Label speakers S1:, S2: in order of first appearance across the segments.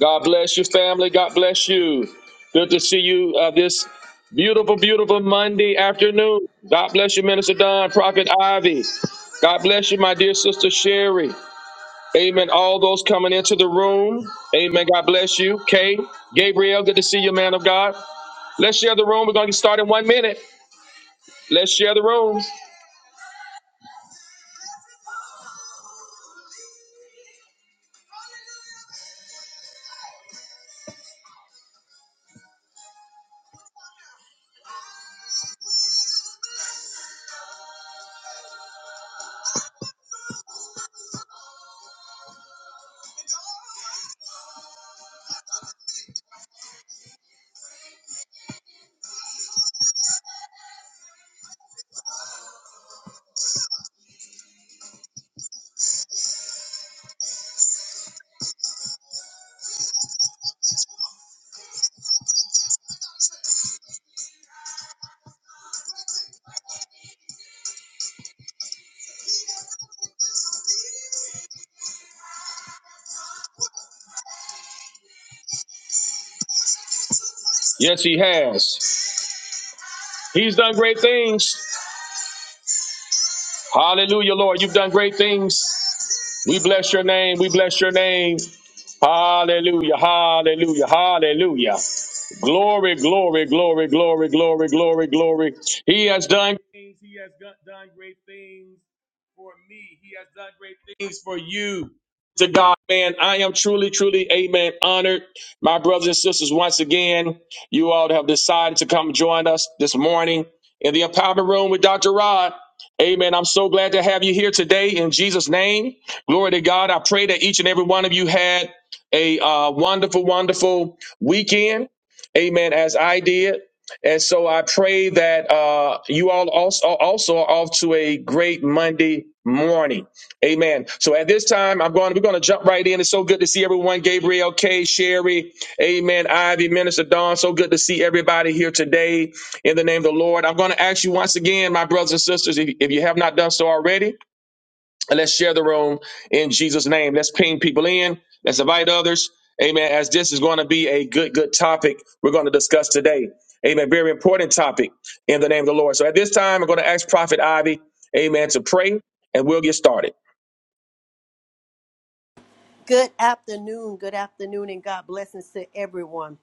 S1: God bless you, family. God bless you. Good to see you uh, this beautiful, beautiful Monday afternoon. God bless you, Minister Don, Prophet Ivy. God bless you, my dear sister Sherry. Amen. All those coming into the room. Amen. God bless you. Kay, Gabriel, good to see you, man of God. Let's share the room. We're going to start in one minute. Let's share the room. Yes, he has. He's done great things. Hallelujah, Lord. You've done great things. We bless your name. We bless your name. Hallelujah, hallelujah, hallelujah. Glory, glory, glory, glory, glory, glory, glory. He has done things. He has got- done great things for me. He has done great things for you. To God, man, I am truly, truly, amen, honored. My brothers and sisters, once again, you all have decided to come join us this morning in the empowerment room with Dr. Rod. Amen. I'm so glad to have you here today in Jesus' name. Glory to God. I pray that each and every one of you had a uh, wonderful, wonderful weekend. Amen. As I did. And so I pray that uh, you all also, also are off to a great Monday morning. Amen. So at this time, I'm going. We're going to jump right in. It's so good to see everyone. Gabriel, K, Sherry, Amen. Ivy, Minister Dawn. So good to see everybody here today. In the name of the Lord, I'm going to ask you once again, my brothers and sisters, if, if you have not done so already, and let's share the room in Jesus' name. Let's ping people in. Let's invite others. Amen. As this is going to be a good, good topic we're going to discuss today. Amen. Very important topic in the name of the Lord. So at this time, I'm going to ask Prophet Ivy, amen, to pray and we'll get started.
S2: Good afternoon, good afternoon, and God blessings to everyone.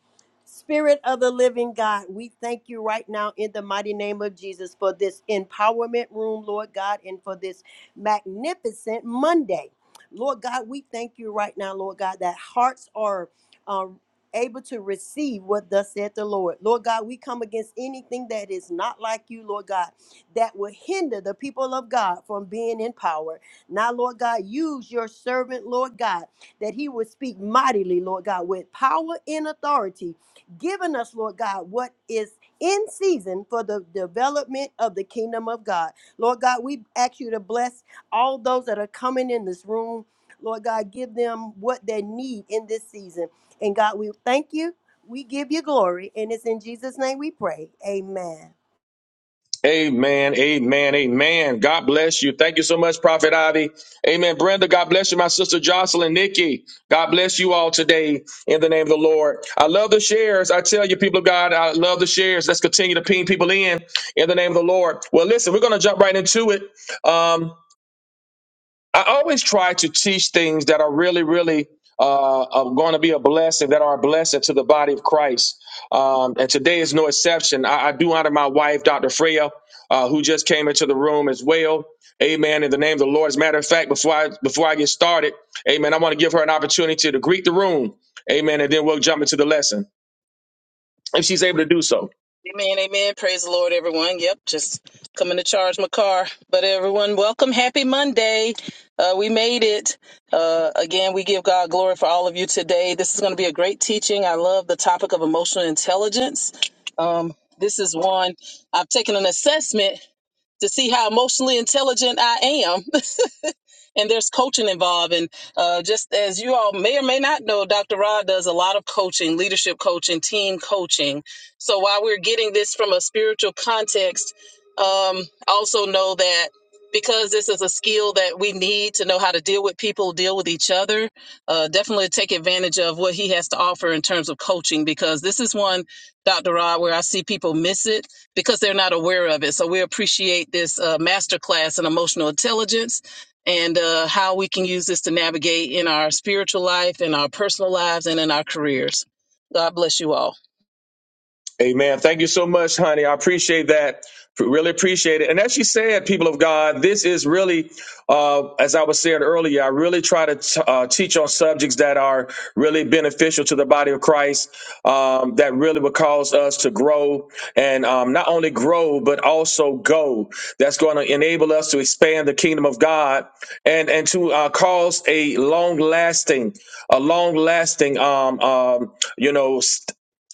S2: Spirit of the living God, we thank you right now in the mighty name of Jesus for this empowerment room, Lord God, and for this magnificent Monday. Lord God, we thank you right now, Lord God, that hearts are um, able to receive what thus said the Lord. Lord God, we come against anything that is not like you, Lord God, that will hinder the people of God from being in power. Now, Lord God, use your servant, Lord God that he would speak mightily, Lord God, with power and authority, giving us, Lord God, what is in season for the development of the kingdom of God. Lord God, we ask you to bless all those that are coming in this room. Lord God, give them what they need in this season. And God, we thank you. We give you glory. And it's in Jesus' name we pray. Amen.
S1: Amen. Amen. Amen. God bless you. Thank you so much, Prophet Ivy. Amen. Brenda, God bless you. My sister Jocelyn, Nikki, God bless you all today in the name of the Lord. I love the shares. I tell you, people of God, I love the shares. Let's continue to ping people in in the name of the Lord. Well, listen, we're going to jump right into it. Um, I always try to teach things that are really, really uh, are going to be a blessing, that are a blessing to the body of Christ. Um, and today is no exception. I, I do honor my wife, Dr. Freya, uh, who just came into the room as well. Amen. In the name of the Lord. As a matter of fact, before I before I get started, Amen. I want to give her an opportunity to greet the room. Amen. And then we'll jump into the lesson if she's able to do so.
S3: Amen, amen. Praise the Lord, everyone. Yep, just coming to charge my car. But everyone, welcome. Happy Monday. Uh, we made it. Uh, again, we give God glory for all of you today. This is going to be a great teaching. I love the topic of emotional intelligence. Um, this is one I've taken an assessment to see how emotionally intelligent I am and there's coaching involved. And uh, just as you all may or may not know, Dr. Rod does a lot of coaching, leadership coaching, team coaching. So while we're getting this from a spiritual context, um, also know that because this is a skill that we need to know how to deal with people, deal with each other, uh, definitely take advantage of what he has to offer in terms of coaching because this is one, Dr. Rod, where I see people miss it because they're not aware of it. So we appreciate this uh, masterclass in emotional intelligence and uh, how we can use this to navigate in our spiritual life, in our personal lives, and in our careers. God bless you all.
S1: Amen. Thank you so much, honey. I appreciate that. Really appreciate it. And as you said, people of God, this is really, uh, as I was saying earlier, I really try to t- uh, teach on subjects that are really beneficial to the body of Christ, um, that really will cause us to grow and um, not only grow, but also go. That's going to enable us to expand the kingdom of God and, and to uh, cause a long lasting, a long lasting, um, um, you know, st-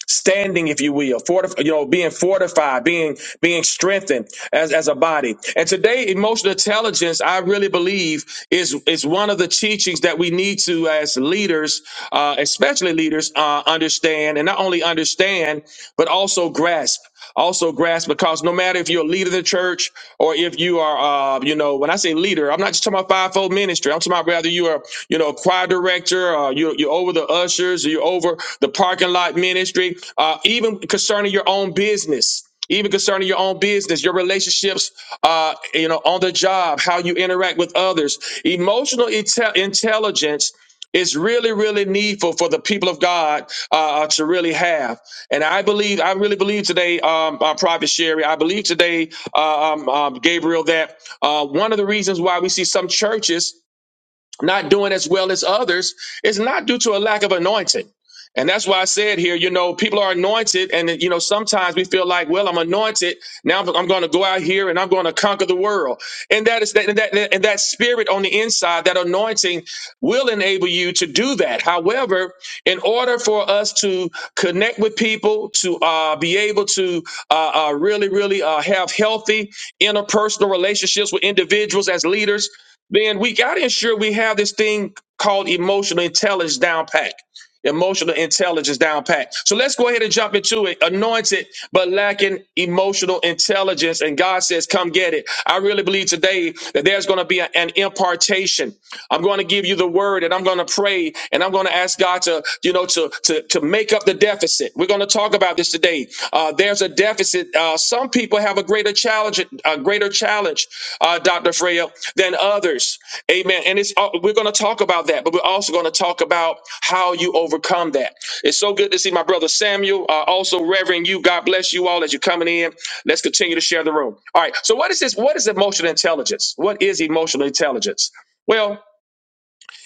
S1: standing if you will fortif- you know being fortified being being strengthened as, as a body and today emotional intelligence i really believe is is one of the teachings that we need to as leaders uh, especially leaders uh, understand and not only understand but also grasp also grasp because no matter if you're a leader of the church or if you are, uh, you know, when I say leader, I'm not just talking about fivefold ministry. I'm talking about whether you are, you know, choir director, or you, you're over the ushers, or you're over the parking lot ministry, uh, even concerning your own business. Even concerning your own business, your relationships, uh, you know, on the job, how you interact with others, emotional inte- intelligence it's really, really needful for the people of God uh, uh, to really have. And I believe, I really believe today, um, uh, Prophet Sherry, I believe today, uh, um, um, Gabriel, that uh, one of the reasons why we see some churches not doing as well as others is not due to a lack of anointing. And that's why I said here, you know, people are anointed, and you know, sometimes we feel like, well, I'm anointed. Now I'm I'm going to go out here and I'm going to conquer the world. And that is that, and that, and that spirit on the inside, that anointing, will enable you to do that. However, in order for us to connect with people, to uh, be able to uh, uh, really, really uh, have healthy interpersonal relationships with individuals as leaders, then we got to ensure we have this thing called emotional intelligence down pat. Emotional intelligence down pat. So let's go ahead and jump into it. Anointed, but lacking emotional intelligence. And God says, come get it. I really believe today that there's going to be a- an impartation. I'm going to give you the word and I'm going to pray and I'm going to ask God to, you know, to, to, to make up the deficit. We're going to talk about this today. Uh, there's a deficit uh, some people have a greater challenge, a greater challenge, uh, Dr. Freya, than others. Amen. And it's uh, we're going to talk about that, but we're also going to talk about how you overcome that. It's so good to see my brother Samuel, uh, also Reverend you. God bless you all as you're coming in. Let's continue to share the room. All right. So what is this? What is emotional intelligence? What is emotional intelligence? Well.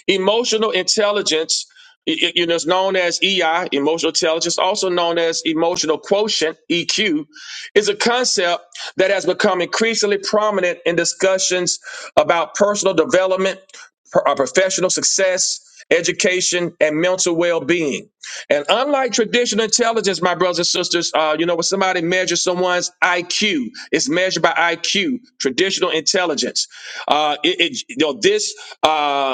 S1: Emotional intelligence, i- i- you know, is known as EI, emotional intelligence, also known as emotional quotient, EQ, is a concept that has become increasingly prominent in discussions about personal development, pro- uh, professional success, education, and mental well-being. And unlike traditional intelligence, my brothers and sisters, uh, you know, when somebody measures someone's IQ, it's measured by IQ, traditional intelligence. Uh, it, it- you know, this. Uh,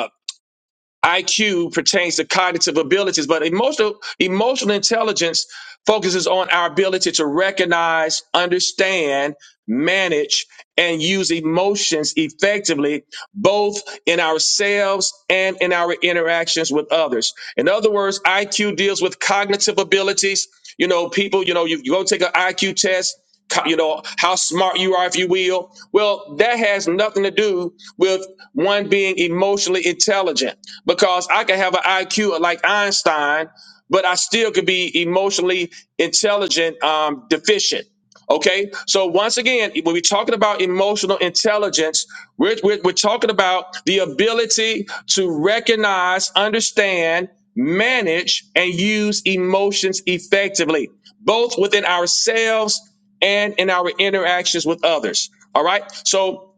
S1: IQ pertains to cognitive abilities, but emotional emotional intelligence focuses on our ability to recognize, understand, manage, and use emotions effectively, both in ourselves and in our interactions with others. In other words, IQ deals with cognitive abilities. You know, people, you know, you, you go take an IQ test co- you know how smart you are if you will well that has nothing to do with one being emotionally intelligent because i can have an iq like einstein but i still could be emotionally intelligent um, deficient okay so once again when we're talking about emotional intelligence we're, we're, we're talking about the ability to recognize understand manage and use emotions effectively both within ourselves and in our interactions with others. All right. So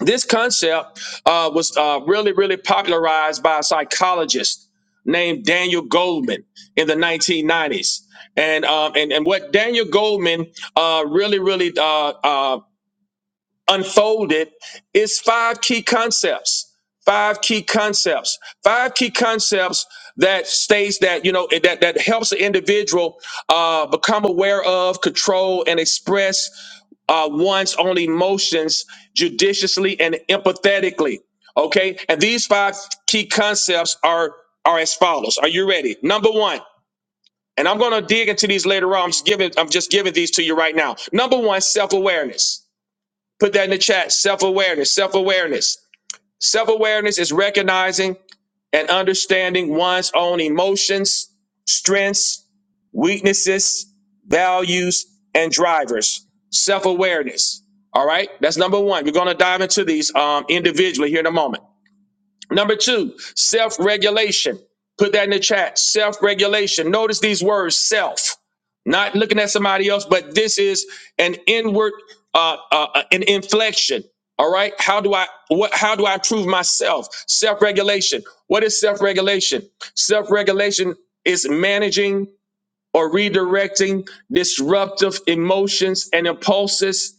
S1: this concept uh, was uh, really, really popularized by a psychologist named Daniel Goldman in the 1990s. And um, and and what Daniel Goldman uh, really, really uh, uh, unfolded is five key concepts five key concepts five key concepts that states that you know it- that that helps the individual uh, become aware of control and express uh, one's own emotions judiciously and empathetically okay and these five key concepts are are as follows are you ready number one and i'm going to dig into these later on i'm just giving i'm just giving these to you right now number one self-awareness Put that in the chat. Self awareness, self awareness. Self awareness is recognizing and understanding one's own emotions, strengths, weaknesses, values, and drivers. Self awareness. All right, that's number one. We're going to dive into these um, individually here in a moment. Number two, self regulation. Put that in the chat. Self regulation. Notice these words self, not looking at somebody else, but this is an inward, uh, uh, uh, an inflection. All right. How do I what? How do I prove myself? Self regulation. What is self regulation? Self regulation is managing or redirecting disruptive emotions and impulses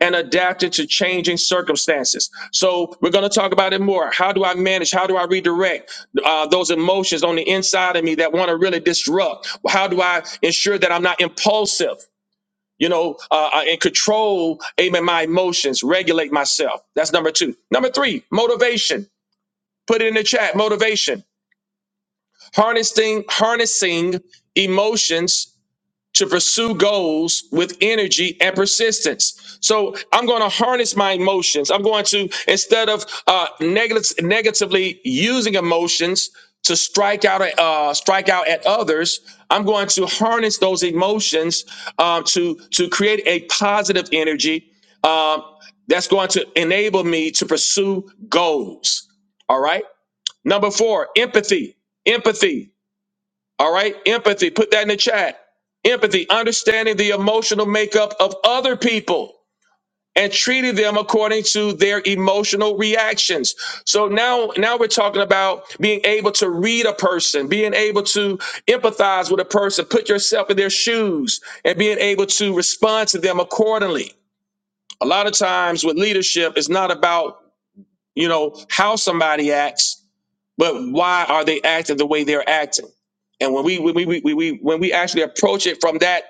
S1: and adapted to changing circumstances. So we're going to talk about it more. How do I manage? How do I redirect uh, those emotions on the inside of me that want to really disrupt? How do I ensure that I'm not impulsive? You know, uh, uh, and control, amen, my emotions, regulate myself. That's number two. Number three, motivation. Put it in the chat. Motivation. Harnessing, harnessing emotions to pursue goals with energy and persistence. So I'm going to harness my emotions. I'm going to, instead of uh, negati- negatively using emotions to strike out, at, uh, strike out at others, I'm going to harness those emotions um, to, to create a positive energy um, that's going to enable me to pursue goals. All right. Number four, empathy. Empathy. All right, empathy, put that in the chat. Empathy, understanding the emotional makeup of other people and treating them according to their emotional reactions. So now now we're talking about being able to read a person, being able to empathize with a person, put yourself in their shoes and being able to respond to them accordingly. A lot of times with leadership it's not about, you know, how somebody acts, but why are they acting the way they're acting? And when we when we, we, we, when we actually approach it from that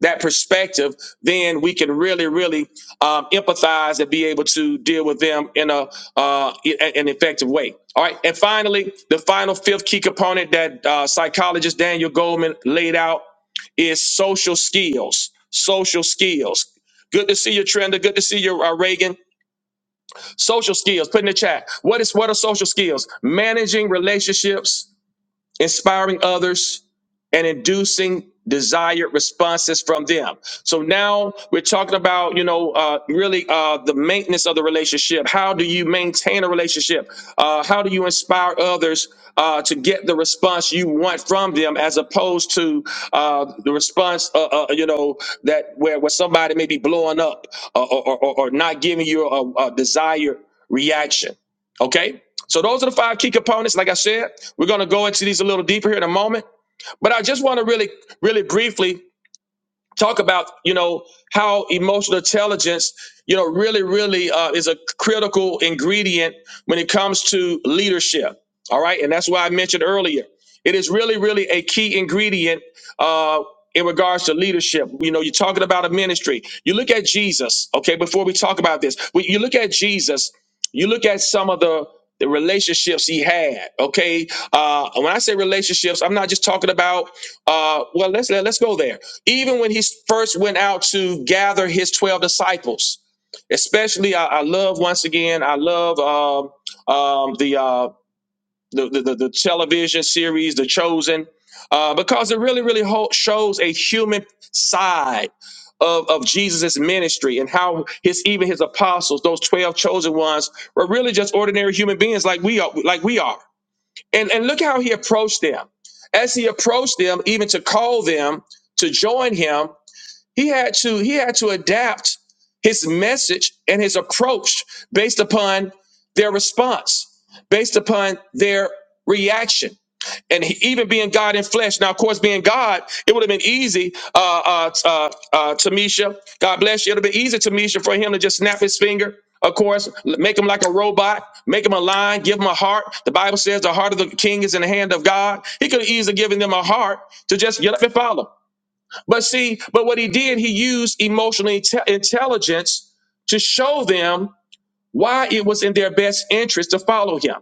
S1: that perspective, then we can really really um, empathize and be able to deal with them in a uh, i- an effective way. All right, and finally, the final fifth key component that uh, psychologist Daniel Goldman laid out is social skills. Social skills. Good to see you, Trenda. Good to see you, uh, Reagan. Social skills, put in the chat. What is what are social skills? Managing relationships, inspiring others, and inducing desired responses from them. So now we're talking about, you know, uh, really uh, the maintenance of the relationship. How do you maintain a relationship? Uh, how do you inspire others uh, to get the response you want from them, as opposed to uh, the response, uh, uh, you know, that where where somebody may be blowing up uh, or, or, or not giving you a, a desired reaction. Okay. So those are the five key components. Like I said, we're going to go into these a little deeper here in a moment. But I just want to really, really briefly talk about you know how emotional intelligence you know really really uh, is a critical ingredient when it comes to leadership all right and that's why i mentioned earlier it is really really a key ingredient uh, in regards to leadership you know you're talking about a ministry you look at jesus okay before we talk about this when you look at jesus you look at some of the the relationships he had okay uh when i say relationships i'm not just talking about uh, well, let's let, us let us go there. Even when he first went out to gather his twelve disciples, especially I, I love once again I love um, um, the, uh, the, the the the television series The Chosen uh, because it really really ho- shows a human side. Of, of Jesus' ministry and how his even his apostles, those twelve chosen ones, were really just ordinary human beings like we are, like we are. And, and look how he approached them. As he approached them, even to call them to join him, he had to he had to adapt his message and his approach based upon their response, based upon their reaction. And he, even being God in flesh. Now, of course, being God, it would have been easy, uh, uh, uh, uh, Tamisha. God bless you. It would have been easy, Tamisha, for him to just snap his finger. Of course, l- make him like a robot, make him a lion, give him a heart. The Bible says the heart of the king is in the hand of God. He could have easily given them a heart to just get up and follow. But see, but what he did, he used emotional inte- intelligence to show them why it was in their best interest to follow him.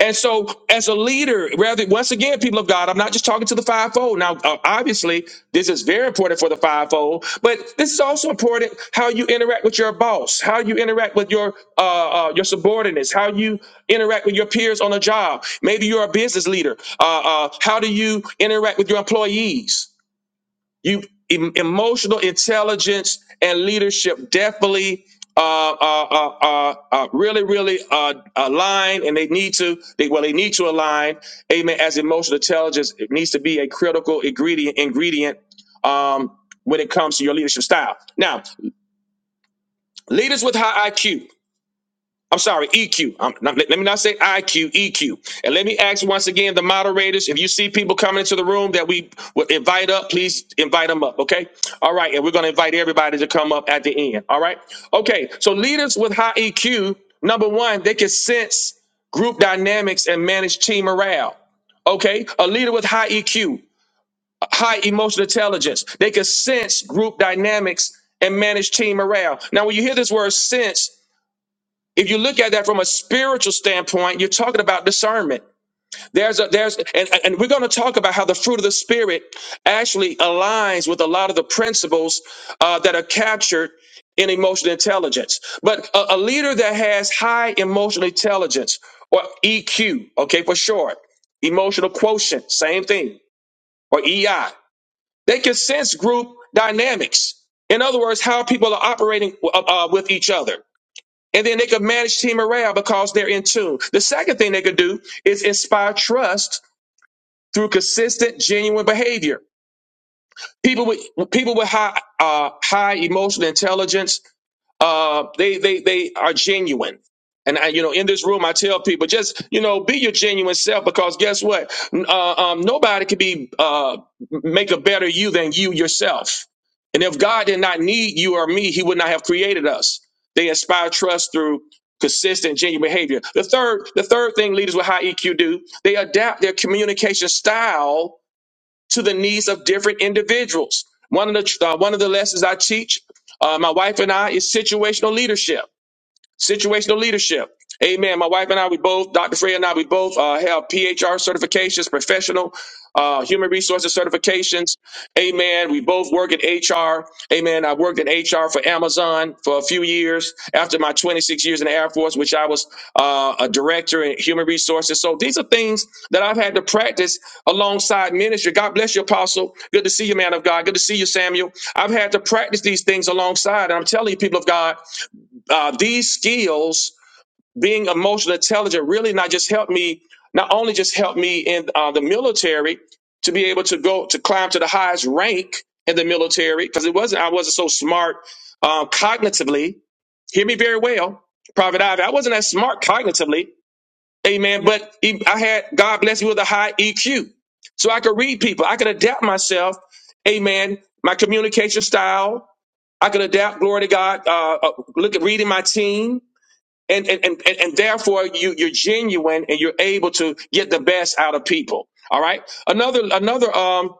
S1: And so, as a leader, rather, once again, people of God, I'm not just talking to the fivefold. Now, uh, obviously, this is very important for the fivefold, but this is also important how you interact with your boss, how you interact with your uh, uh, your subordinates, how you interact with your peers on a job. Maybe you're a business leader. Uh, uh, how do you interact with your employees? You em- emotional intelligence and leadership definitely uh, uh, uh, uh, uh, really, really uh, align, and they need to. They well, they need to align. Amen. As emotional intelligence, it needs to be a critical ingredient. Ingredient um, when it comes to your leadership style. Now, leaders with high IQ. I'm sorry, EQ. i not, let, let me not say IQ, EQ. And let me ask once again the moderators if you see people coming into the room that we would invite up, please invite them up, okay? All right, and we're going to invite everybody to come up at the end, all right? Okay, so leaders with high EQ, number one, they can sense group dynamics and manage team morale. Okay, a leader with high EQ, high emotional intelligence, they can sense group dynamics and manage team morale. Now, when you hear this word sense, if you look at that from a spiritual standpoint, you're talking about discernment. There's a there's and, and we're going to talk about how the fruit of the spirit actually aligns with a lot of the principles uh, that are captured in emotional intelligence. But a, a leader that has high emotional intelligence or EQ, okay, for short, emotional quotient, same thing, or EI, they can sense group dynamics. In other words, how people are operating uh, uh, with each other. And then they could manage team morale because they're in tune. The second thing they could do is inspire trust through consistent, genuine behavior. People with people with high uh, high emotional intelligence uh, they they they are genuine. And I, you know, in this room, I tell people just you know be your genuine self because guess what? N- Uh, um, nobody could be uh, make a better you than you yourself. And if God did not need you or me, He would not have created us. They inspire trust through consistent, genuine behavior. The third, the third thing leaders with high EQ do: they adapt their communication style to the needs of different individuals. One of the uh, one of the lessons I teach, uh, my wife and I, is situational leadership. Situational leadership. Amen. My wife and I, we both, Dr. Freya and I, we both uh, have PHR certifications, professional uh, human resources certifications. Amen. We both work in HR. Amen. I worked in HR for Amazon for a few years after my 26 years in the Air Force, which I was uh, a director in human resources. So these are things that I've had to practice alongside ministry. God bless you, Apostle. Good to see you, man of God. Good to see you, Samuel. I've had to practice these things alongside. And I'm telling you, people of God, uh, these skills, being emotionally intelligent, really not just helped me, not only just helped me in uh, the military to be able to go to climb to the highest rank in the military, because it wasn't I wasn't so smart um, cognitively. Hear me very well, Private Ivy. I wasn't that smart cognitively, Amen. But e- I had God bless me with a high EQ, so I could read people. I could adapt myself, Amen. My communication style. I could adapt. Glory to God. Uh, uh, look at reading my team and and and, and and therefore you you're genuine and you're able to get the best out of people all right another another um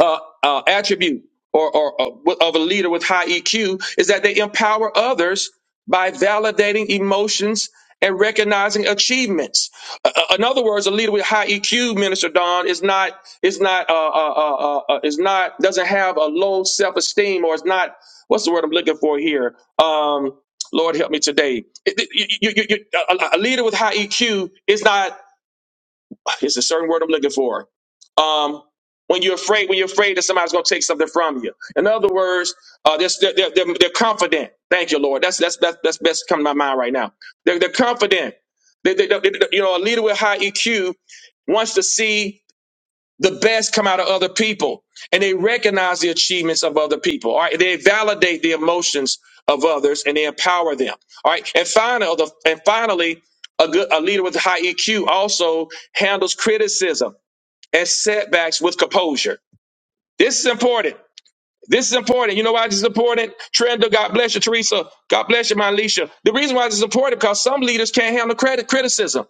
S1: uh, uh, attribute or, or, or of a leader with high EQ is that they empower others by validating emotions and recognizing achievements. Uh, uh, in other words, a leader with high EQ, Minister Don, is not is not uh, uh, uh, uh, uh, is not doesn't have a low self esteem or is not what's the word I'm looking for here. Um, Lord help me today. It- it- you- you- you- you- a a- a leader with high EQ is not. It's a certain word I'm looking for um, when you're afraid, when you're afraid that somebody's going to take something from you. In other words, uh, they're, they're, they're, they're they're confident. Thank you, Lord. That's that's that's, that's best come to my mind right now. They're, they're confident. They, they, they, they- you know, a leader with high EQ wants to see the best come out of other people, and they recognize the achievements of other people. All right, they validate the emotions of others, and they empower them. All right, and finally, and finally, a good a leader with high EQ also handles criticism as setbacks with composure. This is important. This is important. You know why this is important? Trenda, God bless you, Teresa. God bless you, my Alicia. The reason why this is important because some leaders can't handle credit criticism.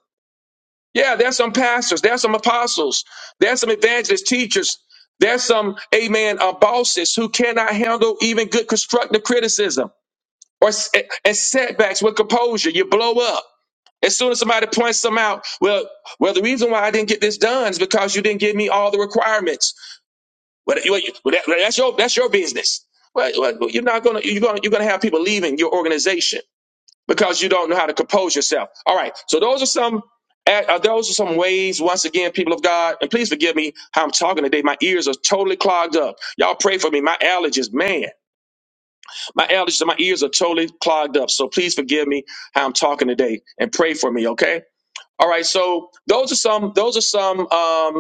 S1: Yeah, there's some pastors, there's some apostles, there's some evangelist teachers, there's some amen uh, bosses who cannot handle even good constructive criticism or s- and setbacks with composure. You blow up. As soon as somebody points them out, well, well, the reason why I didn't get this done is because you didn't give me all the requirements. Well, you- well, that- that's your that's your business. Well, well, well, you're not gonna you're gonna you're gonna have people leaving your organization because you don't know how to compose yourself. All right. So those are some uh, those are some ways. Once again, people of God, and please forgive me how I'm talking today. My ears are totally clogged up. Y'all pray for me. My allergies, man, my allergies, and my ears are totally clogged up. So please forgive me how I'm talking today, and pray for me. Okay. All right. So those are some those are some um,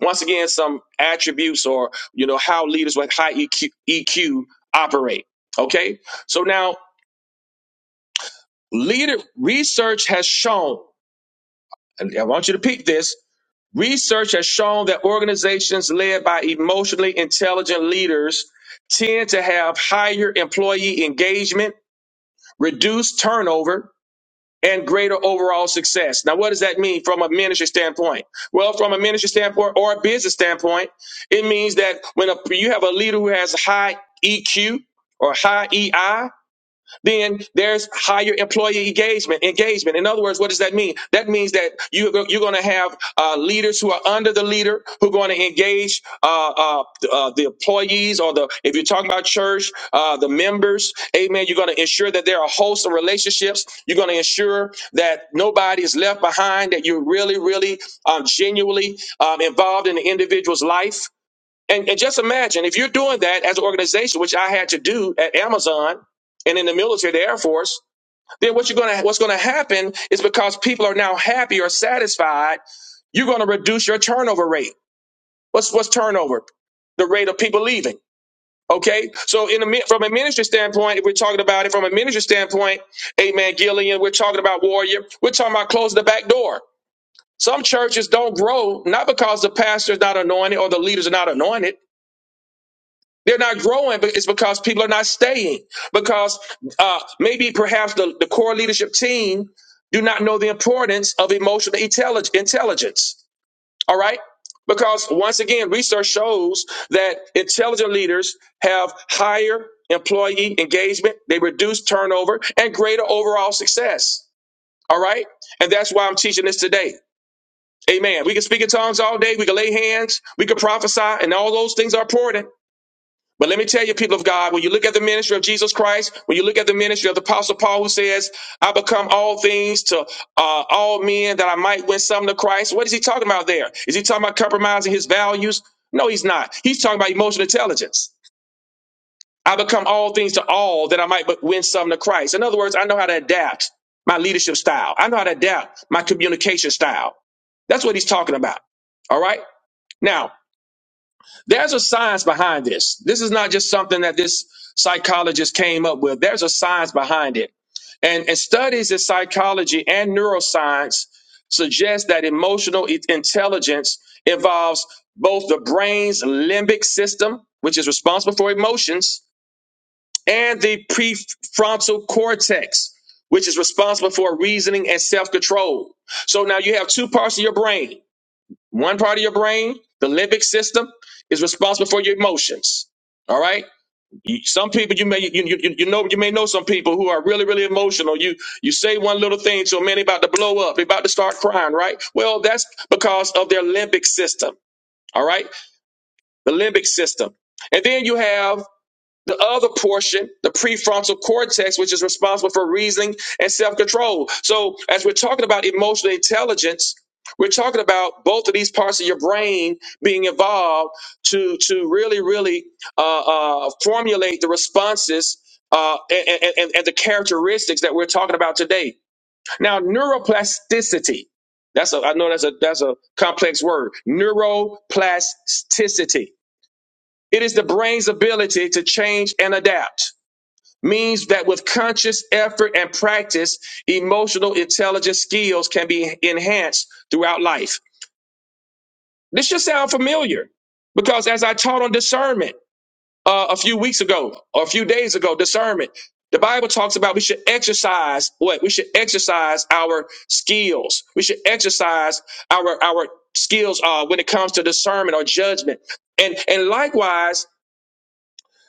S1: once again, some attributes or you know how leaders with high EQ, operate. Okay, so now leader research has shown, and I want you to peek this. Research has shown that organizations led by emotionally intelligent leaders tend to have higher employee engagement, reduced turnover, and greater overall success. Now, what does that mean from a ministry standpoint? Well, from a ministry standpoint or a business standpoint, it means that when a, you have a leader who has high EQ or high EI, then there's higher employee engagement. Engagement. In other words, what does that mean? That means that you you're going to have uh, leaders who are under the leader who are going to engage uh, uh, uh, the employees or the if you're talking about church, uh, the members. Amen. You're going to ensure that there are hosts of relationships. You're going to ensure that nobody is left behind. That you're really, really um, genuinely um, involved in the individual's life. And, and just imagine if you're doing that as an organization, which I had to do at Amazon and in the military, the Air Force, then what you're gonna what's gonna happen is because people are now happy or satisfied, you're gonna reduce your turnover rate. What's what's turnover? The rate of people leaving. Okay, so in the mi- from a ministry standpoint, if we're talking about it from a ministry standpoint, Amen, Gillian, we're talking about warrior. We're talking about closing the back door. Some churches don't grow not because the pastor is not anointed or the leaders are not anointed. They're not growing, but it's because people are not staying. Because uh, maybe perhaps the, the core leadership team do not know the importance of emotional intellig- intelligence. All right? Because once again, research shows that intelligent leaders have higher employee engagement, they reduce turnover, and greater overall success. All right? And that's why I'm teaching this today. Amen. We can speak in tongues all day, we can lay hands, we can prophesy, and all those things are important. But let me tell you, people of God, when you look at the ministry of Jesus Christ, when you look at the ministry of the Apostle Paul, who says, I become all things to uh, all men that I might win some to Christ, what is he talking about there? Is he talking about compromising his values? No, he's not. He's talking about emotional intelligence. I become all things to all that I might but win some to Christ. In other words, I know how to adapt my leadership style, I know how to adapt my communication style. That's what he's talking about. All right? Now, there's a science behind this. This is not just something that this psychologist came up with. There's a science behind it. And, and studies in psychology and neuroscience suggest that emotional i- intelligence involves both the brain's limbic system, which is responsible for emotions, and the prefrontal cortex, which is responsible for reasoning and self control. So now you have two parts of your brain one part of your brain, the limbic system, is responsible for your emotions. All right. You- Some people you may you, you, you know you may know some people who are really really emotional. You you say one little thing to a man, they about to blow up, they about to start crying, right? Well, that's because of their limbic system. All right, the limbic system, and then you have the other portion, the prefrontal cortex, which is responsible for reasoning and self control. So, as we're talking about emotional intelligence, we're talking about both of these parts of your brain being involved to to really, really uh, uh, formulate the responses uh, and, and, and the characteristics that we're talking about today. Now, neuroplasticity. That's a, I know that's a that's a complex word. Neuroplasticity. It is the brain's ability to change and adapt means that with conscious effort and practice, emotional intelligence skills can be enhanced throughout life. This should sound familiar because as I taught on discernment uh, a few weeks ago or a few days ago, discernment, the Bible talks about we should exercise what? We should exercise our skills. We should exercise our, our skills uh, when it comes to discernment or judgment. And, and likewise,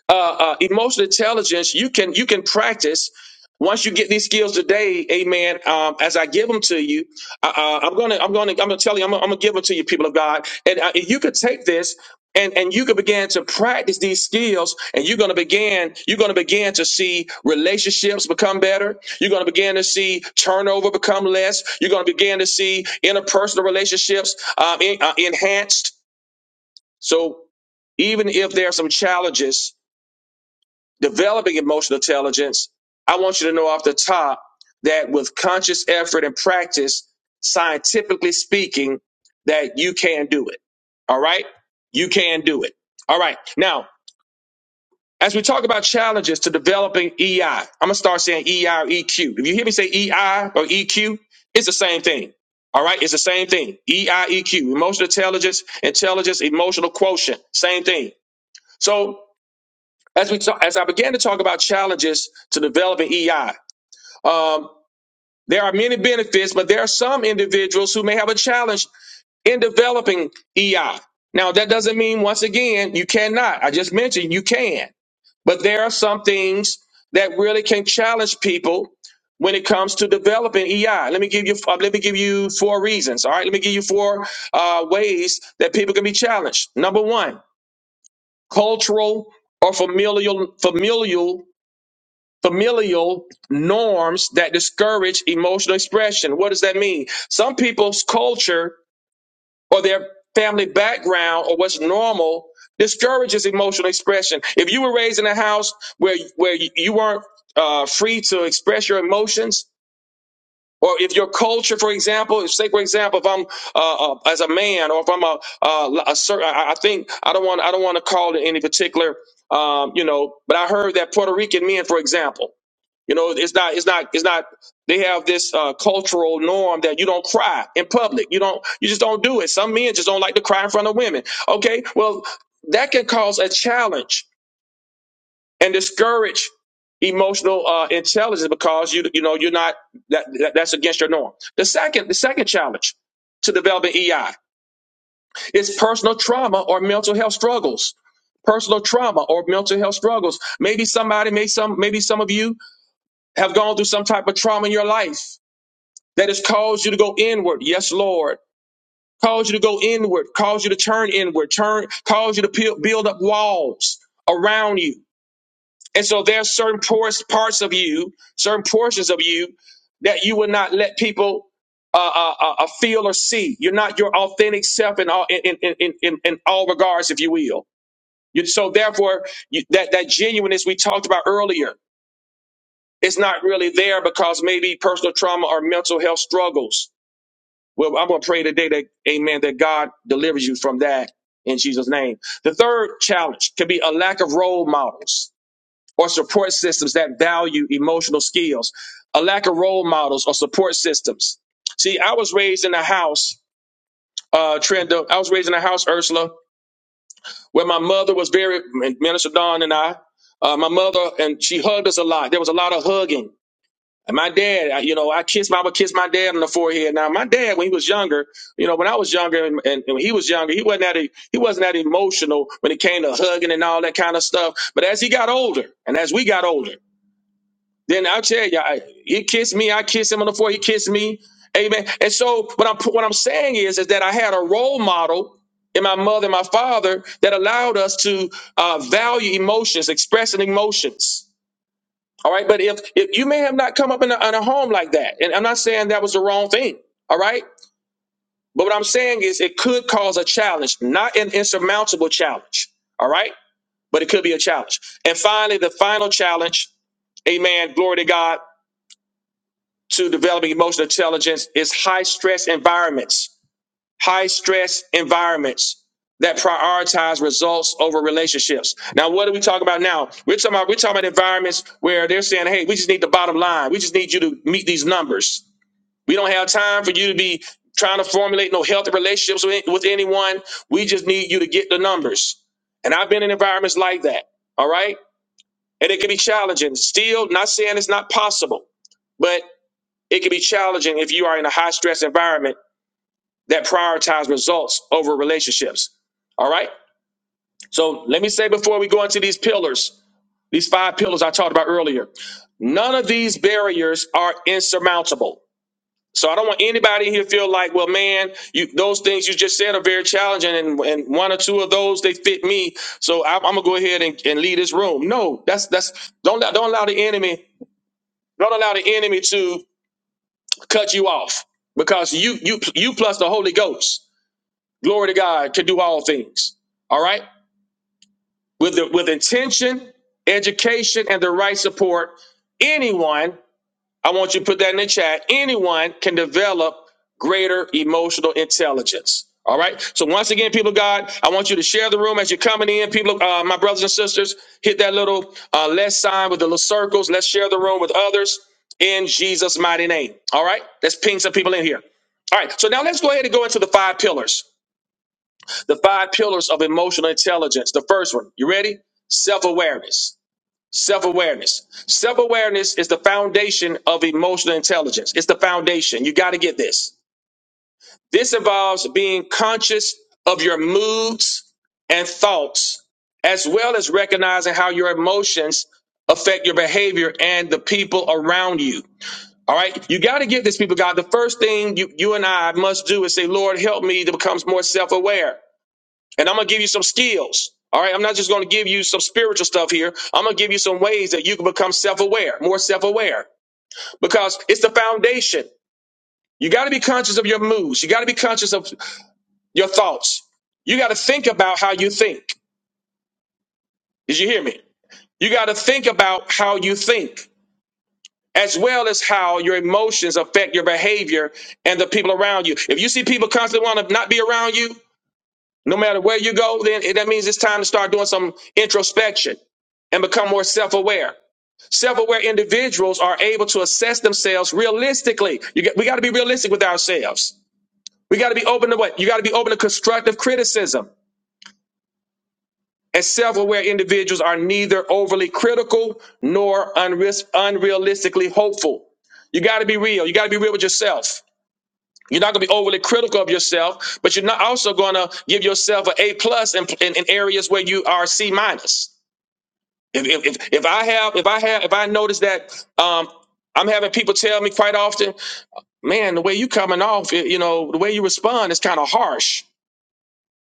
S1: uh, uh, emotional intelligence you can you can practice once you get these skills today amen um, as i give them to you uh, uh, i'm gonna i'm gonna i'm gonna tell you i'm gonna, I'm gonna give them to you people of god and uh, if you could take this and, and you could begin to practice these skills and you're going to begin you're going to begin to see relationships become better you're going to begin to see turnover become less you're going to begin to see interpersonal relationships um, en- uh, enhanced so even if there are some challenges developing emotional intelligence, I want you to know off the top that with conscious effort and practice, scientifically speaking, that you can do it. All right? You can do it. All right. Now, as we talk about challenges to developing EI, I'm going to start saying EI or EQ. If you hear me say EI or EQ, it's the same thing. All right, it's the same thing. EI, EQ, emotional intelligence, intelligence, emotional quotient, same thing. So as we talk, as I began to talk about challenges to developing EI, um, there are many benefits, but there are some individuals who may have a challenge in developing EI. Now, that doesn't mean once again you cannot. I just mentioned you can, but there are some things that really can challenge people when it comes to developing EI. Let me give you uh, let me give you four reasons. All right, let me give you four uh, ways that people can be challenged. Number one, cultural or familial familial familial norms that discourage emotional expression. What does that mean? Some people's culture or their family background or what's normal discourages emotional expression. If you were raised in a house where where you weren't uh, free to express your emotions, or if your culture, for example, if- say for example, if I'm uh, uh, as a man, or if I'm a, uh, a certain, I I think I don't want I don't want to call it any particular, um, you know, but I heard that Puerto Rican men, for example. You know, it's not, it's not, it's not. They have this uh, cultural norm that you don't cry in public. You don't, you just don't do it. Some men just don't like to cry in front of women. Okay, well, that can cause a challenge and discourage emotional uh, intelligence because you, you know, you're not. That, that that's against your norm. The second, the second challenge to developing EI is personal trauma or mental health struggles. Personal trauma or mental health struggles. Maybe somebody, maybe some, maybe some of you have gone through some type of trauma in your life that has caused you to go inward. Yes, Lord. Caused you to go inward, caused you to turn inward, turn, caused you to peel- build up walls around you. And so there are certain por- parts of you, certain portions of you that you will not let people uh, uh, uh, uh, feel or see. You're not your authentic self in all, in, in, in, in, in all regards, if you will. You- So therefore, you, that, that genuineness we talked about earlier, it's not really there because maybe personal trauma or mental health struggles Well, I'm going to pray today that, amen, that God delivers you from that in Jesus' name. The third challenge could be a lack of role models or support systems that value emotional skills, a lack of role models or support systems. See, I was raised in a house, uh, Trenda, I was raised in a house, Ursula, where my mother was very, Minister Dawn and I, uh, my mother, and she hugged us a lot. There was a lot of hugging. And my dad, I- you know, I kissed, I would kiss my dad on the forehead. Now, my dad, when he was younger, you know, when I was younger and, and, and when he was younger, he wasn't that, e- he wasn't that emotional when it came to hugging and all that kind of stuff. But as he got older and as we got older, then I'll tell you, I, he kissed me, I kissed him on the forehead, he kissed me. Amen. And so what I'm, what I'm saying is, is that I had a role model in my mother and my father that allowed us to uh, value emotions, expressing emotions. All right. But if, if you may have not come up in a, in a home like that, and I'm not saying that was the wrong thing. All right. But what I'm saying is it could cause a challenge, not an insurmountable challenge. All right. But it could be a challenge. And finally, the final challenge, amen, glory to God, to developing emotional intelligence is high stress environments. high stress environments that prioritize results over relationships. Now, what are we talking about now? We're talking about we're talking about environments where they're saying, "Hey, we just need the bottom line. We just need you to meet these numbers. We don't have time for you to be trying to formulate no healthy relationships with, with anyone. We just need you to get the numbers." And I've been in environments like that. All right, and it can be challenging. Still, not saying it's not possible, but it can be challenging if you are in a high stress environment that prioritize results over relationships. All right. So let me say before we go into these pillars, these five pillars I talked about earlier, none of these barriers are insurmountable. So I don't want anybody here to feel like, well, man, you, those things you just said are very challenging, and, and one or two of those they fit me. So I'm, I'm gonna go ahead and, and leave this room. No, that's that's don't allow- don't allow the enemy don't allow the enemy to cut you off because you you you plus the Holy Ghost. glory to God, can do all things. All right? With the, with intention, education, and the right support, anyone, I want you to put that in the chat, anyone can develop greater emotional intelligence. All right. So once again, people of God, I want you to share the room as you're coming in. People, uh, my brothers and sisters, hit that little uh, less sign with the little circles. Let's share the room with others in Jesus' mighty name. All right. Let's ping some people in here. All right. So now let's go ahead and go into the five pillars. The five pillars of emotional intelligence. The first one, you ready? Self awareness. Self awareness. Self awareness is the foundation of emotional intelligence. It's the foundation. You got to get this. This involves being conscious of your moods and thoughts, as well as recognizing how your emotions affect your behavior and the people around you. All right. You got to get this, people, God. The first thing you, you and I must do is say, Lord, help me to become more self aware. And I'm gonna give you some skills. All right, I'm not just gonna give you some spiritual stuff here. I'm gonna give you some ways that you can become self aware, more self aware, because it's the foundation. You gotta be conscious of your moods, you gotta be conscious of your thoughts. You gotta think about how you think. Did you hear me? You gotta think about how you think, as well as how your emotions affect your behavior and the people around you. If you see people constantly wanna not be around you, No matter where you go, then it- that means it's time to start doing some introspection and become more self-aware. Self-aware individuals are able to assess themselves realistically. You get, we got to be realistic with ourselves. We got to be open to what? You got to be open to constructive criticism. And self-aware individuals are neither overly critical nor unris- unrealistically hopeful. You got to be real. You got to be real with yourself. You're not going to be overly critical of yourself, but you're not also going to give yourself an A plus in, in, in areas where you are C minus. If, if, if, if I have if I have if I notice that um, I'm having people tell me quite often, man, the way you coming off, you know, the way you respond is kind of harsh.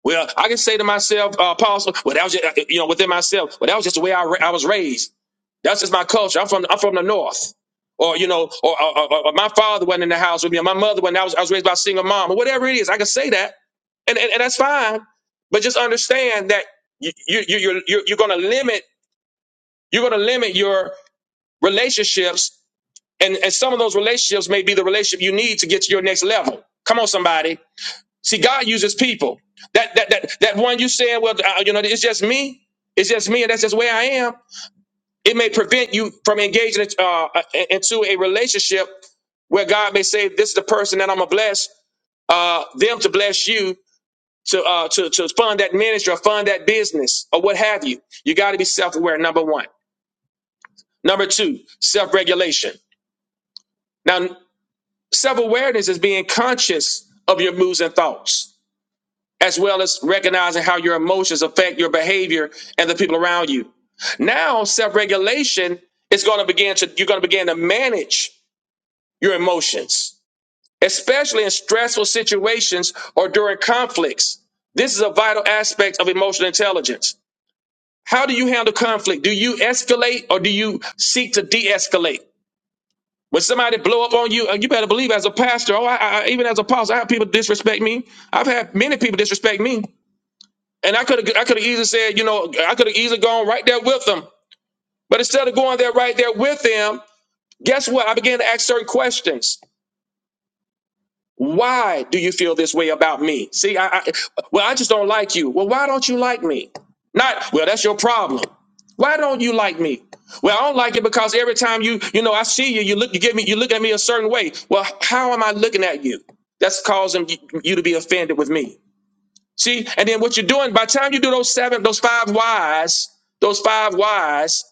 S1: Well, I can say to myself, uh, Apostle, well, that was just, uh, you know, within myself, well, that was just the way I, ra- I was raised. That's just my culture. I'm from, I'm from the North. Or, you know, or, or, or- or my father wasn't in the house with me, or my mother wasn't, I was, I was raised by a single mom, or whatever it is. I can say that, and, and, and that's fine. But just understand that you, you, you, you're, you're, you're going to limit, you're going to limit your relationships. And, and some of those relationships may be the relationship you need to get to your next level. Come on, somebody. See, God uses people. That that that that one you saying, well, uh, you know, it's just me. It's just me, and that's just where I am. It may prevent you from engaging uh, uh, into a relationship where God may say, "This is the person that I'm gonna bless uh, them to bless you to uh, to to fund that ministry or fund that business or what have you." You got to be self-aware. Number one. Number two, self-regulation. Now, self-awareness is being conscious of your moods and thoughts. as well as recognizing how your emotions affect your behavior and the people around you. Now, self regulation is going to begin to, you're going to begin to manage your emotions, especially in stressful situations or during conflicts. This is a vital aspect of emotional intelligence. How do you handle conflict? Do you escalate or do you seek to de escalate? When somebody blow up on you, uh, you better believe as a pastor, oh, I, I, even as a pastor, I have people disrespect me. I've had many people disrespect me. And I could have I could have easily said, you know, I could have easily gone right there with them. But instead of going there right there with them, guess what? I began to ask certain questions. Why do you feel this way about me? See, I, I well, I just don't like you. Well, why don't you like me? Not well, that's your problem. Why don't you like me? Well, I don't like it because every time you, you know, I see you, you look, you give me, you look at me a certain way. Well, how am I looking at you? That's causing you you to be offended with me. See, and then what you're doing by the time you do those seven, those five whys, those five whys,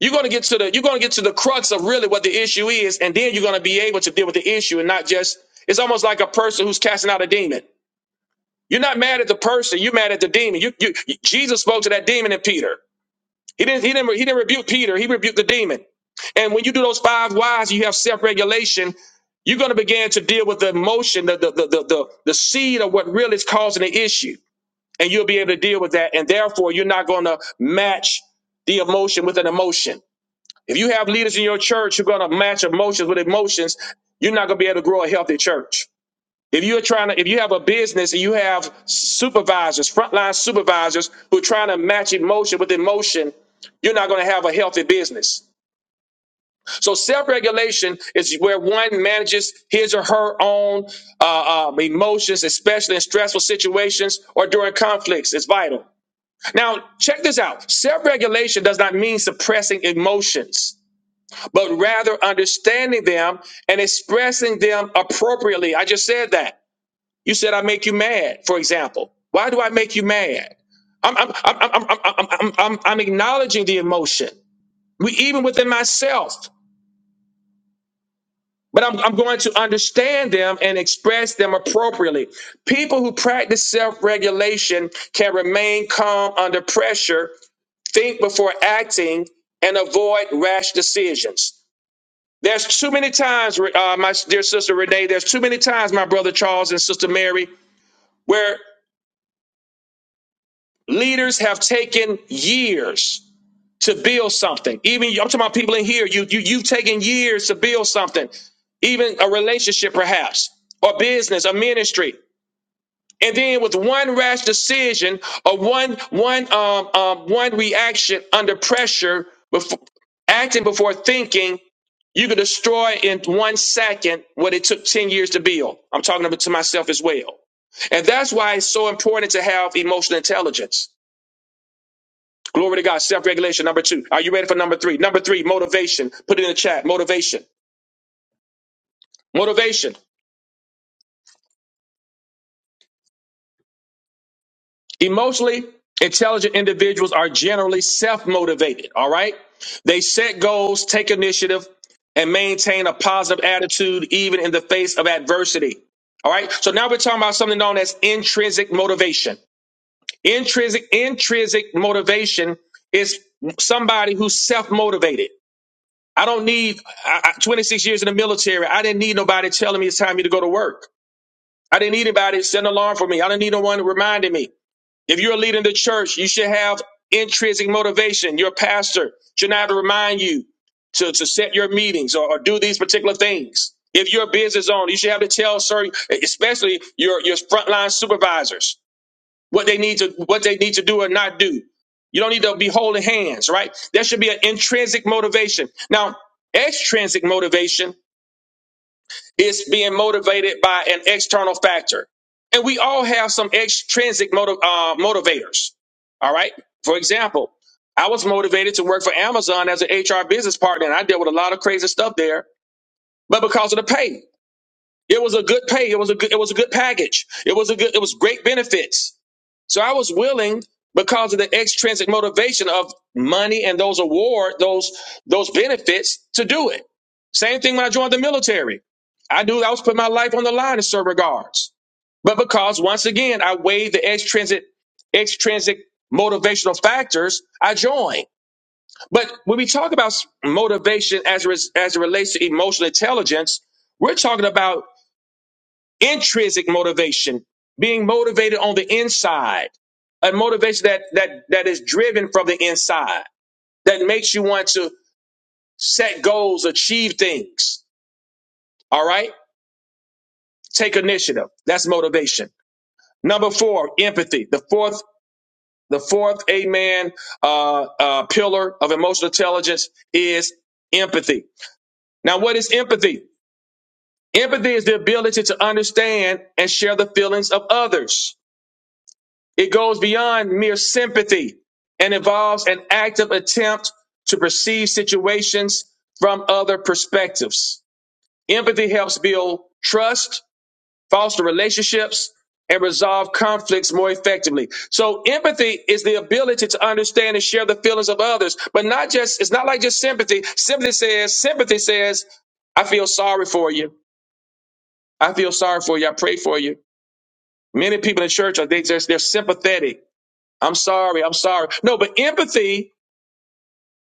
S1: you're gonna get to the you're gonna get to the crux of really what the issue is, and then you're gonna be able to deal with the issue and not just it's almost like a person who's casting out a demon. You're not mad at the person, you're mad at the demon. You, you Jesus spoke to that demon in Peter. He didn't he didn't he didn't rebuke Peter, he rebuked the demon. And when you do those five whys, you have self-regulation. You're going to begin to deal with the emotion, the the, the the the the seed of what really is causing the issue and you'll be able to deal with that. And therefore, you're not going to match the emotion with an emotion. If you have leaders in your church who are going to match emotions with emotions, you're not going to be able to grow a healthy church. If you're trying to, if you have a business and you have supervisors, frontline supervisors who are trying to match emotion with emotion, you're not going to have a healthy business. So self-regulation is where one manages his or her own uh, um, emotions, especially in stressful situations or during conflicts. It's vital. Now, check this out. Self regulation does not mean suppressing emotions, but rather understanding them and expressing them appropriately. I just said that. You said, I make you mad, for example. Why do I make you mad? I'm, I'm, I'm, I'm, I'm, I'm, I'm, I'm I'm acknowledging the emotion, we, even within myself, but I'm, I'm going to understand them and express them appropriately. People who practice self regulation can remain calm under pressure Think before acting and avoid rash decisions. There's too many times, uh, my dear sister Renee, there's too many times, my brother Charles and sister Mary, where leaders have taken years to build something. Even I'm talking about people in here, you, you, you've taken years to build something, even a relationship perhaps, or business, a ministry. And then with one rash decision or one one um, um one reaction under pressure before acting before thinking, you could destroy in one second what it took 10 years to build. I'm talking about to myself as well. And that's why it's so important to have emotional intelligence. Glory to God. Self regulation. Number two. Are you ready for number three? Number three, motivation. Put it in the chat. Motivation. Motivation. Emotionally intelligent individuals are generally self motivated, all right? They set goals, take initiative, and maintain a positive attitude even in the face of adversity. All right. So now we're talking about something known as intrinsic motivation. Intrinsic, intrinsic motivation is somebody who's self-motivated. I don't need I, I- 26 years in the military. I didn't need nobody telling me it's time for me to go to work. I didn't need anybody to set an alarm for me. I didn't need no one reminding me. If you're a leader in the church, you should have intrinsic motivation. Your pastor should not have to remind you to, to set your meetings or, or do these particular things. If you're a business owner, you should have to tell certain, especially your, your frontline supervisors, what they need to what they need to do or not do. You don't need to be holding hands, right? There should be an intrinsic motivation. Now, extrinsic motivation it's being motivated by an external factor. And we all have some extrinsic motiv- uh, motivators. All right. For example, I was motivated to work for Amazon as an HR business partner, and I dealt with a lot of crazy stuff there. But because of the pay, it was a good pay. It was a good. It was a good package. It was a good. It was great benefits. So I was willing because of the extrinsic motivation of money and those award, those those benefits to do it. Same thing when I joined the military. I knew I was putting my life on the line in certain regards. But because once again I weighed the extrinsic extrinsic motivational factors, I joined. But when we talk about s- motivation as it res- as it relates to emotional intelligence, we're talking about intrinsic motivation, being motivated on the inside, a motivation that that that is driven from the inside, that makes you want to set goals, achieve things. All right? Take initiative. That's motivation. Number four, empathy. The fourth, the fourth, amen, uh, uh, pillar of emotional intelligence is empathy. Now, what is empathy? Empathy is the ability to understand and share the feelings of others. It goes beyond mere sympathy and involves an active attempt to perceive situations from other perspectives. Empathy helps build trust, foster relationships, and resolve conflicts more effectively. So empathy is the ability to understand and share the feelings of others, but not just, it's not like just sympathy. Sympathy says, sympathy says, I feel sorry for you. I feel sorry for you. I pray for you. Many people in church are, they just, they're sympathetic I'm sorry. I'm sorry. No, but empathy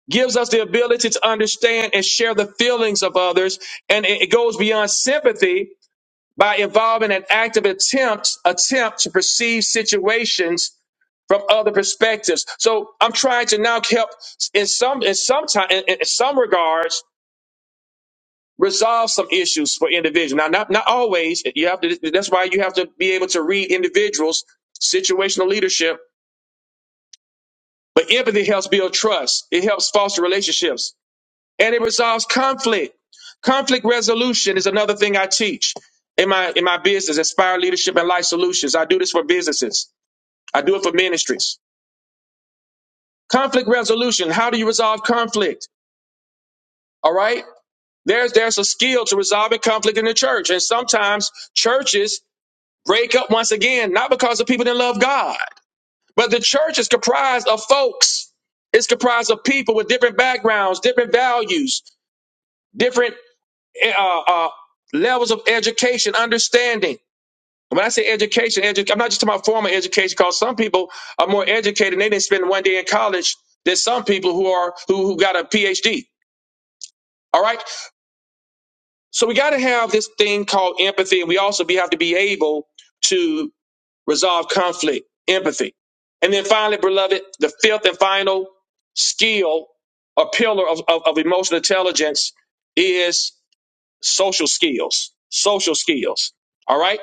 S1: gives us the ability to understand and share the feelings of others. And it it goes beyond sympathy by involving an active attempt, attempt to perceive situations from other perspectives. So I'm trying to now help in some, in some time, in, in some regards, resolve some issues for individuals. Now, not, not always. You have to, that's why you have to be able to read individuals, situational leadership But empathy helps build trust. It helps foster relationships and it resolves conflict. Conflict resolution is another thing I teach in my in my business, Inspire Leadership and Life Solutions. I do this for businesses. I do it for ministries. Conflict resolution. How do you resolve conflict? All right. There's there's a skill to resolving conflict in the church. And sometimes churches break up once again, not because the people didn't love God, but the church is comprised of folks it's comprised of people with different backgrounds, different values. different uh, uh, levels of education, understanding. And When I say education, edu- I'm not just talking about formal education. Because some people are more educated and they didn't spend one day in college than some people who are who, who got a PhD. All right, so we got to have this thing called empathy, and we also be, have to be able to resolve conflict, empathy, and then finally, beloved, the fifth and final skill, a pillar of, of of emotional intelligence, is social skills, social skills. All right.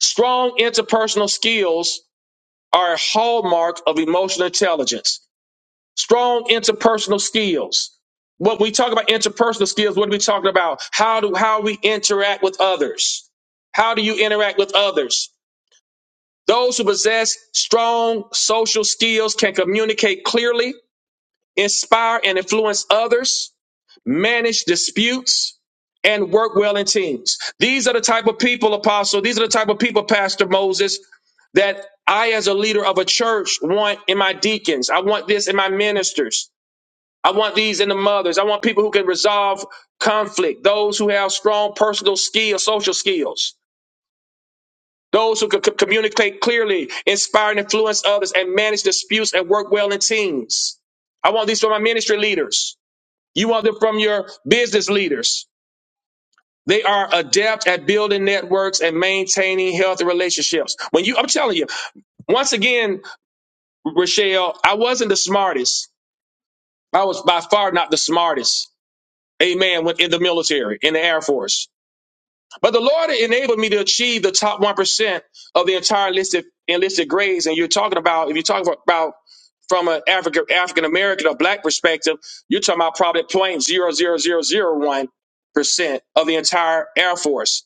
S1: Strong interpersonal skills are a hallmark of emotional intelligence. Strong interpersonal skills. What we talk about interpersonal skills, what are we talking about? How do how we interact with others? How do you interact with others? Those who possess strong social skills can communicate clearly, inspire and influence others manage disputes, and work well in teams. These are the type of people, Apostle. These are the type of people, Pastor Moses, that I, as a leader of a church, want in my deacons. I want this in my ministers. I want these in the mothers. I want people who can resolve conflict, those who have strong personal skills, social skills, those who can c- communicate clearly, inspire and influence others, and manage disputes and work well in teams. I want these from my ministry leaders. You want them from your business leaders. They are adept at building networks and maintaining healthy relationships. When you, I'm telling you, once again, Rochelle, I wasn't the smartest. I was by far not the smartest. Amen. When in the military, in the Air Force. But the Lord enabled me to achieve the top 1% of the entire enlisted, enlisted grades. And you're talking about, if you're talking about from an African African American or black perspective, you're talking about probably point zero zero zero zero one percent of the entire Air Force.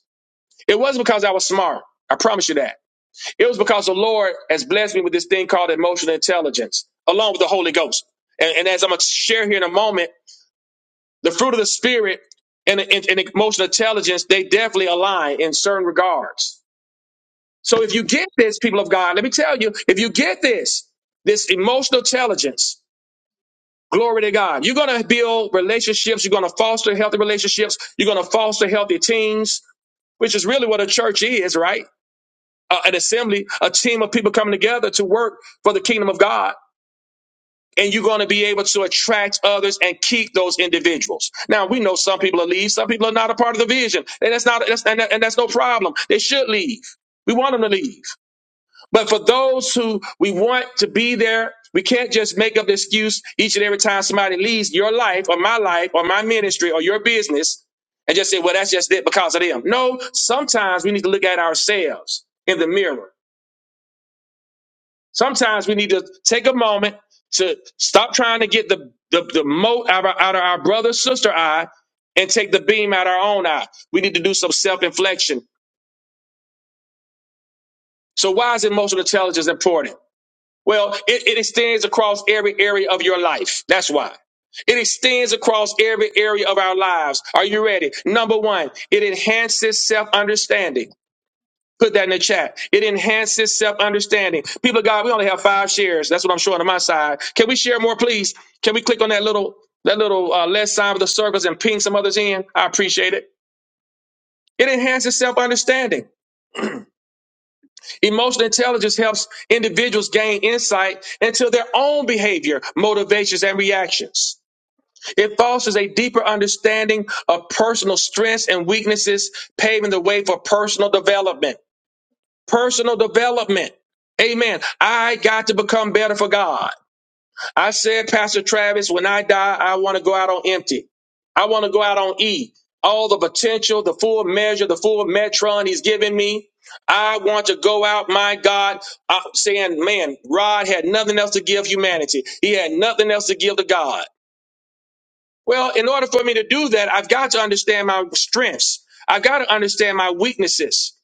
S1: It wasn't because I was smart. I promise you that. It was because the Lord has blessed me with this thing called emotional intelligence, along with the Holy Ghost. And, and as I'm going to share here in a moment, the fruit of the Spirit and, and, and emotional intelligence, they definitely align in certain regards. So if you get this, people of God, let me tell you, if you get this, this emotional intelligence, glory to God, you're going to build relationships. You're going to foster healthy relationships. You're going to foster healthy teams, which is really what a church is, right? uh, an assembly, a team of people coming together to work for the kingdom of God. And you're going to be able to attract others and keep those individuals. Now we know some people are leave, some people are not a part of the vision, and that's not that's, and, that- and that's no problem. They should leave. We want them to leave. But for those who we want to be there, we can't just make up the excuse each and every time somebody leaves your life or my life or my ministry or your business and just say, well, that's just it because of them. No, sometimes we need to look at ourselves in the mirror Sometimes we need to take a moment to stop trying to get the the, the mote out of, our, out of our brother sister eye and take the beam out of our own eye. We need to do some self inflection. So why is emotional intelligence important? Well, it, it extends across every area of your life. That's why. It extends across every area of our lives. Are you ready? Number one, it enhances self understanding. Put that in the chat. It enhances self understanding. People of God, we only have five shares. That's what I'm showing on my side. Can we share more, please? Can we click on that little that little uh, less sign with the circles and ping some others in? I appreciate it. It enhances self understanding. Emotional intelligence helps individuals gain insight into their own behavior, motivations, and reactions. It fosters a deeper understanding of personal strengths and weaknesses, paving the way for personal development. personal development. Amen. I got to become better for God. I said, Pastor Travis, when I die, I want to go out on empty. I want to go out on E. All the potential, the full measure, the full metron he's given me. I want to go out, my God, uh, saying, man, Rod had nothing else to give humanity. He had nothing else to give to God. Well, in order for me to do that, I've got to understand my strengths. I've got to understand my weaknesses.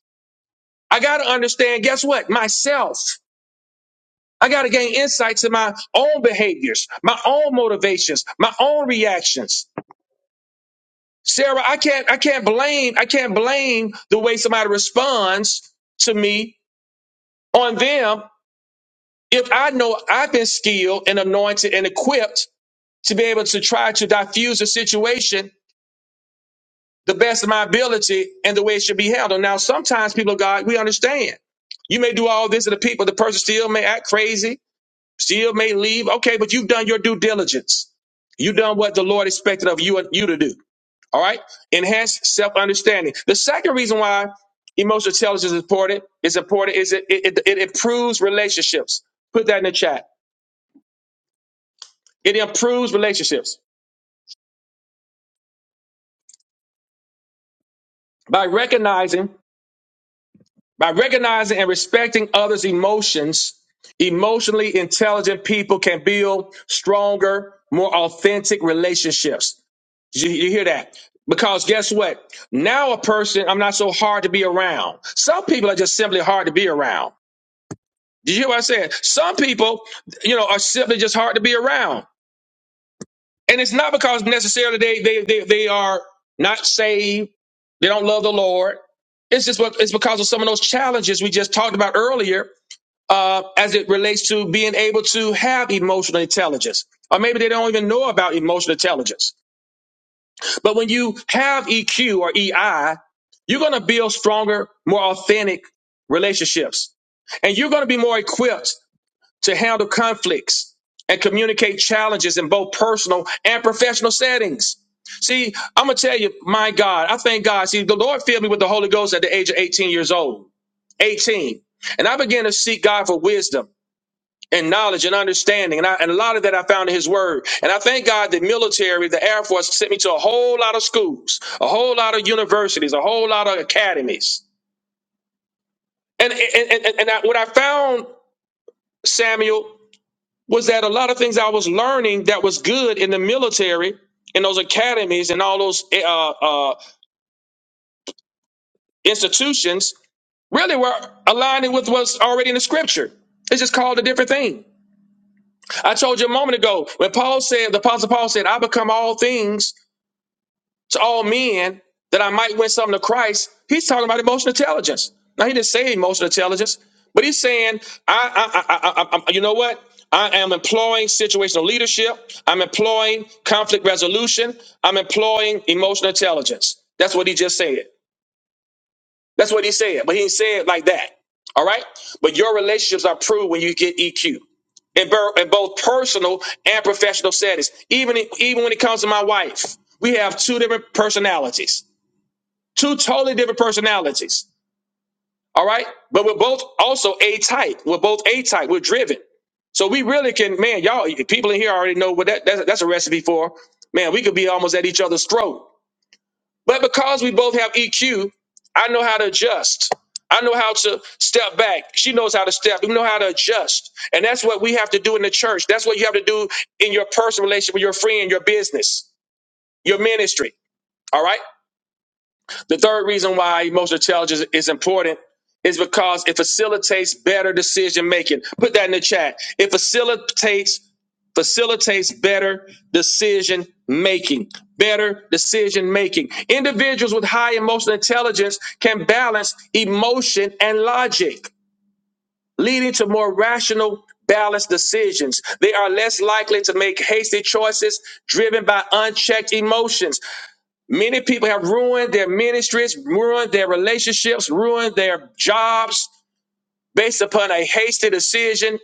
S1: I got to understand, guess what? Myself. I got to gain insights in my own behaviors, my own motivations, my own reactions. Sarah, I can't, I can't blame, I can't blame the way somebody responds to me on them if I know I've been skilled and anointed and equipped to be able to try to diffuse a situation the best of my ability and the way it should be handled. Now, sometimes people of God, we understand. You may do all this to the people, the person still may act crazy Still may leave. Okay, but you've done your due diligence. You've done what the Lord expected of you and you to do. All right. Enhanced self understanding. The second reason why emotional intelligence is important is important is it, it, it it improves relationships. Put that in the chat. It improves relationships by recognizing by recognizing and respecting others' emotions. Emotionally intelligent people can build stronger, more authentic relationships. Did you, you hear that? Because guess what? Now a person, I'm not so hard to be around. Some people are just simply hard to be around. Did you hear what I said? Some people, you know, are simply just hard to be around. And it's not because necessarily they they they, they are not saved, they don't love the Lord. It's just what it's because of some of those challenges we just talked about earlier, uh, as it relates to being able to have emotional intelligence. Or maybe they don't even know about emotional intelligence. But when you have EQ or EI, you're going to build stronger, more authentic relationships. And you're going to be more equipped to handle conflicts and communicate challenges in both personal and professional settings. See, I'm going to tell you, my God, I thank God. See, the Lord filled me with the Holy Ghost at the age of 18 years old. 18. And I began to seek God for wisdom and knowledge and understanding. And, I, and a lot of that I found in his word. And I thank God that military, the Air Force sent me to a whole lot of schools, a whole lot of universities, a whole lot of academies. And, and, and, and I, what I found, Samuel, was that a lot of things I was learning that was good in the military, in those academies and all those eh, uh, uh, institutions really were aligning with what's already in the scripture. It's just called a different thing. I told you a moment ago when Paul said, the Apostle Paul said, I become all things to all men that I might win some to Christ. He's talking about emotional intelligence. Now he didn't say emotional intelligence, but he's saying, I, I, I, I, I you know what? I am employing situational leadership. I'm employing conflict resolution. I'm employing emotional intelligence. That's what he just said. That's what he said, but he didn't say it like that. All right. But your relationships are proved when you get EQ in, bur- in both personal and professional settings. Even even when it comes to my wife, we have two different personalities. Two totally different personalities. All right. But we're both also A type. We're both A type. We're driven. So we really can, man, y'all, people in here already know what that, that's, that's a recipe for. Man, we could be almost at each other's throat. But because we both have EQ, I know how to adjust. I know how to step back. She knows how to step. We know how to adjust. And that's what we have to do in the church. That's what you have to do in your personal relationship with your friend, your business, your ministry. All right. The third reason why emotional intelligence is important is because it facilitates better decision making. Put that in the chat. It facilitates facilitates better decision making. Better decision making. Individuals with high emotional intelligence can balance emotion and logic, leading to more rational balanced decisions. They are less likely to make hasty choices driven by unchecked emotions. Many people have ruined their ministries, ruined their relationships, ruined their jobs based upon a hasty decision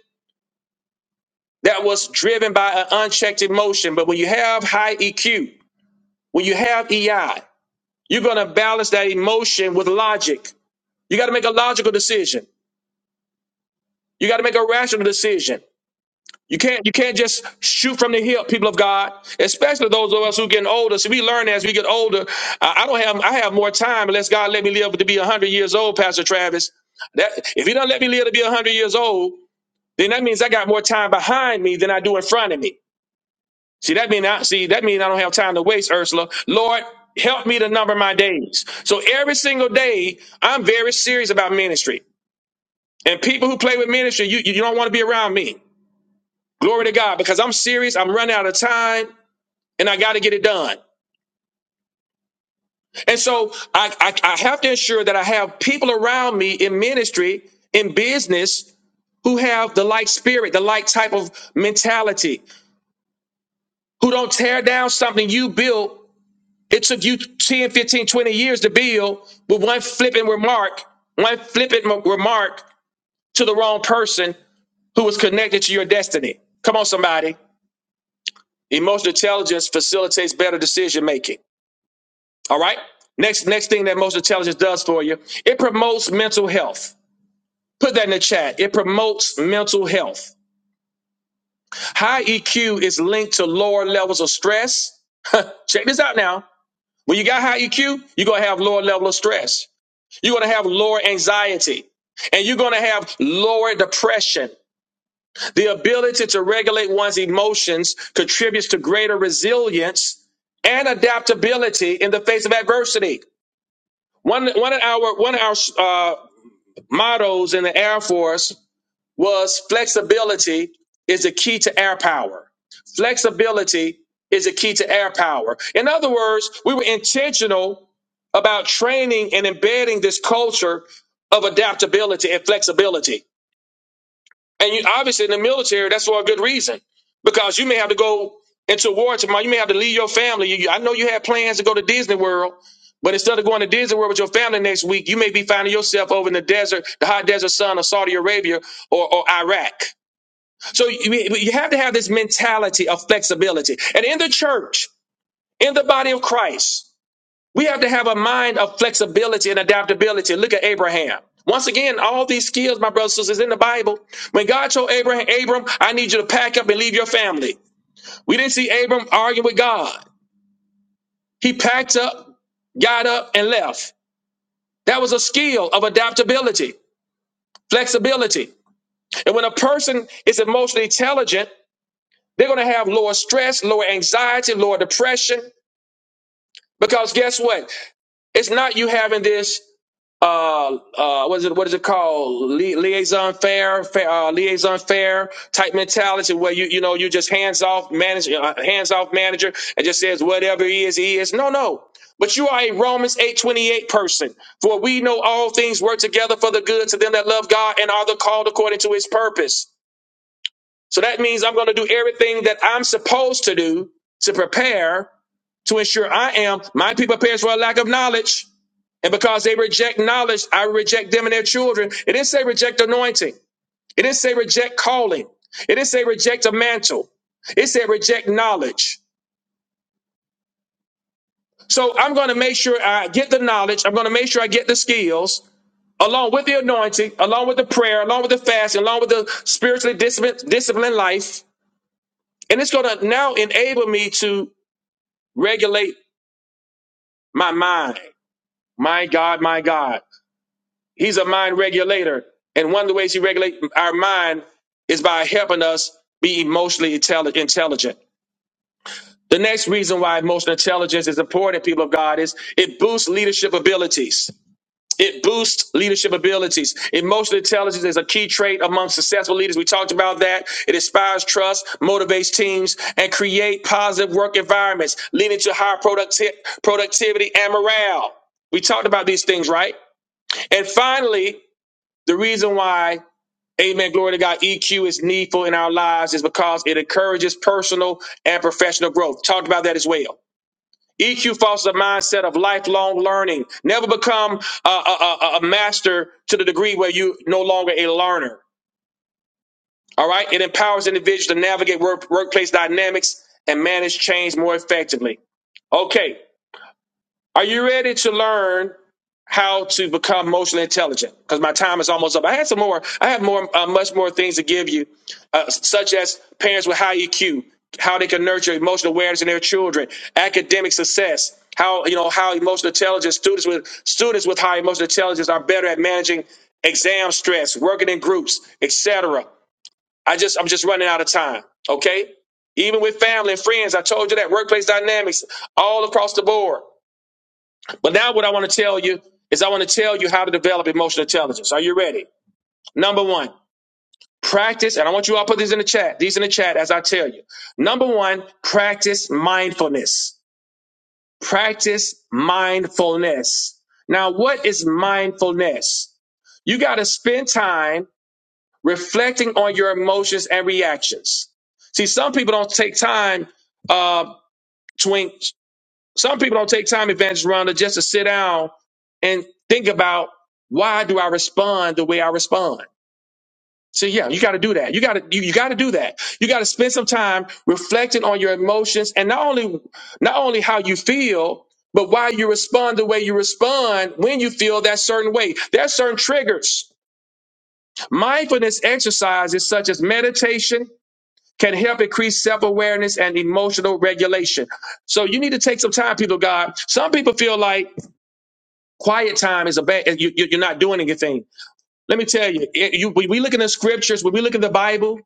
S1: that was driven by an unchecked emotion. But when you have high EQ, when you have EI, you're going to balance that emotion with logic. You got to make a logical decision. You got to make a rational decision. You can't you can't just shoot from the hip, people of God. Especially those of us who getting older. See, we learn as we get older. I, I don't have I have more time unless God let me live to be hundred years old, Pastor Travis. That if He don't let me live to be hundred years old, then that means I got more time behind me than I do in front of me. See, that mean I see that mean I don't have time to waste, Ursula. Lord, help me to number my days. So every single day, I'm very serious about ministry. And people who play with ministry, you you you don't want to be around me. Glory to God, because I'm serious. I'm running out of time and I got to get it done. And so I, I, I have to ensure that I have people around me in ministry, in business, who have the like spirit, the like type of mentality, who don't tear down something you built. It took you 10, 15, 20 years to build with one flipping remark, one flippant mo- remark to the wrong person who was connected to your destiny. Come on, somebody. Emotional intelligence facilitates better decision making. All right. Next, next thing that emotional intelligence does for you, it promotes mental health. Put that in the chat. It promotes mental health. High EQ is linked to lower levels of stress. Check this out now. When you got high EQ, you're gonna have lower level of stress. You're gonna have lower anxiety, and you're gonna have lower depression. The ability to regulate one's emotions contributes to greater resilience and adaptability in the face of adversity. One one of our one of our uh, mottos in the Air Force was flexibility is the key to air power. Flexibility is the key to air power. In other words, we were intentional about training and embedding this culture of adaptability and flexibility. And you obviously in the military, that's for a good reason, because you may have to go into war tomorrow. You may have to leave your family. You, I know you had plans to go to Disney World, but instead of going to Disney World with your family next week, you may be finding yourself over in the desert, the hot desert sun of Saudi Arabia or, or Iraq. So you, you have to have this mentality of flexibility. And in the church, in the body of Christ. We have to have a mind of flexibility and adaptability. Look at Abraham. Once again, all these skills, my brothers and sisters, in the Bible. When God told Abraham, Abram, I need you to pack up and leave your family. We didn't see Abram arguing with God. He packed up, got up, and left. That was a skill of adaptability, flexibility. And when a person is emotionally intelligent, they're going to have lower stress, lower anxiety, lower depression. Because guess what? It's not you having this. uh, uh, what is it? What is it called? Li- liaison fair, fair uh, liaison fair type mentality, where you you know you just hands off manager, uh, hands off manager, and just says whatever he is, he is. No, no. But you are a Romans eight twenty eight person. For we know all things work together for the good to them that love God and are the called according to His purpose. So that means I'm going to do everything that I'm supposed to do to prepare to ensure I am my people perish for a lack of knowledge. And because they reject knowledge, I reject them and their children. It didn't say reject anointing. It didn't say reject calling. It didn't say reject a mantle. It said reject knowledge. So I'm going to make sure I get the knowledge. I'm going to make sure I get the skills along with the anointing, along with the prayer, along with the fasting, along with the spiritually discipline, disciplined life. And it's going to now enable me to regulate my mind. My God, my God. He's a mind regulator. And one of the ways he regulates our mind is by helping us be emotionally intelli- intelligent. The next reason why emotional intelligence is important, people of God, is it boosts leadership abilities. It boosts leadership abilities. Emotional intelligence is a key trait among successful leaders. We talked about that. It inspires trust, motivates teams, and create positive work environments, leading to higher producti- productivity and morale. We talked about these things, right? And finally, the reason why Amen. Glory to God. EQ is needful in our lives is because it encourages personal and professional growth. Talked about that as well. EQ fosters a mindset of lifelong learning. Never become a, a, a a master to the degree where you no longer a learner. All right. It empowers individuals to navigate work, workplace dynamics and manage change more effectively. Okay. Are you ready to learn how to become emotionally intelligent because my time is almost up. I had some more. I have more, uh, much more things to give you, uh, such as parents with high EQ, how they can nurture emotional awareness in their children, academic success, how you know how emotional intelligence students with students with high emotional intelligence are better at managing exam stress, working in groups, etc. I just I'm just running out of time. Okay, even with family and friends, I told you that workplace dynamics all across the board. But now what I want to tell you is I want to tell you how to develop emotional intelligence. Are you ready? Number one, practice, and I want you all to put these in the chat. These in the chat as I tell you. Number one, practice mindfulness. Practice mindfulness. Now, what is mindfulness? You got to spend time reflecting on your emotions and reactions. See, some people don't take time uh, to. Some people don't take time, Evangelist Rhonda, just to sit down and think about why do I respond the way I respond. So yeah, you got to do that. You got to you, you got to do that. You got to spend some time reflecting on your emotions and not only not only how you feel, but why you respond the way you respond when you feel that certain way. There are certain triggers. Mindfulness exercises such as meditation can help increase self-awareness and emotional regulation. So you need to take some time, people of God. Some people feel like Quiet time is a bad. You, you- you're not doing anything. Let me tell you. It, you when we look in the scriptures, when we look at the Bible,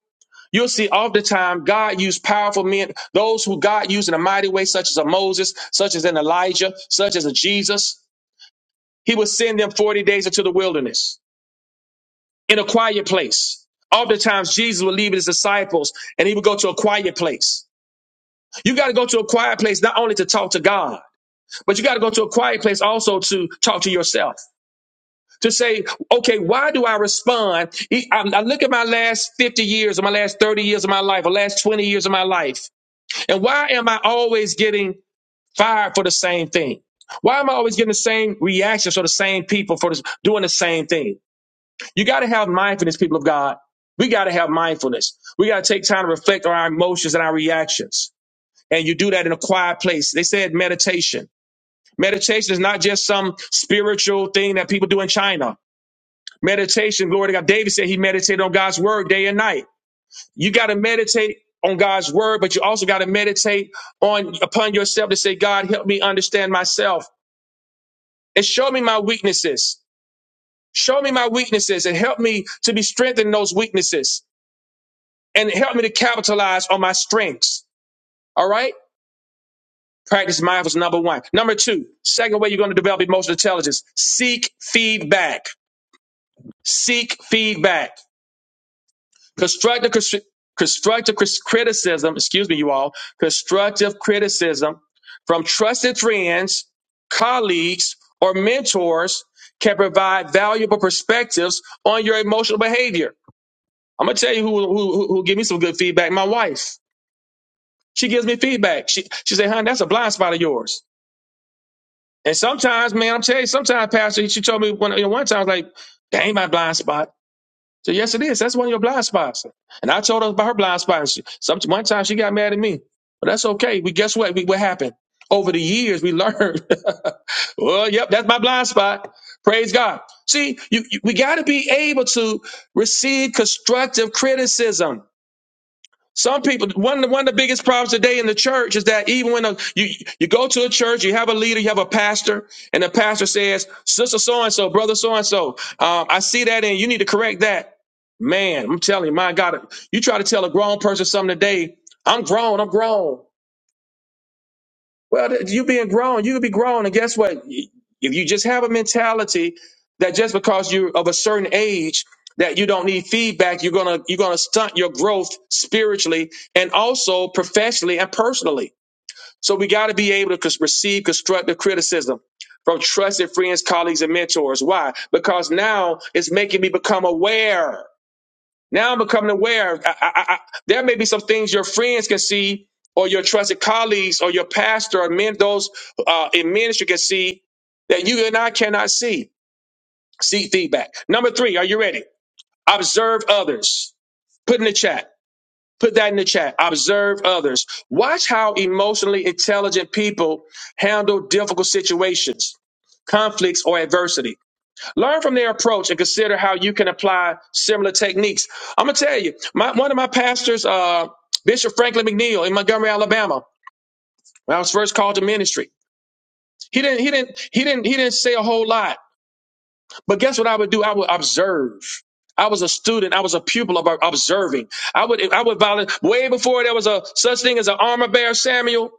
S1: you'll see all the time God used powerful men, those who God used in a mighty way, such as a Moses, such as an Elijah, such as a Jesus. He would send them 40 days into the wilderness in a quiet place. Oftentimes, Jesus would leave his disciples and he would go to a quiet place. You got to go to a quiet place not only to talk to God, but you got to go to a quiet place also to talk to yourself. to say, okay, why do I respond? E- I, I look at my last 50 years or my last 30 years of my life or last 20 years of my life. And why am I always getting fired for the same thing? Why am I always getting the same reactions from the same people for this, doing the same thing? You got to have mindfulness, people of God. We got to have mindfulness. We got to take time to reflect on our emotions and our reactions. And you do that in a quiet place. They said meditation. Meditation is not just some spiritual thing that people do in China. Meditation, glory to God. David said he meditated on God's word day and night. You got to meditate on God's word, but you also got to meditate on upon yourself to say, God, help me understand myself and show me my weaknesses. Show me my weaknesses and help me to be strengthened in those weaknesses and help me to capitalize on my strengths. All right. Practice mindfulness. Number one. Number two, second way you're going to develop emotional intelligence. Seek feedback. Seek feedback. Constructive, cris- constructive cris- criticism, excuse me, you all, constructive criticism from trusted friends, colleagues, or mentors can provide valuable perspectives on your emotional behavior. I'm gonna tell you who who who who give me some good feedback. My wife, she gives me feedback. She she say, "Honey, that's a blind spot of yours." And sometimes, man, I'm telling you, sometimes, Pastor, she told me one you know, one time, I was like, "That ain't my blind spot." So yes, it is. That's one of your blind spots. And I told her about her blind spots. She- Some one time she got mad at me, but that's okay. We guess what? We, what happened? Over the years, we learned. well, yep, that's my blind spot. Praise God. See, you, you, we got to be able to receive constructive criticism. Some people, one, one of the biggest problems today in the church is that even when a, you, you go to a church, you have a leader, you have a pastor, and the pastor says, Sister so and so, brother so and so, I see that and you need to correct that. Man, I'm telling you, my God, you try to tell a grown person something today, I'm grown, I'm grown. Well, th- you being grown, you could be grown, and guess what? If you just have a mentality that just because you're of a certain age that you don't need feedback, you're gonna you're gonna stunt your growth spiritually and also professionally and personally. So we got to be able to cons- receive constructive criticism from trusted friends, colleagues, and mentors. Why? Because now it's making me become aware. Now I'm becoming aware. I, I, I, there may be some things your friends can see, or your trusted colleagues, or your pastor, or men those uh, in ministry can see that you and I cannot see. See feedback. Number three, are you ready? Observe others. Put in the chat. Put that in the chat. Observe others. Watch how emotionally intelligent people handle difficult situations, conflicts, or adversity. Learn from their approach and consider how you can apply similar techniques. I'm gonna tell you, my, one of my pastors, uh, Bishop Franklin McNeil in Montgomery, Alabama, when I was first called to ministry, he didn't, he didn't, he didn't, he didn't say a whole lot. But guess what I would do? I would observe. I was a student. I was a pupil of observing. I would, I would volunteer way before there was a such thing as an armor bearer, Samuel.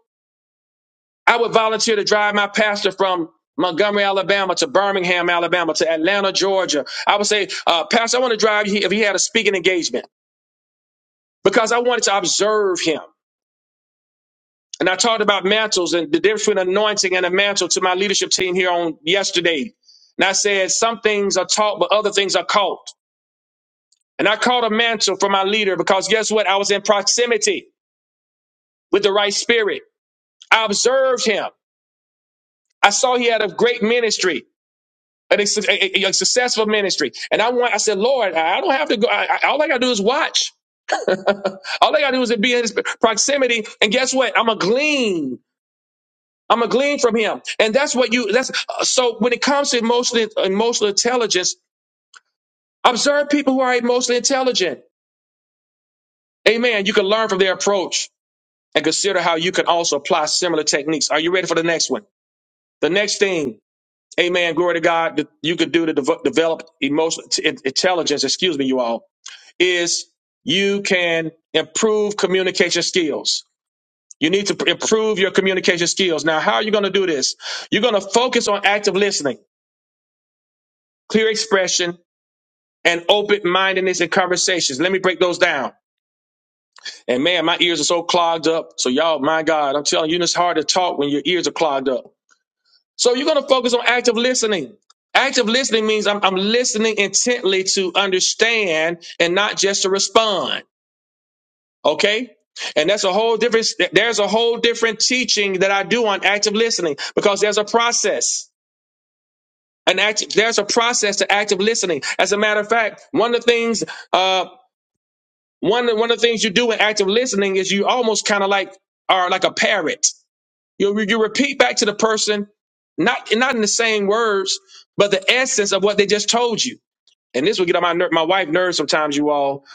S1: I would volunteer to drive my pastor from Montgomery, Alabama to Birmingham, Alabama to Atlanta, Georgia. I would say, uh, Pastor, I want to drive you if he had a speaking engagement because I wanted to observe him. And I talked about mantles and the difference between anointing and a mantle to my leadership team here on yesterday. And I said, some things are taught, but other things are caught. And I caught a mantle from my leader because guess what? I was in proximity with the right spirit. I observed him. I saw he had a great ministry. a, a- a- successful ministry. And I want, I said, Lord, I don't have to go. I, I- all I gotta do is watch. All I gotta do is be in his proximity. And guess what? I'm a glean. I'm a glean from him. And that's what you, that's, uh, so when it comes to emotional, emotional intelligence, observe people who are emotionally intelligent. Amen. You can learn from their approach and consider how you can also apply similar techniques. Are you ready for the next one? The next thing, amen, glory to God, that you could do to dev- develop emotional t- intelligence, excuse me, you all is you can improve communication skills. You need to pr- improve your communication skills. Now, how are you going to do this? You're going to focus on active listening, clear expression, and open mindedness in conversations. Let me break those down. And man, my ears are so clogged up. So, y'all, my God, I'm telling you, it's hard to talk when your ears are clogged up. So, you're going to focus on active listening. Active listening means I'm, I'm listening intently to understand and not just to respond. Okay? And that's a whole different, there's a whole different teaching that I do on active listening because there's a process. An act, there's a process to active listening. As a matter of fact, one of the things, uh, one, one of the things you do in active listening is you almost kind of like are like a parrot. You, you repeat back to the person, not, not in the same words, but the essence of what they just told you. And this would get on my ner- my wife nerves sometimes, you all,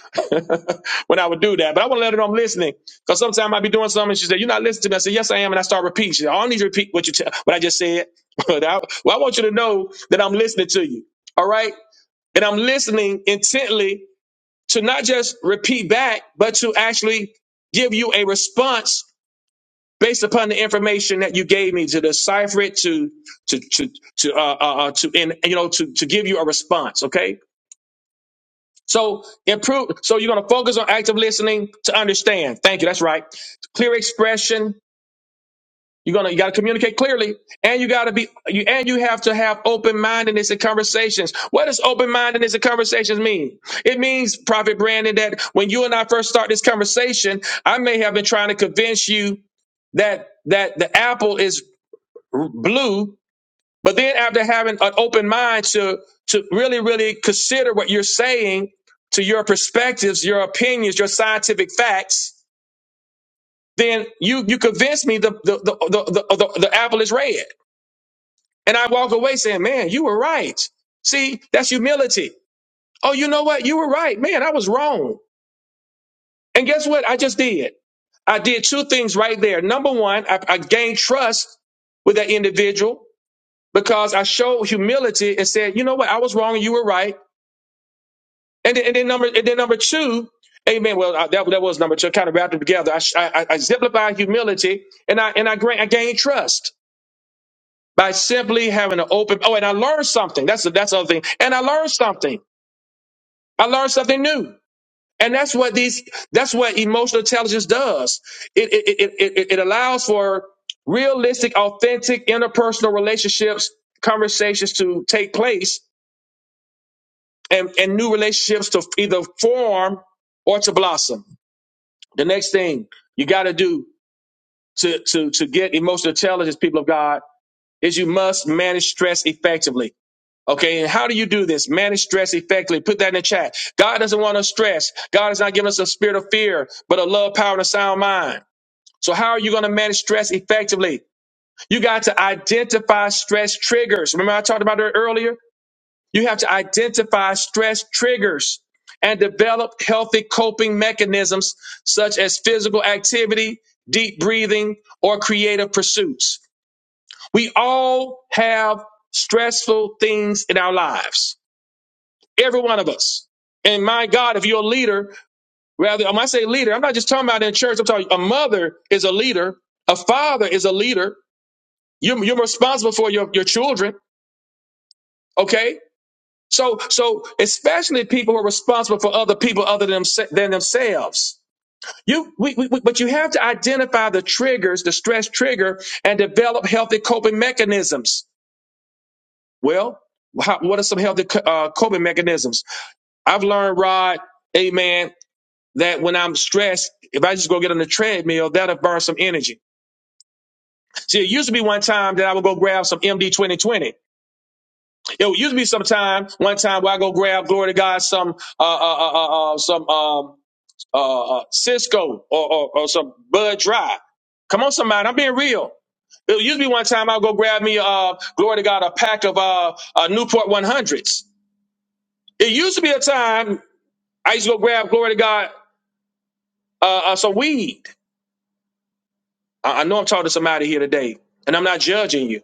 S1: when I would do that. But I want to let her know I'm listening. Because sometimes I'd be doing something and she said, You're not listening to me. I said, Yes, I am. And I start repeating. She said, "Oh, I don't need you to repeat what you tell what I just said. But I, well, I want you to know that I'm listening to you. All right. And I'm listening intently to not just repeat back, but to actually give you a response based upon the information that you gave me to decipher it to to to to uh, uh uh, to and you know to to give you a response okay so improve. So you're gonna focus on active listening to understand. Thank you. That's right. Clear expression. You're gonna you gotta communicate clearly, and you gotta be you and you have to have open mindedness in conversations. What does open mindedness in conversations mean? It means, Prophet Brandon, that when you and I first start this conversation, I may have been trying to convince you that that the apple is blue but then after having an open mind to to really, really consider what you're saying to your perspectives, your opinions, your scientific facts, then you you convince me the the the the, the, the, the apple is red. And I walk away saying, Man, you were right. See, that's humility. Oh, you know what? You were right. Man, I was wrong. And guess what? I just did. I did two things right there. Number one, I, I gained trust with that individual because I showed humility and said, you know what? I was wrong and you were right. And then, and then number and then number two, amen. Well, uh, that, that was number two. I kind of wrapped it together. I, sh- I, I I exemplify humility, and I and I gain, I gain trust by simply having an open. Oh, and I learned something. That's the, that's the other thing. And I learned something. I learned something new. And that's what these. That's what emotional intelligence does. It it it it, it it allows for realistic, authentic interpersonal relationships, conversations to take place, and and new relationships to either form or to blossom. The next thing you got to do to, to, to get emotional intelligence, people of God, is you must manage stress effectively. Okay, and how do you do this? Manage stress effectively. Put that in the chat. God doesn't want us stressed. God has not given us a spirit of fear, but a love, power, and a sound mind. So how are you going to manage stress effectively? You got to identify stress triggers. Remember I talked about that earlier? You have to identify stress triggers and develop healthy coping mechanisms such as physical activity, deep breathing, or creative pursuits. We all have stressful things in our lives, every one of us. And my God, if you're a leader, rather, when I say leader, I'm not just talking about in church, I'm talking a mother is a leader, a father is a leader. You're, you're responsible for your, your children, okay? So, so especially people who are responsible for other people other than, themse- than themselves. You, we, we, we- but you have to identify the triggers, the stress trigger, and develop healthy coping mechanisms. Well, how, what are some healthy co- uh, coping mechanisms? I've learned, Rod, amen, that when I'm stressed, if I just go get on the treadmill, that'll burn some energy. See, it used to be one time that I would go grab some MD 2020. It used to be some time, one time where I go grab, glory to God, some, uh, uh, uh, uh, uh, some, um, uh, uh, Cisco or, or, or some Bud Dry. Come on, somebody. I'm being real. It used to be one time I'll go grab me, uh, glory to God, a pack of uh, uh, Newport 100s. It used to be a time I used to go grab, glory to God, uh, uh, some weed. I, I know I'm talking to somebody here today, and I'm not judging you.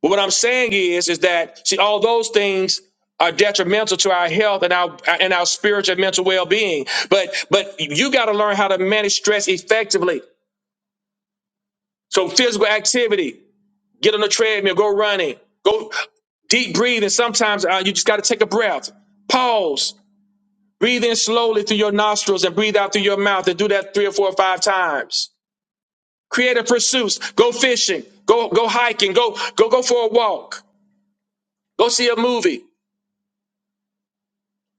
S1: But what I'm saying is, is that see, all those things are detrimental to our health and our and our spiritual and mental well-being. But but you got to learn how to manage stress effectively. So physical activity, get on the treadmill, go running, go deep breathing. Sometimes uh, you just got to take a breath, pause, breathe in slowly through your nostrils and breathe out through your mouth, and do that three or four or five times. Creative pursuits, go fishing, go go hiking, go go go for a walk, go see a movie.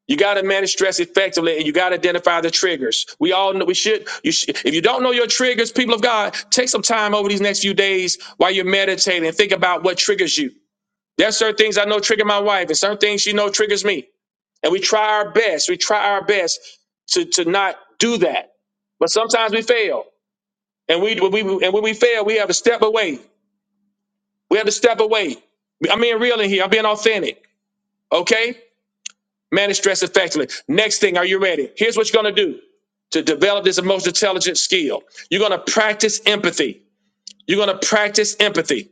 S1: You got to manage stress effectively, and you got to identify the triggers. We all know we should. You should, if you don't know your triggers, people of God, take some time over these next few days while you're meditating and think about what triggers you. There's certain things I know trigger my wife, and certain things she know triggers me. And we try our best. We try our best to, to not do that. But sometimes we fail. And we, we and when we fail, we have to step away. We have to step away. I'm being real in here. I'm being authentic. Okay? Manage stress effectively. Next thing, are you ready? Here's what you're gonna do to develop this emotional intelligence skill. You're gonna practice empathy. You're gonna practice empathy.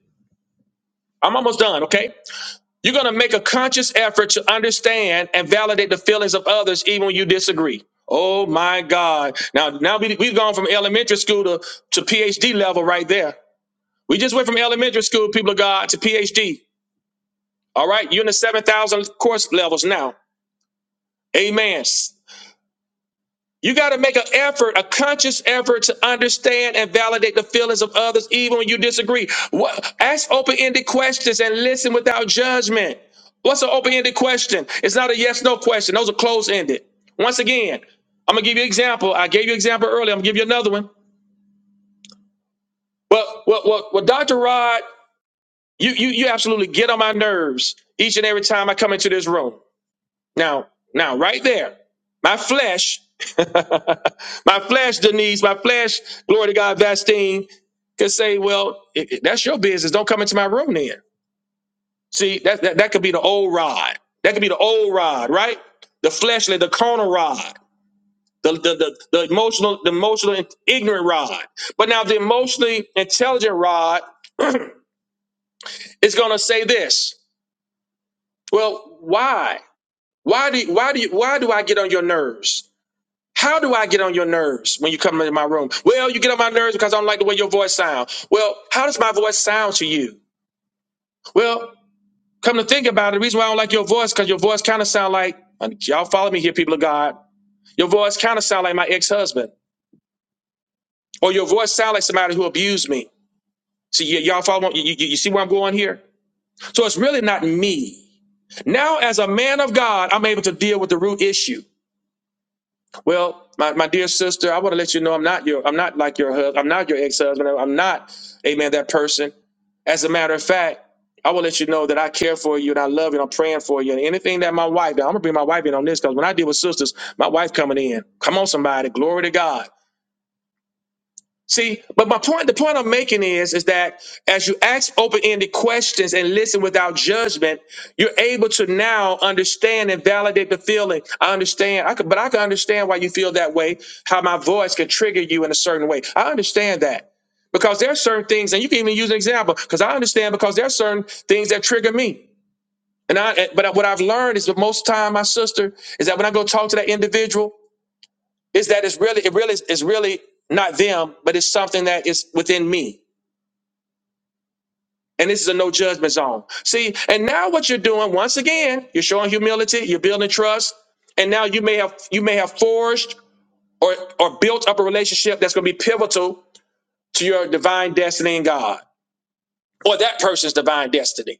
S1: I'm almost done, okay? You're going to make a conscious effort to understand and validate the feelings of others, even when you disagree. Oh my God. Now, now we, we've gone from elementary school to, to PhD level right there. We just went from elementary school, people of God, to PhD. All right. You're in the 7,000 course levels now. Amen. You got to make an effort, a conscious effort to understand and validate the feelings of others, even when you disagree. What, ask open ended questions and listen without judgment. What's an open ended question? It's not a yes no question, those are closed ended. Once again, I'm going to give you an example. I gave you an example earlier, I'm going to give you another one. Well, well, well, well Dr. Rod, you, you, you absolutely get on my nerves each and every time I come into this room. Now, now, right there, my flesh, my flesh, Denise, my flesh, glory to God, Vastine, could say, well, i- i- that's your business. Don't come into my room then. See, that, that, that could be the old rod. That could be the old rod, right? The fleshly, the carnal rod. The, the, the, the emotional the emotional ignorant rod but now the emotionally intelligent rod is going to say this well why why do why do you, why do i get on your nerves How do I get on your nerves when you come into my room? Well, you get on my nerves because I don't like the way your voice sounds. Well, how does my voice sound to you? Well, come to think about it, the reason why I don't like your voice because your voice kind of sound like y'all follow me here, people of God. Your voice kind of sound like my ex husband, or your voice sound like somebody who abused me. See, y- y'all follow? me? You, you, you see where I'm going here? So it's really not me. Now, as a man of God, I'm able to deal with the root issue. Well, my, my dear sister, I want to let you know I'm not your I'm not like your husband. I'm not your ex-husband. I'm not, amen, that person. As a matter of fact, I will let you know that I care for you and I love you and I'm praying for you. And anything that my wife, now I'm gonna bring my wife in on this because when I deal with sisters, my wife coming in. Come on, somebody, glory to God. See, but my point, the point I'm making is, is that as you ask open-ended questions and listen without judgment, you're able to now understand and validate the feeling. I understand, I could, but I can understand why you feel that way, how my voice can trigger you in a certain way. I understand that. Because there are certain things, and you can even use an example, because I understand because there are certain things that trigger me. And I but what I've learned is that most time, my sister, is that when I go talk to that individual is that it's really it really is really not them but it's something that is within me and this is a no judgment zone see and now what you're doing once again you're showing humility you're building trust and now you may have you may have forged or or built up a relationship that's going to be pivotal to your divine destiny in god or that person's divine destiny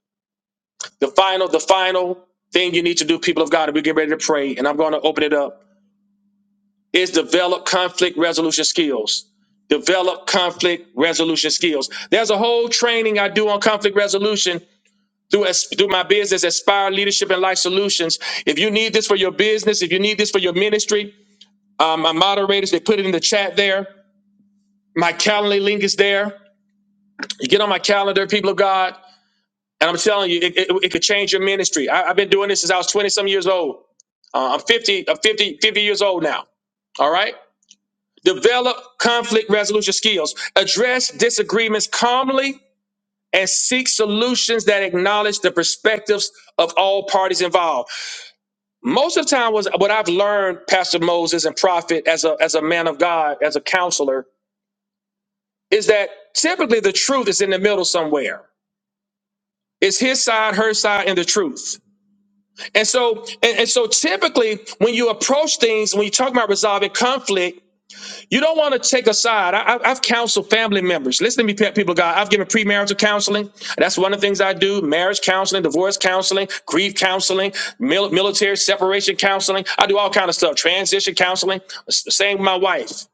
S1: the final the final thing you need to do people of god and we get ready to pray and i'm going to open it up is develop conflict resolution skills. Develop conflict resolution skills. There's a whole training I do on conflict resolution through, through my business, Aspire Leadership and Life Solutions. If you need this for your business, if you need this for your ministry, um, my moderators, they put it in the chat there. My Calendly link is there. You get on my calendar, people of God, and I'm telling you, it, it, it could change your ministry. I, I've been doing this since I was 20 some years old. Uh, I'm 50, I'm 50, 50 years old now. All right. Develop conflict resolution skills. Address disagreements calmly and seek solutions that acknowledge the perspectives of all parties involved. Most of the time, was what I've learned, Pastor Moses and Prophet, as a as a man of God, as a counselor, is that typically the truth is in the middle somewhere. It's his side, her side, and the truth. And so, and, and so typically when you approach things, when you talk about resolving conflict, You don't want to take a side. I, I- I've counseled family members. Listen to me, people, of God. I've given premarital counseling. That's one of the things I do marriage counseling, divorce counseling, grief counseling, mil- military separation counseling. I do all kind of stuff, transition counseling. Same with my wife,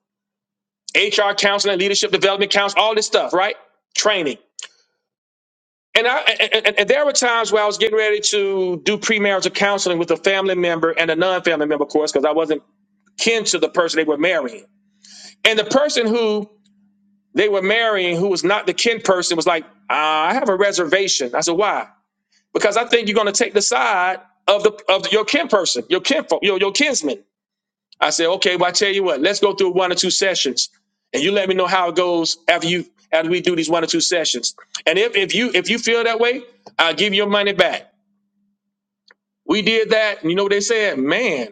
S1: HR counseling, leadership development counseling, all this stuff, right? Training. And, I, and, and and there were times where I was getting ready to do premarital counseling with a family member and a non family member, of course, because I wasn't kin to the person they were marrying. And the person who They were marrying who was not the kin person was like, ah, I have a reservation. I said, why? Because I think you're going to take the side of the of your kin person, your kin your, your kinsman. I said, okay, well, I tell you what, let's go through one or two sessions and you let me know how it goes after you after we do these one or two sessions. And if if you if you feel that way, I'll give you your money back. We did that, and you know what they said? Man,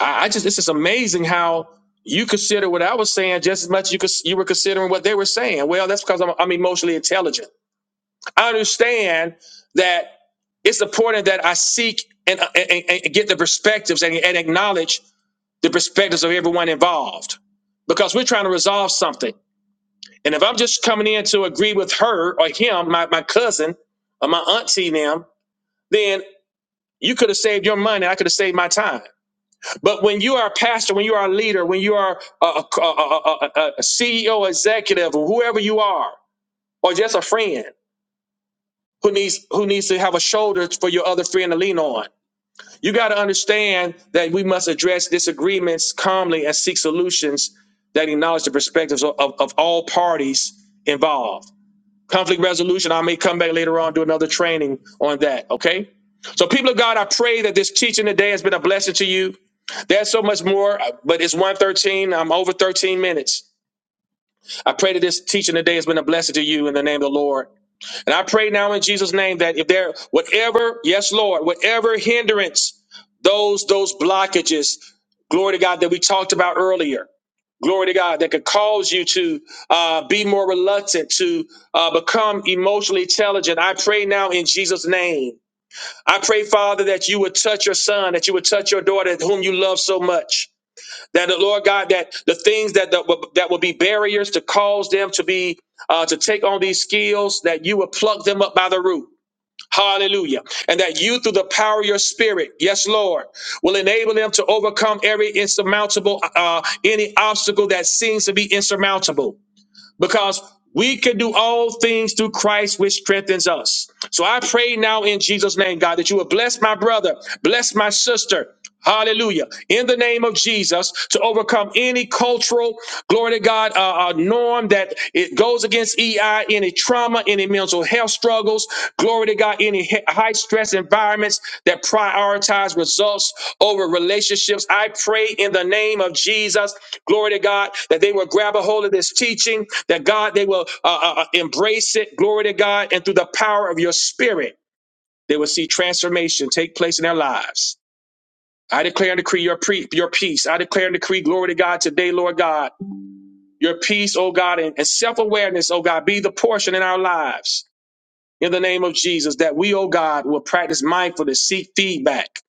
S1: I, I just this is amazing how you consider what I was saying just as much as you could you were considering what they were saying. Well, that's because I'm, I'm emotionally intelligent. I understand that it's important that I seek and, uh, and, and get the perspectives and, and acknowledge the perspectives of everyone involved because we're trying to resolve something. And if I'm just coming in to agree with her or him, my, my cousin or my auntie, and them, then you could have saved your money. I could have saved my time. But when you are a pastor, when you are a leader, when you are a, a CEO, executive, or whoever you are, or just a friend, who needs who needs to have a shoulder for your other friend to lean on. You got to understand that we must address disagreements calmly and seek solutions that acknowledge the perspectives of, of, of all parties involved. Conflict resolution, I may come back later on, do another training on that, okay? So, people of God, I pray that this teaching today has been a blessing to you. There's so much more, uh, but it's 113. I'm over 13 minutes. I pray that this teaching today has been a blessing to you in the name of the Lord. And I pray now in Jesus' name that if there, whatever, yes, Lord, whatever hindrance, those, those blockages, glory to God, that we talked about earlier, glory to God, that could cause you to uh, be more reluctant to uh, become emotionally intelligent. I pray now in Jesus' name. I pray, Father, that you would touch your son, that you would touch your daughter, whom you love so much that the Lord God, that the things that that will, that will be barriers to cause them to be uh, to take on these skills, that you will pluck them up by the root. Hallelujah. And that you, through the power of your spirit, yes, Lord, will enable them to overcome every insurmountable, uh, any obstacle that seems to be insurmountable because we can do all things through Christ, which strengthens us. So I pray now in Jesus' name, God, that you will bless my brother, bless my sister. Hallelujah. In the name of Jesus, to overcome any cultural, glory to God, uh, uh, norm that it goes against EI, any trauma, any mental health struggles, glory to God, any he- high stress environments that prioritize results over relationships. I pray in the name of Jesus, glory to God, that they will grab a hold of this teaching, that God, they will uh, uh, uh, embrace it, glory to God, and through the power of your spirit, they will see transformation take place in their lives. I declare and decree your, pre- your peace. I declare and decree glory to God today, Lord God. Your peace, oh God, and, and self awareness, oh God, be the portion in our lives in the name of Jesus that we, oh God, will practice mindfulness, seek feedback,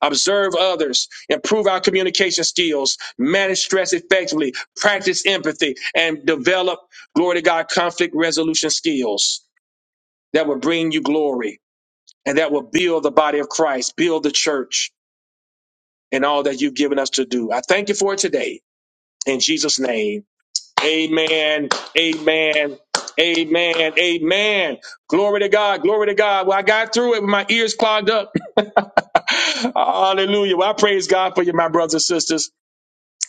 S1: observe others, improve our communication skills, manage stress effectively, practice empathy, and develop, glory to God, conflict resolution skills that will bring you glory and that will build the body of Christ, build the church, and all that you've given us to do. I thank you for it today. In Jesus' name. Amen. Amen. Amen. Amen. Glory to God. Glory to God. Well, I got through it with my ears clogged up. Hallelujah. Well, I praise God for you, my brothers and sisters.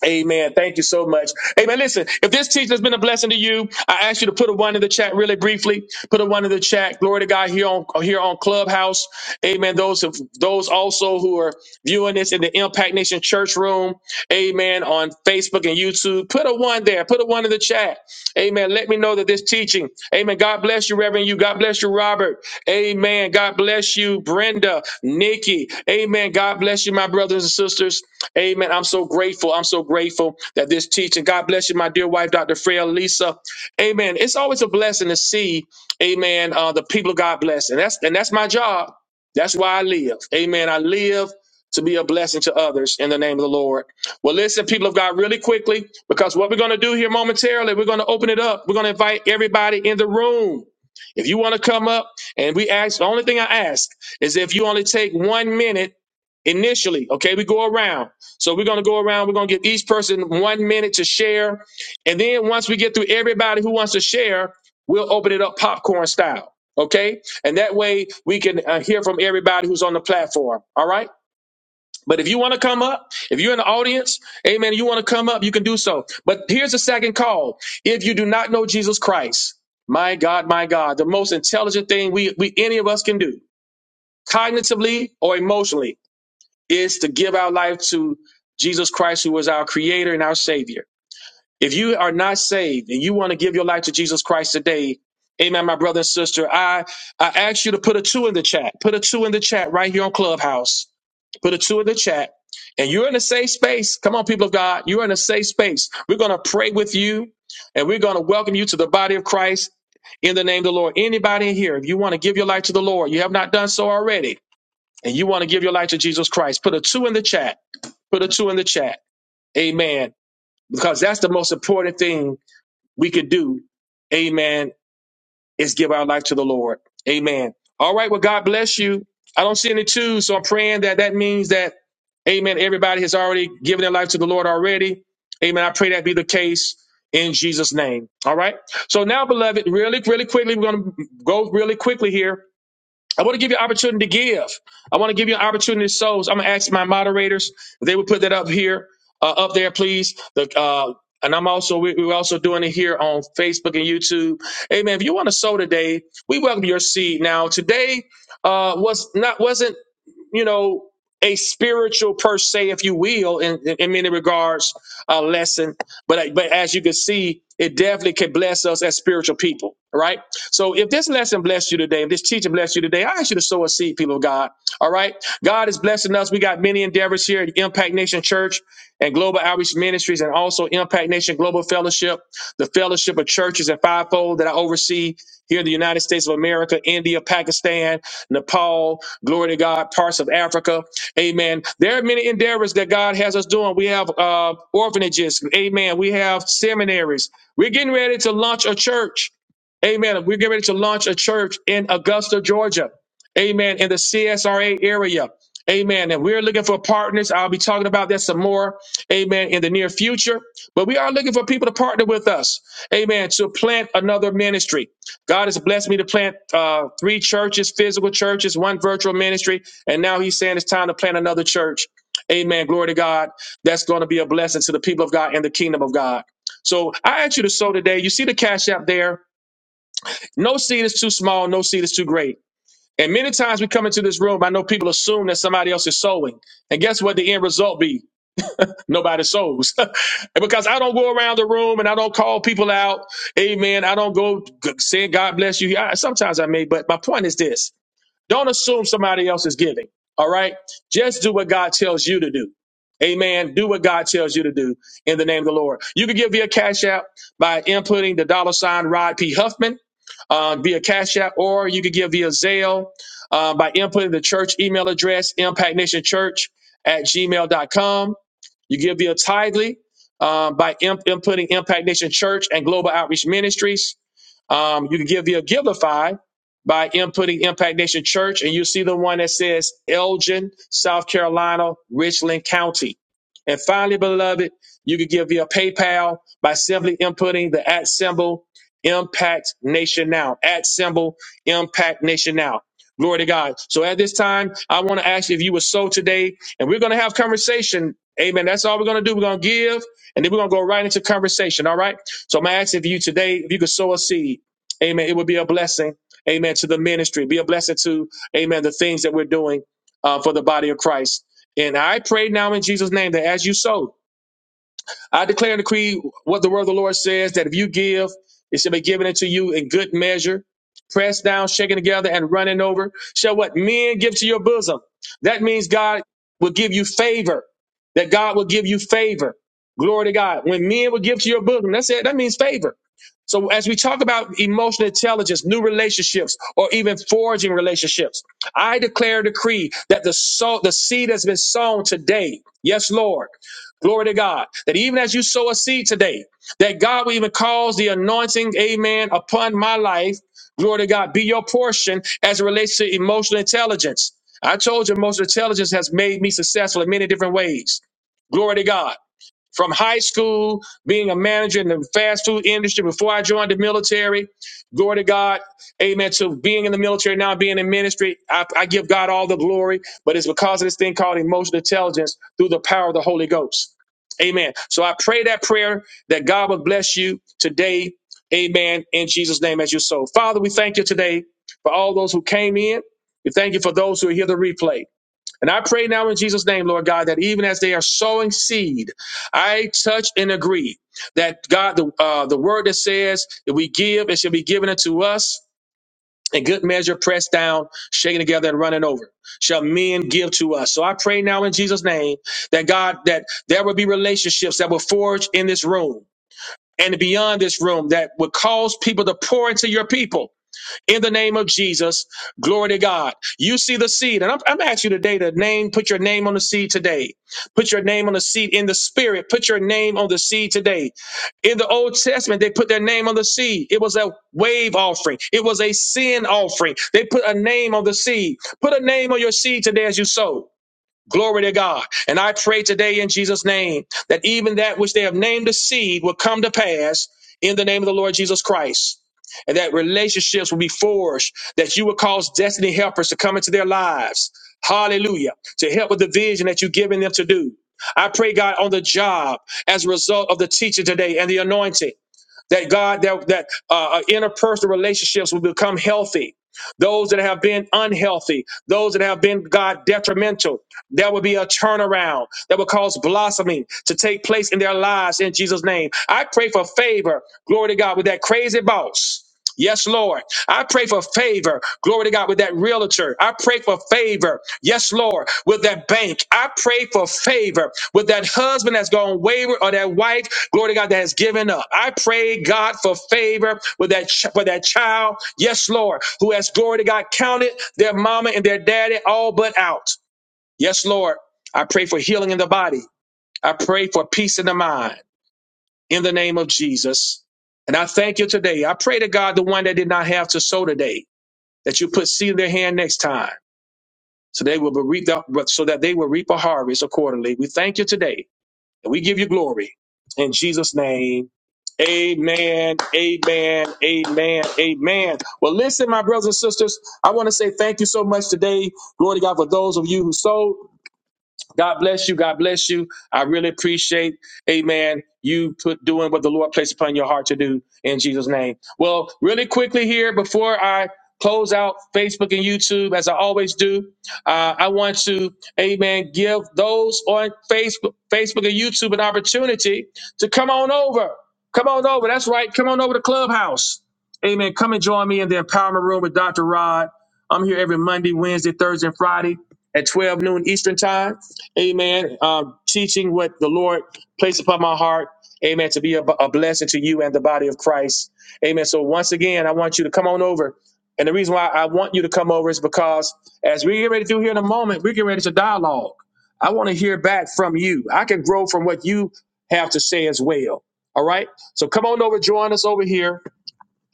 S1: Amen. Thank you so much. Amen. Listen, if this teaching has been a blessing to you, I ask you to put a one in the chat really briefly. Put a one in the chat. Glory to God here on here on Clubhouse. Amen. Those of those also who are viewing this in the Impact Nation Church Room. Amen. On Facebook and YouTube, put a one there. Put a one in the chat that. Amen. Let me know that this teaching, amen. God bless you, Reverend. You, God bless you, Robert. Amen. God bless you, Brenda, Nikki. Amen. God bless you, my brothers and sisters. Amen. I'm so grateful. I'm so grateful that this teaching, God bless you, my dear wife, Dr. Freya, Lisa. Amen. It's always a blessing to see, amen, uh, the people of God bless. And that's, and that's my job. That's why I live. Amen. I live to be a blessing to others in the name of the Lord. Well, listen, people of God, really quickly, because what we're going to do here momentarily, we're going to open it up. We're going to invite everybody in the room. If you want to come up, and we ask, the only thing I ask is if you only take one minute initially, okay? We go around. So we're going to go around. We're going to give each person one minute to share. And then once we get through everybody who wants to share, we'll open it up popcorn style, okay? And that way we can uh, hear from everybody who's on the platform, all right? But if you want to come up, if you're in the audience, amen, you want to come up, you can do so. But here's the second call. If you do not know Jesus Christ, my God, my God, the most intelligent thing we, we any of us can do, cognitively or emotionally, is to give our life to Jesus Christ, who is our creator and our savior. If you are not saved and you want to give your life to Jesus Christ today, amen, my brother and sister, I, I ask you to put a two in the chat. Put a two in the chat right here on Clubhouse. Put a two in the chat. And you're in a safe space. Come on, people of God. You're in a safe space. We're going to pray with you and we're going to welcome you to the body of Christ in the name of the Lord. Anybody in here, if you want to give your life to the Lord, you have not done so already, and you want to give your life to Jesus Christ, put a two in the chat. Put a two in the chat. Amen. Because that's the most important thing we could do, amen, is give our life to the Lord. Amen. All right. Well, God bless you. I don't see any twos, so I'm praying that that means that, amen, everybody has already given their life to the Lord already. Amen. I pray that be the case in Jesus' name. All right. So now, beloved, really, really quickly, we're going to go really quickly here I want to give you an opportunity to give. I want to give you an opportunity to sow. So I'm going to ask my moderators. if They would put that up here, uh, up there, please. The, uh, and I'm also we, we're also doing it here on Facebook and YouTube. Amen. If you want to sow today, we welcome your seed. Now today uh, was not wasn't you know a spiritual per se, if you will, in, in, in many regards, uh, lesson. But but as you can see, it definitely can bless us as spiritual people, right? So if this lesson blessed you today, if this teaching blessed you today, I ask you to sow a seed, people of God. All right. God is blessing us. We got many endeavors here at Impact Nation Church and Global Outreach Ministries and also Impact Nation Global Fellowship, the fellowship of churches and fivefold that I oversee here in the United States of America, India, Pakistan, Nepal, glory to God, parts of Africa. Amen. There are many endeavors that God has us doing. We have uh, orphanages. Amen. We have seminaries. We're getting ready to launch a church. Amen. We're getting ready to launch a church in Augusta, Georgia. Amen. In the CSRA area. Amen. And we're looking for partners. I'll be talking about that some more. Amen. In the near future. But we are looking for people to partner with us. Amen. To plant another ministry. God has blessed me to plant uh, three churches, physical churches, one virtual ministry. And now he's saying it's time to plant another church. Amen. Glory to God. That's going to be a blessing to the people of God and the kingdom of God. So I ask you to sow today. You see the cash app there. No seed is too small, no seed is too great. And many times we come into this room, I know people assume that somebody else is sowing. And guess what the end result be? Nobody sows. And because I don't go around the room and I don't call people out. Amen. I don't go g- saying God bless you. I, sometimes I may, but my point is this. Don't assume somebody else is giving. All right. Just do what God tells you to do. Amen. Do what God tells you to do in the name of the Lord. You can give via Cash App by inputting the dollar sign Rod P. Huffman uh, via Cash App, or you can give via Zelle uh, by inputting the church email address, Impact Nation Church at gmail dot com. You give via Tidely um, by imp- inputting Impact Nation Church and Global Outreach Ministries. Um, you can give via Giveify by inputting Impact Nation Church, and you see the one that says Elgin, South Carolina, Richland County. And finally, beloved, you can give via PayPal by simply inputting the at symbol Impact Nation Now. At symbol Impact Nation Now. Glory to God. So at this time, I want to ask you if you were so today, and we're going to have conversation. Amen. That's all we're going to do. We're going to give, and then we're going to go right into conversation. All right. So I'm going to ask if you today, if you could sow a seed Amen. It would be a blessing. Amen. To the ministry, be a blessing to, amen, the things that we're doing uh, for the body of Christ. And I pray now in Jesus' name that as you sow, I declare and decree what the word of the Lord says that if you give, it shall be given unto you in good measure, pressed down, shaken together, and running over. Shall what men give to your bosom? That means God will give you favor. That God will give you favor. Glory to God. When men will give to your bosom, that's it. That means favor. So as we talk about emotional intelligence, new relationships, or even forging relationships, I declare and decree that the soul, the seed has been sown today. Yes, Lord Glory to God. That even as you sow a seed today, that God will even cause the anointing, amen, upon my life. Glory to God, be your portion as it relates to emotional intelligence. I told you, emotional intelligence has made me successful in many different ways. Glory to God. From high school, being a manager in the fast food industry before I joined the military, glory to God, amen, to being in the military now, being in ministry, I, I give God all the glory, but it's because of this thing called emotional intelligence through the power of the Holy Ghost. Amen. So I pray that prayer that God would bless you today. Amen. In Jesus' name, as your soul. Father, we thank you today for all those who came in. We thank you for those who are here to replay. And I pray now in Jesus' name, Lord God, that even as they are sowing seed, I touch and agree that God, the uh, the word that says that we give, it shall be given unto us. And good measure pressed down, shaken together, and running over shall men give to us. So I pray now in Jesus' name that God, that there will be relationships that will forge in this room and beyond this room that will cause people to pour into your people in the name of Jesus. Glory to God. You see the seed, and I'm, I'm asking you today to name, put your name on the seed today. Put your name on the seed in the spirit. Put your name on the seed today. In the Old Testament, they put their name on the seed. It was a wave offering, it was a sin offering. They put a name on the seed. Put a name on your seed today as you sow. Glory to God. And I pray today in Jesus' name that even that which they have named a seed will come to pass in the name of the Lord Jesus Christ. And that relationships will be forged, that you will cause destiny helpers to come into their lives. Hallelujah. To help with the vision that you've given them to do. I pray, God, on the job as a result of the teaching today and the anointing that God that that uh, uh, interpersonal relationships will become healthy. Those that have been unhealthy, those that have been God detrimental, there will be a turnaround that will cause blossoming to take place in their lives in Jesus' name. I pray for favor, glory to God, with that crazy boss. Yes, Lord. I pray for favor. Glory to God with that realtor. I pray for favor. Yes, Lord. With that bank. I pray for favor with that husband that's gone wayward or that wife. Glory to God that has given up. I pray God for favor with that ch- for that child. Yes, Lord. Who has glory to God counted their mama and their daddy all but out. Yes, Lord. I pray for healing in the body. I pray for peace in the mind in the name of Jesus. And I thank you today. I pray to God, the one that did not have to sow today, that you put seed in their hand next time, so they will reap reaped so that they will reap a harvest accordingly. We thank you today, and we give you glory in Jesus' name. Amen. Amen. Amen. Amen. Well, listen, my brothers and sisters, I want to say thank you so much today. Glory to God for those of you who sowed. God bless you. God bless you. I really appreciate, amen, you put doing what the Lord placed upon your heart to do in Jesus' name. Well, really quickly here before I close out Facebook and YouTube, as I always do, uh, I want to, amen, give those on Facebook, Facebook and YouTube an opportunity to come on over. Come on over. That's right. Come on over to Clubhouse. Amen. Come and join me in the empowerment room with Dr. Rod. I'm here every Monday, Wednesday, Thursday, and Friday at 12 noon Eastern time. Amen. Um, teaching what the Lord placed upon my heart. Amen. To be a, a blessing to you and the body of Christ. Amen. So once again, I want you to come on over. And the reason why I want you to come over is because as we get ready to do here in a moment, we get ready to dialogue. I want to hear back from you. I can grow from what you have to say as well. All right. So come on over, join us over here.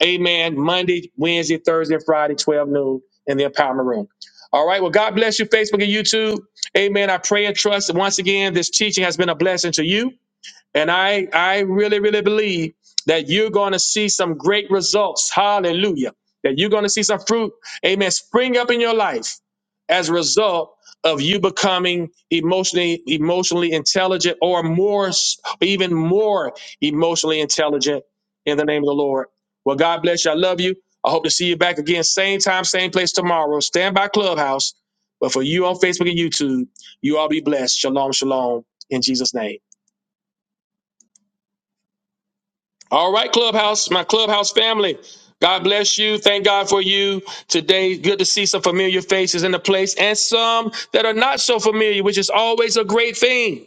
S1: Amen. Monday, Wednesday, Thursday, and Friday, 12 noon in the empowerment room. All right. Well, God bless you, Facebook and YouTube. Amen. I pray and trust that once again this teaching has been a blessing to you. And I, I really, really believe that you're going to see some great results. Hallelujah. That you're going to see some fruit, amen, spring up in your life as a result of you becoming emotionally, emotionally intelligent or more, s- even more emotionally intelligent in the name of the Lord. Well, God bless you. I love you. I hope to see you back again, same time, same place tomorrow. Stand by Clubhouse. But for you on Facebook and YouTube, you all be blessed. Shalom, shalom, in Jesus' name. All right, Clubhouse, my Clubhouse family. God bless you. Thank God for you today. Good to see some familiar faces in the place and some that are not so familiar, which is always a great thing.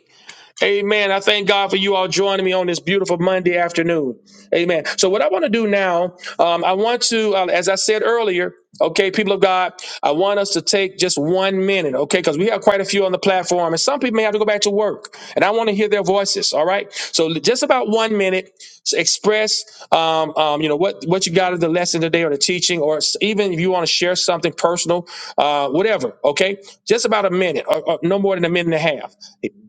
S1: Amen. I thank God for you all joining me on this beautiful Monday afternoon. Amen. So, what I want to do now, um, I want to, uh, as I said earlier, okay, people of God, I want us to take just one minute, okay, because we have quite a few on the platform, and some people may have to go back to work, and I want to hear their voices. All right. So, just about one minute, s- express, um, um, you know, what what you got of the lesson today, or the teaching, or s- even if you want to share something personal, uh, whatever. Okay, just about a minute, or, or no more than a minute and a half.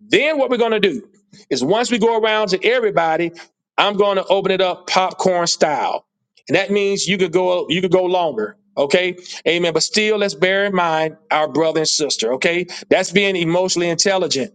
S1: Then what we're going to do is once we go around to everybody, I'm going to open it up popcorn style. And that means you could go you could go longer. Okay. Amen. But still let's bear in mind our brother and sister. Okay. That's being emotionally intelligent.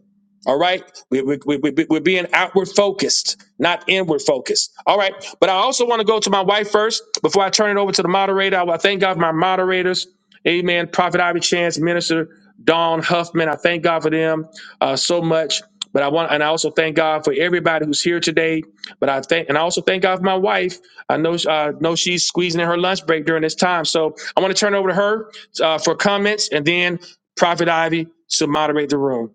S1: All right. We, we, we, we, we're being outward focused, not inward focused. All right. But I also want to go to my wife first before I turn it over to the moderator. I, I thank God for my moderators. Amen. Prophet Ivy Chance, Minister Dawn Huffman. I thank God for them uh, so much. But I want, and I also thank God for everybody who's here today. But I thank, and I also thank God for my wife. I know, uh, know she's squeezing in her lunch break during this time. So I want to turn it over to her uh, for comments, and then Prophet Ivy to moderate the room.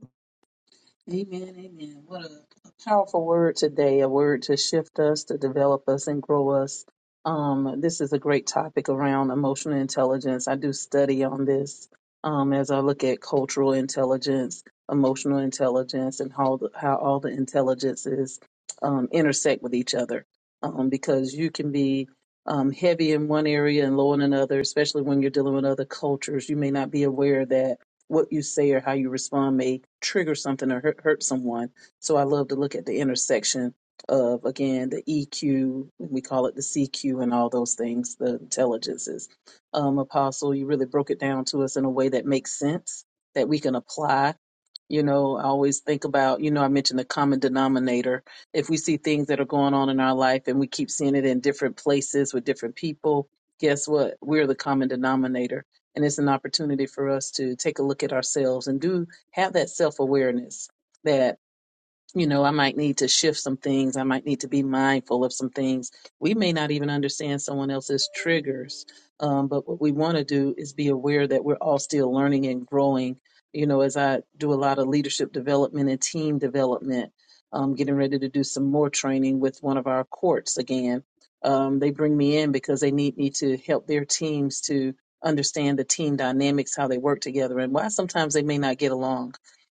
S3: Amen, amen. What a, a powerful word today, a word to shift us, to develop us, and grow us. Um, this is a great topic around emotional intelligence. I do study on this um, as I look at cultural intelligence, emotional intelligence, and how, the, how all the intelligences um, intersect with each other. Um, because you can be um, heavy in one area and low in another, especially when you're dealing with other cultures. You may not be aware that what you say or how you respond may trigger something or hurt, hurt someone. So I love to look at the intersection of again the EQ, we call it the CQ, and all those things, the intelligences. Um, Apostle, you really broke it down to us in a way that makes sense that we can apply. You know, I always think about, you know, I mentioned the common denominator. If we see things that are going on in our life and we keep seeing it in different places with different people, guess what? We're the common denominator and it's an opportunity for us to take a look at ourselves and do have that self awareness that you know, I might need to shift some things. I might need to be mindful of some things. We may not even understand someone else's triggers. Um, but what we want to do is be aware that we're all still learning and growing. You know, as I do a lot of leadership development and team development, um, getting ready to do some more training with one of our courts again. Um, they bring me in because they need me to help their teams to understand the team dynamics, how they work together, and why sometimes they may not get along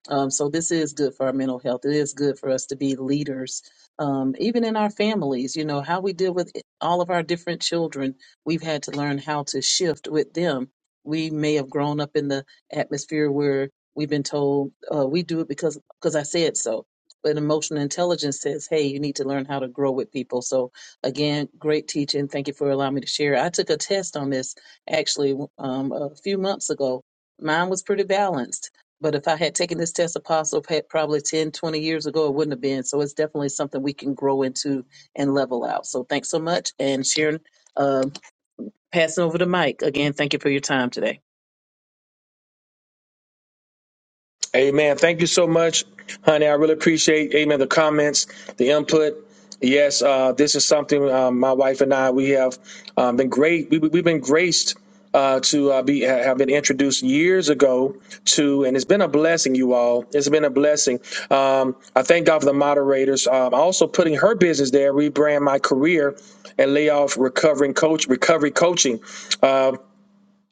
S3: um, so this is good for our mental health. It is good for us to be leaders, um, even in our families. You know how we deal with all of our different children. We've had to learn how to shift with them. We may have grown up in the atmosphere where we've been told uh, we do it because because I said so. But emotional intelligence says, hey, you need to learn how to grow with people. So again, great teaching. Thank you for allowing me to share. I took a test on this actually um, a few months ago. Mine was pretty balanced but if I had taken this test apostle pa- probably 10, 20 years ago, it wouldn't have been. So it's definitely something we can grow into and level out. So thanks so much. And Sharon, um passing over the mic again, thank you for your time today.
S1: Amen. Thank you so much, honey. I really appreciate, amen, the comments, the input. Yes, uh, this is something um, my wife and I, we have um, been great. We, we've been graced uh, to uh, be have been introduced years ago to, and it's been a blessing, you all. It's been a blessing. Um, I thank God for the moderators. Um, also putting her business there, rebrand my career and lay off recovering coach, recovery coaching. Uh,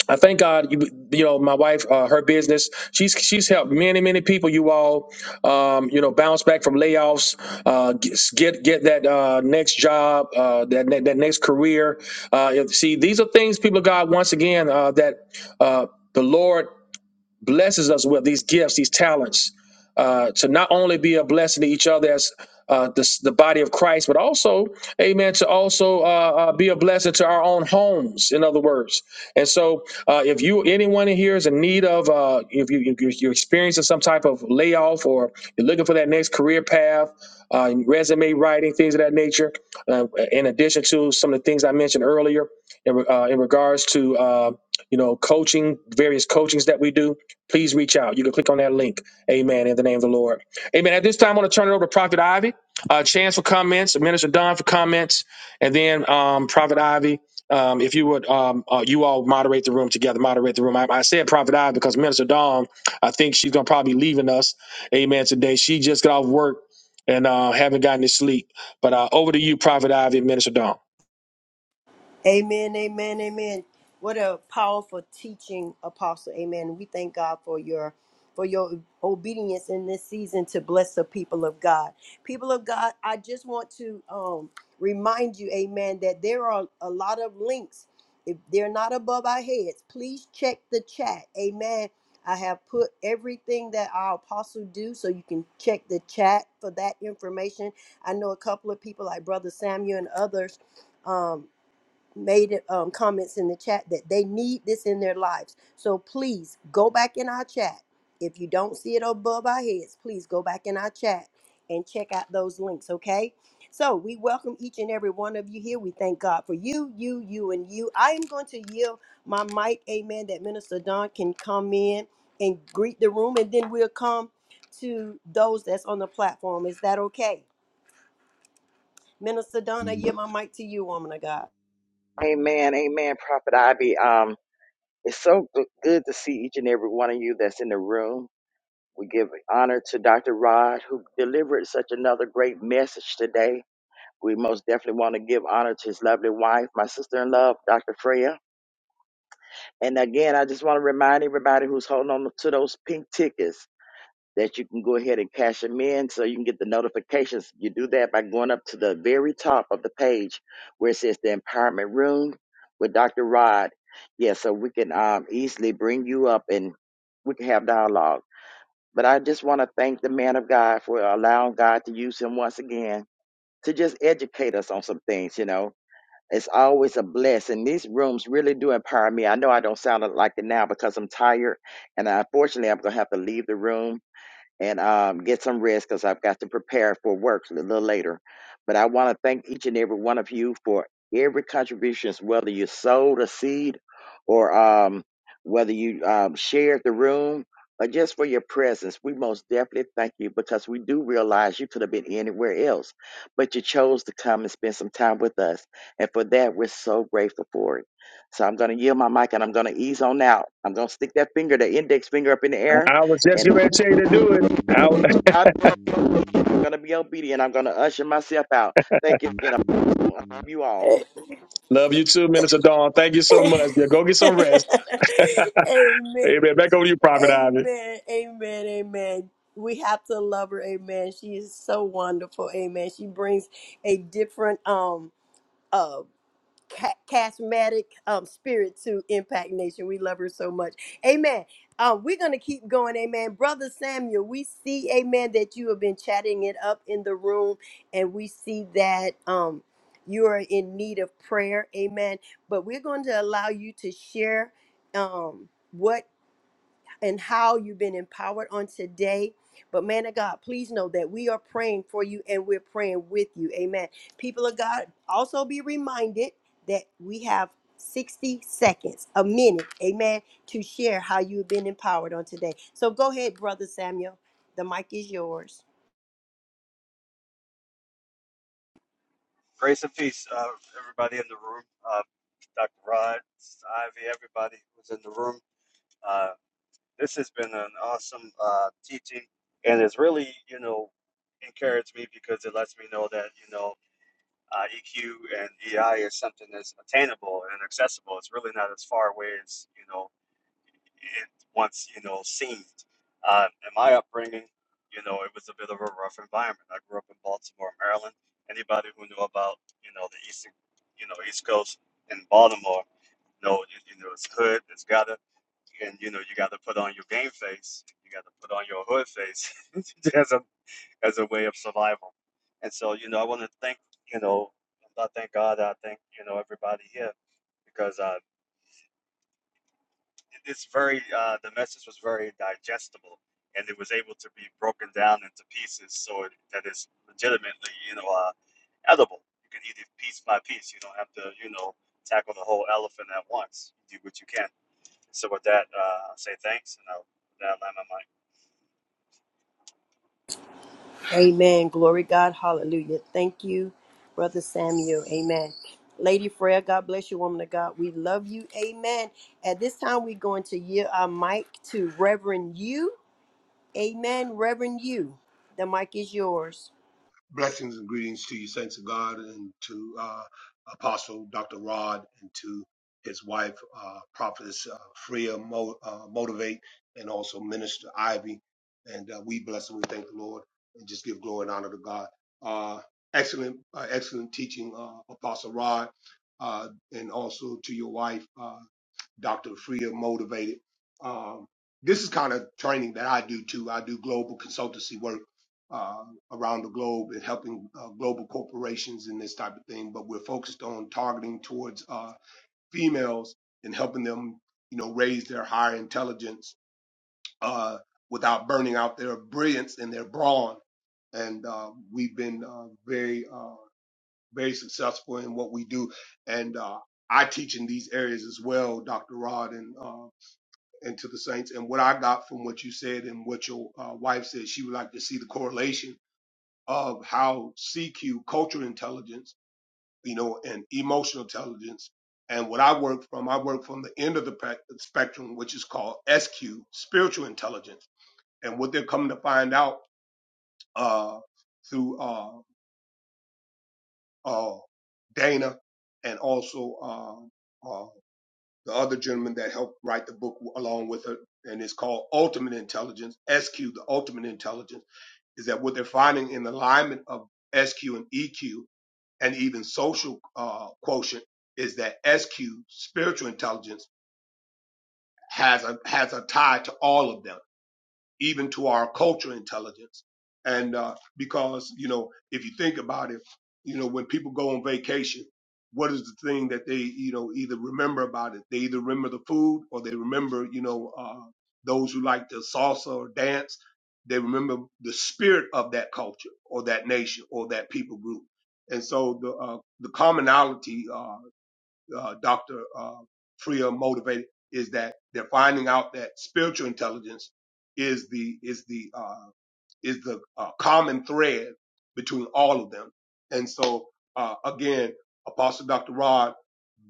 S1: I thank God, you, you know, my wife, uh, her business, she's she's helped many many people. You all, um, you know, bounce back from layoffs, uh, get get get that uh, next job, uh, that ne- that next career. Uh, if- see, these are things people, of God, once again, uh, that uh, the Lord blesses us with these gifts, these talents, uh, to not only be a blessing to each other as uh, the, the body of Christ, but also, amen, to also uh, uh, be a blessing to our own homes, in other words. And so, uh, if you, anyone in here is in need of, uh, if, you, if you- you're experiencing some type of layoff or you're looking for that next career path, uh, resume writing, things of that nature, uh, in addition to some of the things I mentioned earlier in, re- uh, in regards to, uh, you know, coaching, various coachings that we do please reach out. You can click on that link. Amen. In the name of the Lord. Amen. At this time, I want to turn it over to Prophet Ivy. Uh, Chance for comments, Minister Don for comments, and then um, Prophet Ivy. Um, if you would, um, uh, you all moderate the room together. Moderate the room. I, I said Prophet Ivy because Minister Dawn, I think she's gonna probably be leaving us. Amen. Today, she just got off work and uh, haven't gotten to sleep. But uh, over to you, Prophet Ivy, and Minister Dawn.
S2: Amen, amen, amen. What a powerful teaching, Apostle. Amen. We thank God for your for your obedience in this season to bless the people of God. People of God, I just want to um, remind you, Amen, that there are a lot of links. If they're not above our heads, please check the chat. Amen. I have put everything that our apostle do, so you can check the chat for that information. I know a couple of people, like Brother Samuel and others. um, made it, um, comments in the chat that they need this in their lives. So please go back in our chat. If you don't see it above our heads, please go back in our chat and check out those links, okay? So we welcome each and every one of you here. We thank God for you, you, you, and you. I am going to yield my mic, amen, that Minister Don can come in and greet the room, and then we'll come to those that's on the platform. Is that okay? Minister Don, I yield my mic to you, woman of God.
S4: Amen, amen, Prophet Ivy. Um, it's so g- good to see each and every one of you that's in the room. We give honor to Dr. Rod, who delivered such another great message today. We most definitely want to give honor to his lovely wife, my sister in love, Dr. Freya. And again, I just want to remind everybody who's holding on to those pink tickets. that you can go ahead and cash them in so you can get the notifications. You do that by going up to the very top of the page where it says the empowerment room with Dr. Rod. Yeah, so we can um, easily bring you up and we can have dialogue. But I just want to thank the man of God for allowing God to use him once again to just educate us on some things, you know. It's always a blessing. These rooms really do empower me. I know I don't sound like it now because I'm tired, and unfortunately, I'm going to have to leave the room and um, get some rest because I've got to prepare for work a little later. But I want to thank each and every one of you for every contributions, whether you sowed a seed or um, whether you um, shared the room or just for your presence. We most definitely thank you because we do realize you could have been anywhere else, but you chose to come and spend some time with us. And for that, we're so grateful for it. So I'm going to yield my mic and I'm going to ease on out. I'm going to stick that finger, the index finger up in the air
S1: I was just
S4: and.
S1: getting ready to tell you to do it. I
S4: God will be obedient. I'm going to be obedient. I'm going to usher myself out. Thank you again. I love you all.
S1: love you too, Minister Dawn. Thank you so much. Yeah, go get some
S2: amen.
S1: rest. Amen. Back over to you, Prophet Ivy.
S2: Amen. Amen. Amen. We have to love her. Amen. She is so wonderful. Amen. She brings a different um uh, ca- charismatic um, spirit to Impact Nation. We love her so much. Amen. Um, we're going to keep going. Amen. Brother Samuel, we see, amen, that you have been chatting it up in the room, and we see that. Um, you are in need of prayer, amen. But we're going to allow you to share um, what and how you've been empowered on today. But man of God, please know that we are praying for you and we're praying with you. Amen. People of God, also be reminded that we have 60 seconds, a minute, amen, to share how you've been empowered on today. So go ahead, Brother Samuel. The mic is yours.
S5: Grace and peace, uh, everybody in the room. Uh, Dr. Rod, Ivy, everybody who's in the room. Uh, this has been an awesome uh, teaching, and it's really, you know, encouraged me because it lets me know that, you know, uh, EQ and EI is something that's attainable and accessible. It's really not as far away as, you know, it once you know seen. Uh, in my upbringing, you know, it was a bit of a rough environment. I grew up in Baltimore, Maryland. Anybody who knew about you know the eastern, you know, East Coast and Baltimore, you know you, you know it's hood, it's gotta, and you know you got to put on your game face, you got to put on your hood face as a as a way of survival. And so you know, I want to thank you know, I thank God, I thank you know everybody here because uh, it's very uh, the message was very digestible and it was able to be broken down into pieces so it, that it's legitimately you know uh, edible you can eat it piece by piece you don't have to you know tackle the whole elephant at once you do what you can so with that uh, I say thanks and i'll, with I'll land my mic.
S2: Amen. Glory God. Hallelujah. Thank you, Brother Samuel. Amen. Lady Freya, God bless you, woman of God. We love you. Amen. At this time, we're going to yield our mic to Reverend You. Amen. Reverend You. The mic is yours.
S6: Blessings and greetings to you, saints of God, and to uh, Apostle Dr. Rod, and to his wife, uh, Prophetess uh, Freya Mo- uh, Motivate, and also Minister Ivy. And uh, we bless and we thank the Lord, and just give glory and honor to God. Uh, excellent, uh, excellent teaching, uh, Apostle Rod, uh, and also to your wife. uh, Dr. Freer motivated. Um, this is kind of training that I do too. I do global consultancy work uh, around the globe and helping uh, global corporations and this type of thing. But we're focused on targeting towards uh, females and helping them, you know, raise their higher intelligence uh, without burning out their brilliance and their brawn and uh, we've been uh, very uh, very successful in what we do. And uh, I teach in these areas as well, Dr. Rod, and uh, and to the saints. And what I got from what you said and what your uh, wife said, she would like to see the correlation of how CQ, cultural intelligence, you know, and emotional intelligence. And what I work from, I work from the end of the pe- spectrum, which is called SQ, spiritual intelligence. And what they're coming to find out uh, through uh, uh, Dana and also uh, uh, the other gentleman that helped write the book along with her, and it's called Ultimate Intelligence, SQ, the Ultimate Intelligence, is that what they're finding in the alignment of SQ and EQ and even social uh, quotient is that SQ, spiritual intelligence, has a has a tie to all of them even to our cultural intelligence. And uh, because, you know, if you think about it, you know, when people go on vacation, what is the thing that they, you know, either remember about it? They either remember the food or they remember, you know, uh, those who like the salsa or dance. They remember the spirit of that culture or that nation or that people group. And so the, uh, the commonality, uh, uh, Dr. Uh, Freer motivated is that they're finding out that spiritual intelligence is the is the uh, is the uh, common thread between all of them. And so uh, again, Apostle Dr. Rod,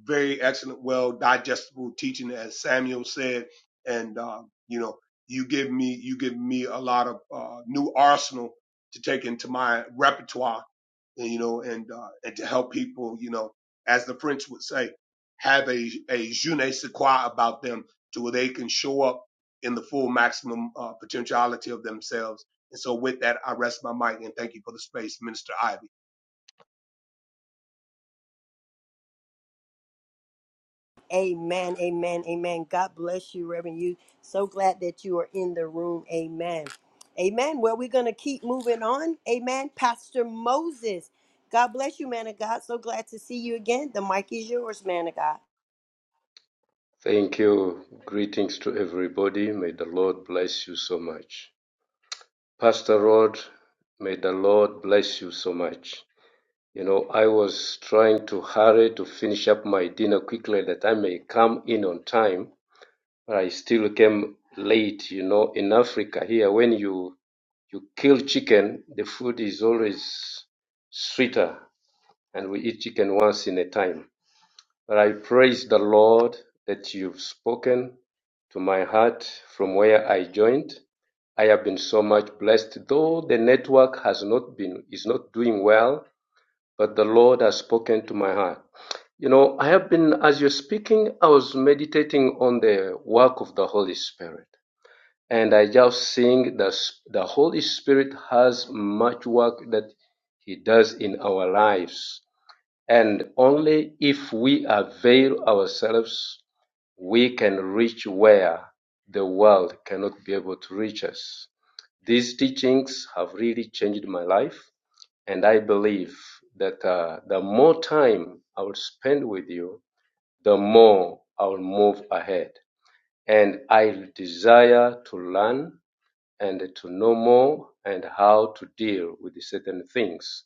S6: very excellent, well digestible teaching, as Samuel said, and uh, you know you give me you give me a lot of uh, new arsenal to take into my repertoire and, you know, and uh, and to help people, you know, as the French would say, have a a je ne sais quoi about them to where they can show up in the full maximum uh, potentiality of themselves. And so, with that, I rest my mic and thank you for the space, Minister Ivy.
S2: Amen. Amen. Amen. God bless you, Reverend You. So glad that you are in the room. Amen. Amen. Well, we're going to keep moving on. Amen. Pastor Moses. God bless you, man of God. So glad to see you again. The mic is yours, man of God.
S7: Thank you. Greetings to everybody. May the Lord bless you so much. Pastor Rod, may the Lord bless you so much. You know, I was trying to hurry to finish up my dinner quickly that I may come in on time, but I still came late. You know, in Africa here, when you you kill chicken, the food is always sweeter, and we eat chicken once in a time. But I praise the Lord that you've spoken to my heart from where I joined. I have been so much blessed, though the network has not been, is not doing well, but the Lord has spoken to my heart. You know, I have been, as you're speaking, I was meditating on the work of the Holy Spirit. And I just think that the Holy Spirit has much work that He does in our lives. And only if we avail ourselves, we can reach where the world cannot be able to reach us. These teachings have really changed my life, and I believe that uh, the more time I will spend with you, the more I will move ahead. And I desire to learn and to know more and how to deal with certain things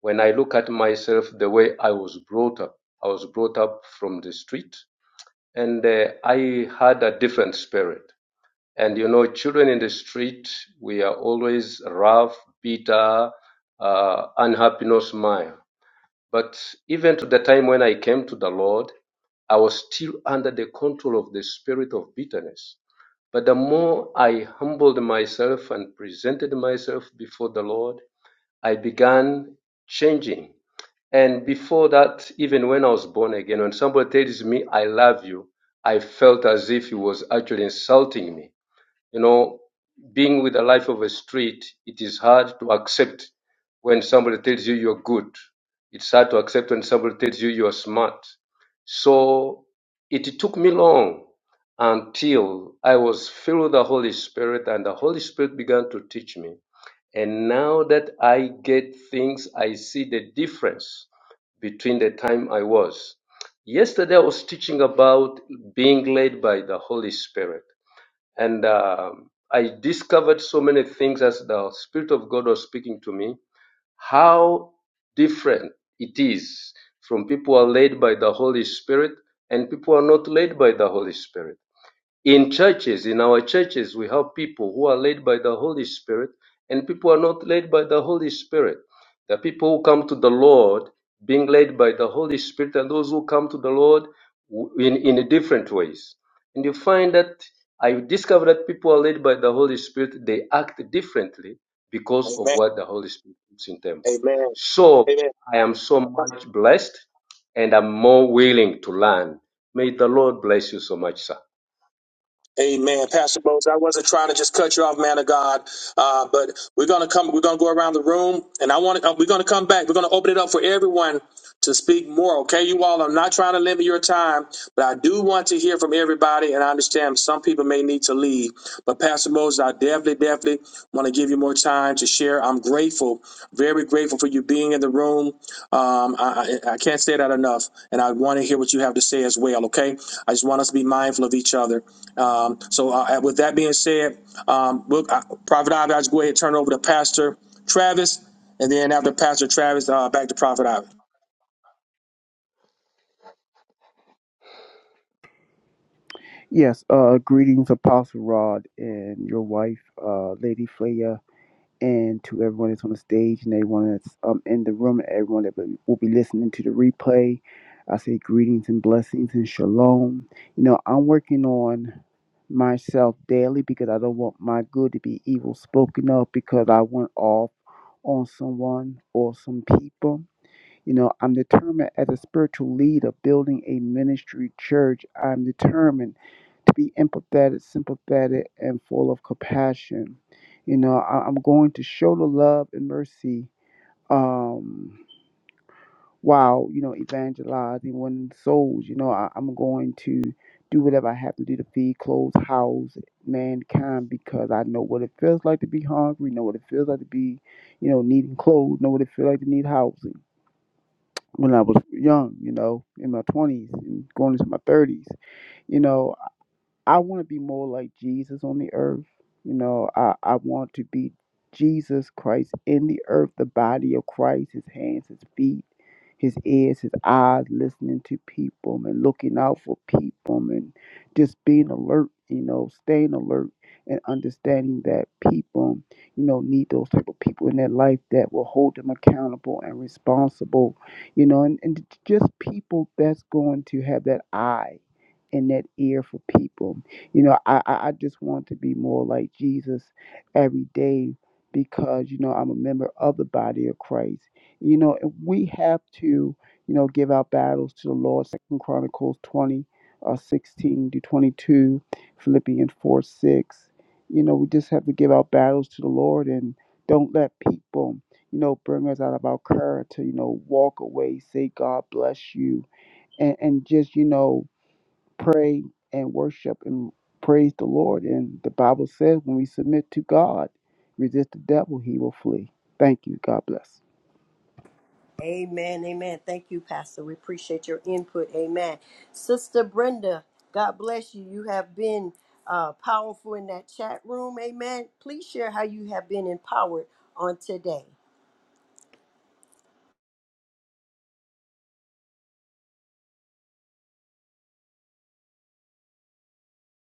S7: when I look at myself, the way I was brought up, I was brought up from the street and uh, I had a different spirit. And you know, children in the street, we are always rough, bitter, uh, unhappy, no smile. But even to the time when I came to the Lord, I was still under the control of the spirit of bitterness. But the more I humbled myself and presented myself before the Lord, I began changing. And before that, even when I was born again, when somebody tells me, I love you, I felt as if he was actually insulting me. You know, being with the life of a street, it is hard to accept when somebody tells you you're good. It's hard to accept when somebody tells you you're smart. So it took me long until I was filled with the Holy Spirit and the Holy Spirit began to teach me. And now that I get things, I see the difference between the time I was. Yesterday, I was teaching about being led by the Holy Spirit. And um, I discovered so many things as the Spirit of God was speaking to me, how different it is from people who are led by the Holy Spirit and people who are not led by the Holy Spirit in churches, in our churches, we have people who are led by the Holy Spirit, and people are not led by the Holy Spirit. The people who come to the Lord being led by the Holy Spirit, and those who come to the Lord w- in, in different ways. And you find that I discovered that people are led by the Holy Spirit, they act differently because of
S1: Amen.
S7: what the Holy Spirit puts in them.
S1: Amen.
S7: So
S1: Amen.
S7: I am so much blessed and I'm more willing to learn. May the Lord bless you so much, sir.
S1: Amen. Pastor Bose, I wasn't trying to just cut you off, man of God. Uh, but we're gonna come. We're gonna go around the room, and I want to. Uh, we're gonna come back. We're gonna open it up for everyone to speak more. Okay, you all. I'm not trying to limit your time, but I do want to hear from everybody. And I understand some people may need to leave, but Pastor Moses, I definitely, definitely want to give you more time. time to share. I'm grateful, very grateful for you being in the room. Um, I, I I can't say that enough, and I want to hear what you have to say as well. Okay, I just want us to be mindful of each other. Um, so, uh, with that being said, um, we'll, uh, Prophet Ivy, I'll just go ahead and turn it over to Pastor Travis, and then after Pastor Travis, uh, back to Prophet Ivy.
S8: Yes, uh, greetings, Apostle Rod and your wife, uh, Lady Flaya, and to everyone that's on the stage and everyone that's um, in the room and everyone that will will be listening to the replay. I say greetings and blessings and shalom. You know, I'm working on myself daily because I don't want my good to be evil spoken of because I went off on someone or some people. You know, I'm determined as a spiritual leader building a ministry church. I'm determined to be empathetic, sympathetic, and full of compassion. You know, I, I'm going to show the love and mercy um, while, you know, evangelizing one's souls. You know, I, I'm going to do whatever I have to do to feed, clothe, house mankind because I know what it feels like to be hungry, know what it feels like to be, you know, needing clothes, know what it feels like to need housing. When I was young, you know, in my 20s and going into my 30s, you know. I want to be more like Jesus on the earth. You know, I, I want to be Jesus Christ in the earth, the body of Christ, his hands, his feet, his ears, his eyes, listening to people and looking out for people and just being alert, you know, staying alert and understanding that people, you know, need those type of people in their life that will hold them accountable and responsible, you know, and, and just people that's going to have that eye and that ear for people. You know, I, I I just want to be more like Jesus every day because, you know, I'm a member of the body of Christ. You know, and we have to, you know, give our battles to the Lord. Second Chronicles 20, uh, 16 to 22, Philippians 4, 6. You know, we just have to give our battles to the Lord and don't let people, you know, bring us out of our character, you know, walk away, say, God bless you, and, and just, you know, pray and worship and praise the Lord. And the Bible says when we submit to God, resist the devil, he will flee. Thank you. God bless.
S2: Amen. Amen. Thank you, Pastor. We appreciate your input. Amen. Sister Brenda, God bless you. You have been uh, powerful in that chat room. Amen. Please share how you have been empowered on today.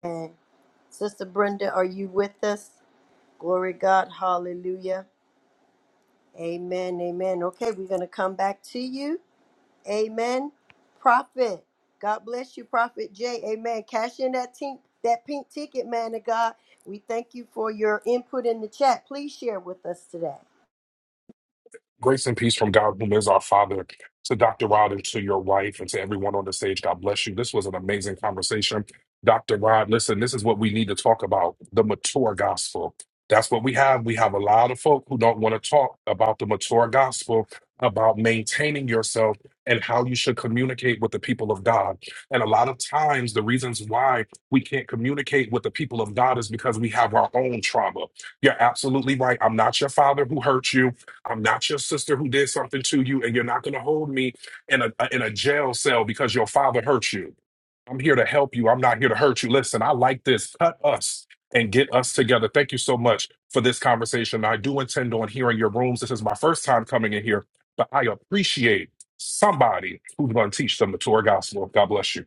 S2: And Sister Brenda, are you with us? Glory to God. Hallelujah. Amen. Amen. Okay, we're going to come back to you. Amen. Prophet. God bless you, Prophet Jay. Amen. Cash in that tink, that pink ticket, man of God. We thank you for your input in the chat. Please share with us today.
S9: Grace and peace from God, who is our Father, to Dr. Rod and to your wife, and to everyone on the stage. God bless you. This was an amazing conversation. Dr. Rod, listen, this is what we need to talk about the mature gospel. That's what we have. We have a lot of folk who don't want to talk about the mature gospel, about maintaining yourself and how you should communicate with the people of God. And a lot of times, the reasons why we can't communicate with the people of God is because we have our own trauma. You're absolutely right. I'm not your father who hurt you. I'm not your sister who did something to you, and you're not going to hold me in a in a jail cell because your father hurt you. I'm here to help you. I'm not here to hurt you. Listen, I like this. Cut us and get us together. Thank you so much for this conversation. I do intend on hearing your rooms. This is my first time coming in here, but I appreciate somebody who's going to teach them the Torah gospel. God bless you.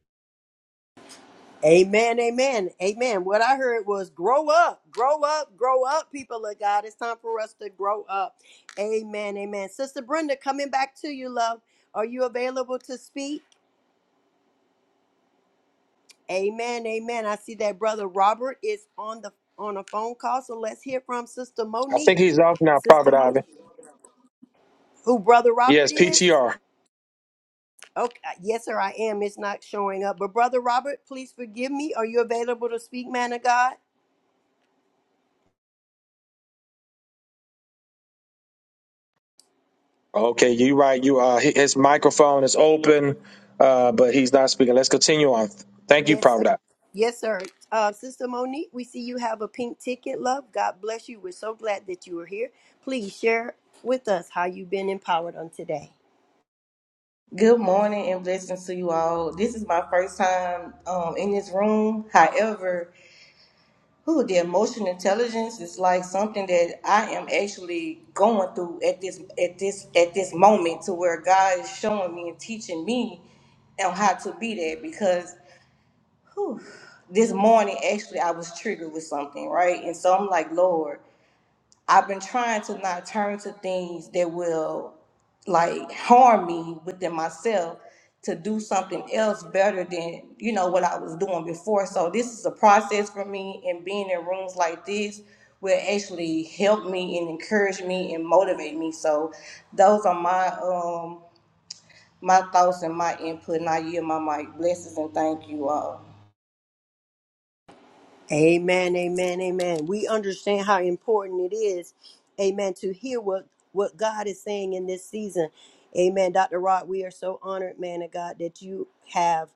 S2: Amen. Amen. Amen. What I heard was grow up, grow up, grow up, people of God. It's time for us to grow up. Amen. Amen. Sister Brenda, coming back to you, love. Are you available to speak? Amen. Amen. I see that brother Robert is on the on a phone call. So let's hear from Sister
S1: I think
S2: Monique.
S1: he's off now,
S2: Sister
S1: Prophet
S2: Monique.
S1: Ivy.
S2: Who Brother Robert
S1: Yes,
S2: is?
S1: PTR.
S2: Okay, uh, yes, sir, I am. It's not showing up. But Brother Robert, please forgive me. Are you available to speak, man of God?
S1: Okay, you right. You uh, hi- his microphone is open, uh, but he's not speaking. Let's continue on. Thank you,
S2: Yes, sir.
S1: Prophet Ivy.
S2: Yes, sir. Uh, Sister Monique, we see you have a pink ticket, love. God bless you. We're so glad that you are here. Please share with us how you've been empowered on today.
S10: Good morning and blessings to you all. This is my first time um, in this room. However, who the emotional intelligence is like something that I am actually going through at this at this at this moment to where God is showing me and teaching me on how to be that because whew, this morning actually I was triggered with something, right? And so I'm like, Lord, I've been trying to not turn to things that will like harm me within myself to do something else better than you know what I was doing before. So this is a process for me and being in rooms like this will actually help me and encourage me and motivate me. So those are my um my thoughts and my input and I yield my mic. Blessings and thank you all.
S2: Amen, amen, amen. We understand how important it is, amen, to hear what, what God is saying in this season. Amen. Dr. Rod, we are so honored, man of God, that you have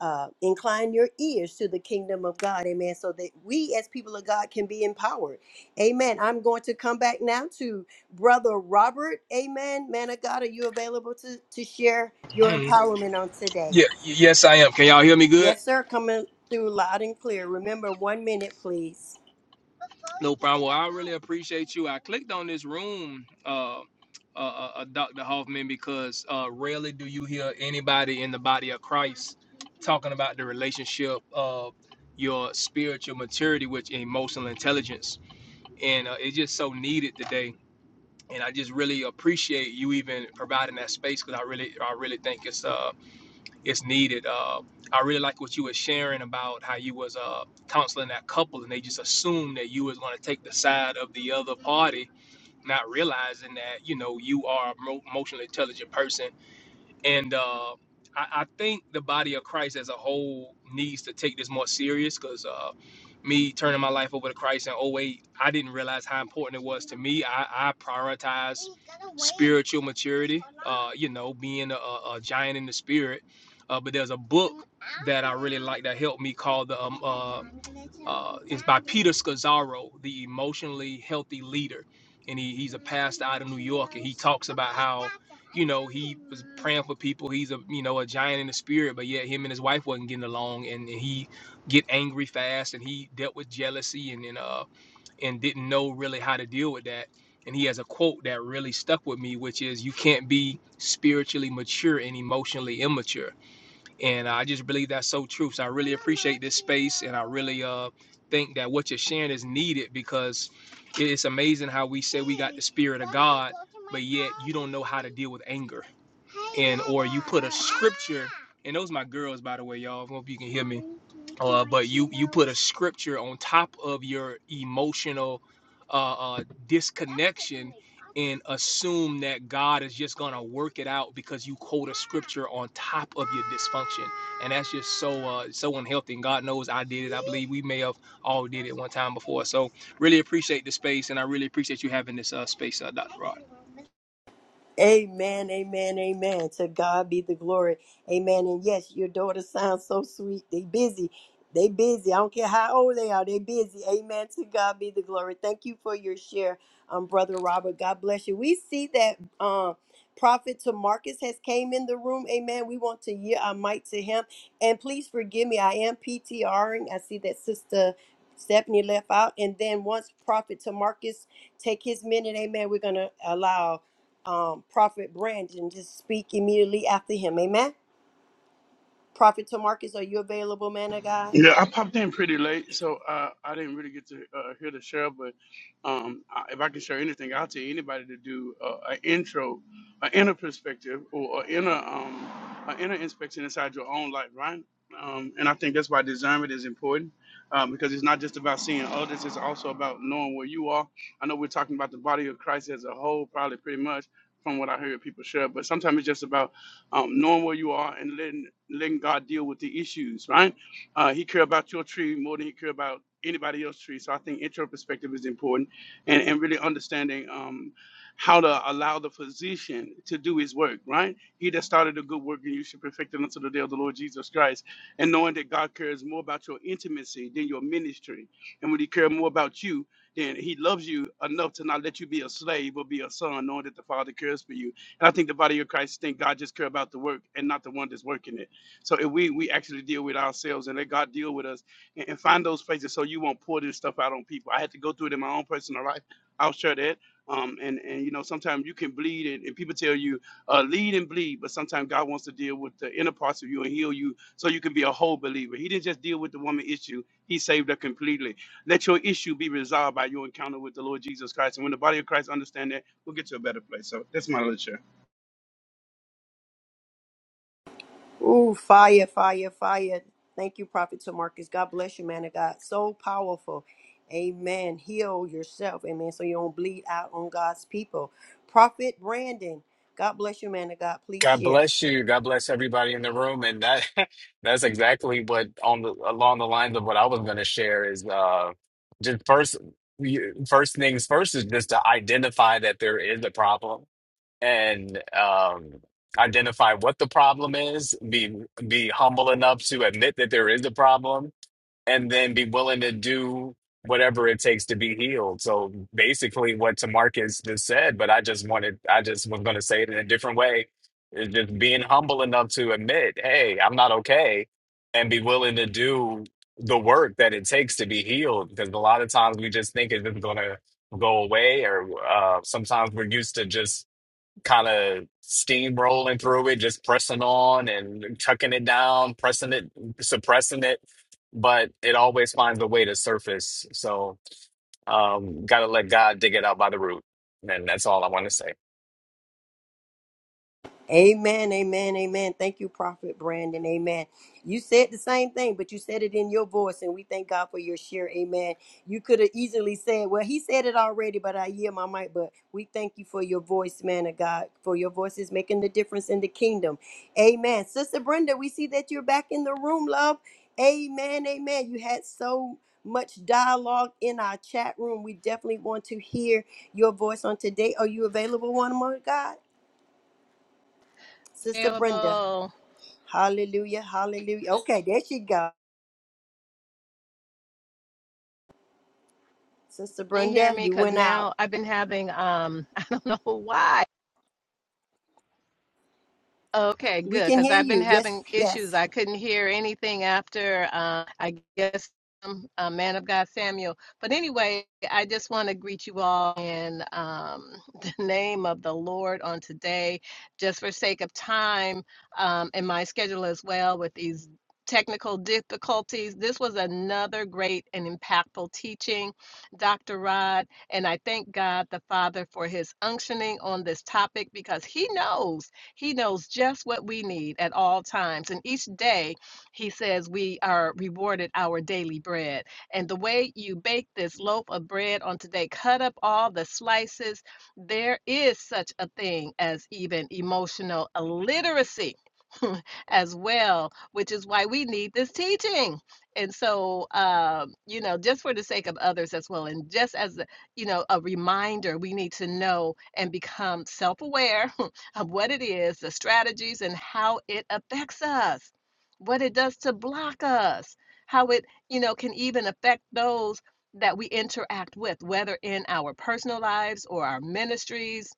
S2: uh, inclined your ears to the kingdom of God. Amen. So that we as people of God can be empowered. Amen. I'm going to come back now to Brother Robert. Amen. Man of God, are you available to, to share your
S11: Mm.
S2: empowerment on today?
S11: Yeah, y- yes, I am. Can y'all hear me good?
S2: Yes, sir. Coming through loud and clear. Remember, one minute, please.
S11: No problem. Well, I really appreciate you. I clicked on this room, uh, uh, uh, uh, Dr. Hoffman, because uh, rarely do you hear anybody in the body of Christ talking about the relationship of your spiritual maturity with emotional intelligence. And uh, it's just so needed today. And I just really appreciate you even providing that space because I really, I really think it's uh, it's needed. Uh, I really like what you were sharing about how you was uh, counseling that couple, and they just assumed that you was going to take the side of the party, not realizing that you know you are a emotionally intelligent person. And uh, I, I think the body of Christ as a whole needs to take this more serious because uh, me turning my life over to Christ in oh 08, I didn't realize how important it to me. I, I prioritized spiritual maturity, uh, you know, being a, a a giant in the spirit. Uh, but there's a book that helped me called the Scazzaro, the emotionally healthy leader, and he, he ran for people. He's a you know a giant in the spirit, but yet him and his wife wasn't getting along, and, and he get angry fast, and he dealt with jealousy, and and uh and didn't know really how to deal with that. And he has a quote that really stuck with me, which is, "You can't be spiritually mature and emotionally immature." And I just believe that's so true. So I really uh think that what you're sharing is needed because it's amazing how we spirit don't know how to deal with anger And those my girls, by the way, y'all. I hope you can scripture on top of your emotional uh, uh disconnect. Assume that God is just gonna work it out because you quote a scripture on top of your dysfunction, and that's just so uh so unhealthy. And God knows I did it. I believe we may have all did it one time before. So really appreciate the space, and I really appreciate you having this uh space, uh, Doc.
S2: Amen, amen, amen. To God be the glory. Amen. And yes, your daughter sounds so sweet. They busy. They busy. I don't care how old they are. They busy. Amen. To God be the glory. Thank you for your share, um, brother Robert. God bless you. We see that um prophet to Marcus has came in the room. Amen. We want to hear our mic to him. And please forgive me. I am PTRing. I see that sister Stephanie left out. And then once prophet to Marcus take his minute, amen. We're gonna allow um, Prophet Brandon. Just speak immediately after him. Amen. Prophet Tamarcus, are you available, man of God?
S12: Yeah, I popped in pretty late, so uh, I didn't really get to uh, hear the share. But um, I, if I can share anything, I'll tell anybody to do uh, an intro, an inner perspective, or an inner, um, an inner inspection inside your own life, right? Um, and I think that's why discernment is important um, because it's not just about seeing others; it's also about knowing where you are. I know we're talking about the body of Christ as a whole, probably pretty much from what I heard people share. But sometimes it's just about um, knowing where you are and letting letting God deal with the issues, right? Uh, he care about your tree more than he care about anybody else's tree. So I think intro perspective is important, and and really understanding um, how to allow the physician to do his work. Right, he that started a good work, and you should perfect it until the day of the Lord Jesus Christ. And knowing that God cares more about your intimacy than your ministry, and when He cares more about you. Then he loves you enough to not let you be a slave or be a son, knowing that the Father cares for you. And I think the body of Christ think God just care about the work and not the one that's working it. So if we we actually deal with ourselves and let God deal with us and, and find those places so you won't pour this stuff out on people. I had to go through it in my own personal life. I'll share that. Um, and and you know sometimes you can bleed and, and people tell you uh, lead and bleed, but sometimes God wants to deal with the inner parts of you and heal you so you can be a whole believer. He didn't just deal with the woman issue; He saved her completely. Let your issue be resolved by your encounter with the Lord Jesus Christ. And when the body of Christ understand that, we'll get to a better place. So that's my little share.
S2: Ooh, fire, fire, fire. Thank you, Prophet Tamarcus. God bless you, man of God. So powerful. Amen. Heal yourself. Amen. So you don't bleed out on God's people. Prophet Brandon, God bless you, man of God. Please
S13: God
S2: share.
S13: bless you. God bless everybody in the room. And that that's exactly what on the along the lines of what I was going to share is uh just first you- first things first is just to identify that there is a problem and um identify what the problem is, be be humble enough to admit that there is a problem and then be willing to do whatever it takes to be healed. So basically what Tamarcus just said, but I just wanted I just was gonna say it in a different way. Is just being humble enough to admit, hey, I'm not okay and be willing to do the work that it takes to be healed. Because a lot of times we just think it's gonna go away or uh sometimes we're used to just kind of steamrolling through it, just pressing on and chucking it down, pressing it, suppressing it. But it always finds a way to surface. So um, got to let God dig it out by the root. And that's all I want to say.
S2: Amen, amen, amen. Thank you, Prophet Brandon. Amen. You said the same thing, but you said it in your voice, and we thank God for your share. Amen. You could have easily said, Well, he said it already, but I hear my mic. But we thank you for your voice, man of God, for your voice is making the difference in the kingdom. Amen. Sister Brenda, we see that you're back in the room, love. Amen, amen. You had so much dialogue in our chat room. We definitely want to hear your voice on today. Are you available, one more God? Sister Brenda.
S14: available.
S2: Hallelujah. Hallelujah. Okay, there she go. Sister
S14: Can you hear
S2: Brenda,
S14: me?
S2: you
S14: Because
S2: went out.
S14: now I've been having um I don't know why Okay,
S2: We
S14: good,
S2: can
S14: because
S2: hear
S14: I've been
S2: you. Yes,
S14: having issues.
S2: yes.
S14: I couldn't hear anything after, uh, I guess, um, uh, man of God Samuel. But anyway, I just want to greet you all in um, the name of the Lord on today, just for sake of time um, and my schedule as well with these technical difficulties. This was another great and impactful teaching, Dr. Rod, and I thank God the Father for his unctioning on this topic because he knows. He knows just what we need at all times. And each day, he says, we are rewarded our daily bread. And the way you bake this loaf of bread on today, cut up all the slices. There is such a thing as even emotional illiteracy. as well, which is why we need this teaching. And so, um, you know, just for the sake of others as well, and just as you know, a reminder, we need to know and become self-aware of what it is, the strategies, and how it affects us, what it does to block us, how it, you know, can even affect those that we interact with, whether in our personal lives or our ministries,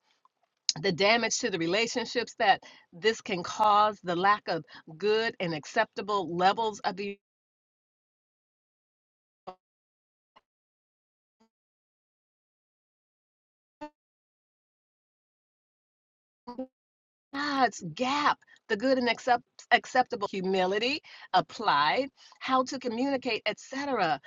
S14: the damage to the relationships that this can cause, the lack of good and acceptable levels of the God's gap, the good and accept, acceptable humility applied, how to communicate, etc.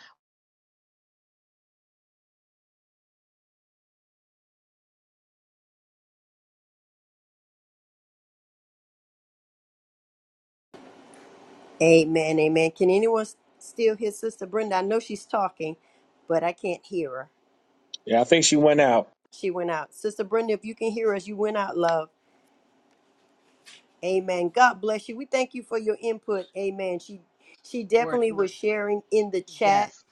S2: Amen. Amen. Can anyone s- still hear Sister Brenda? I know she's talking, but I can't hear her.
S1: Yeah, I think she went out.
S2: She went out. Sister Brenda, if you can hear us, you went out, love. Amen. God bless you. We thank you for your input. Amen. She she
S14: Word
S2: definitely
S14: was
S2: was sharing in the chat
S14: yes.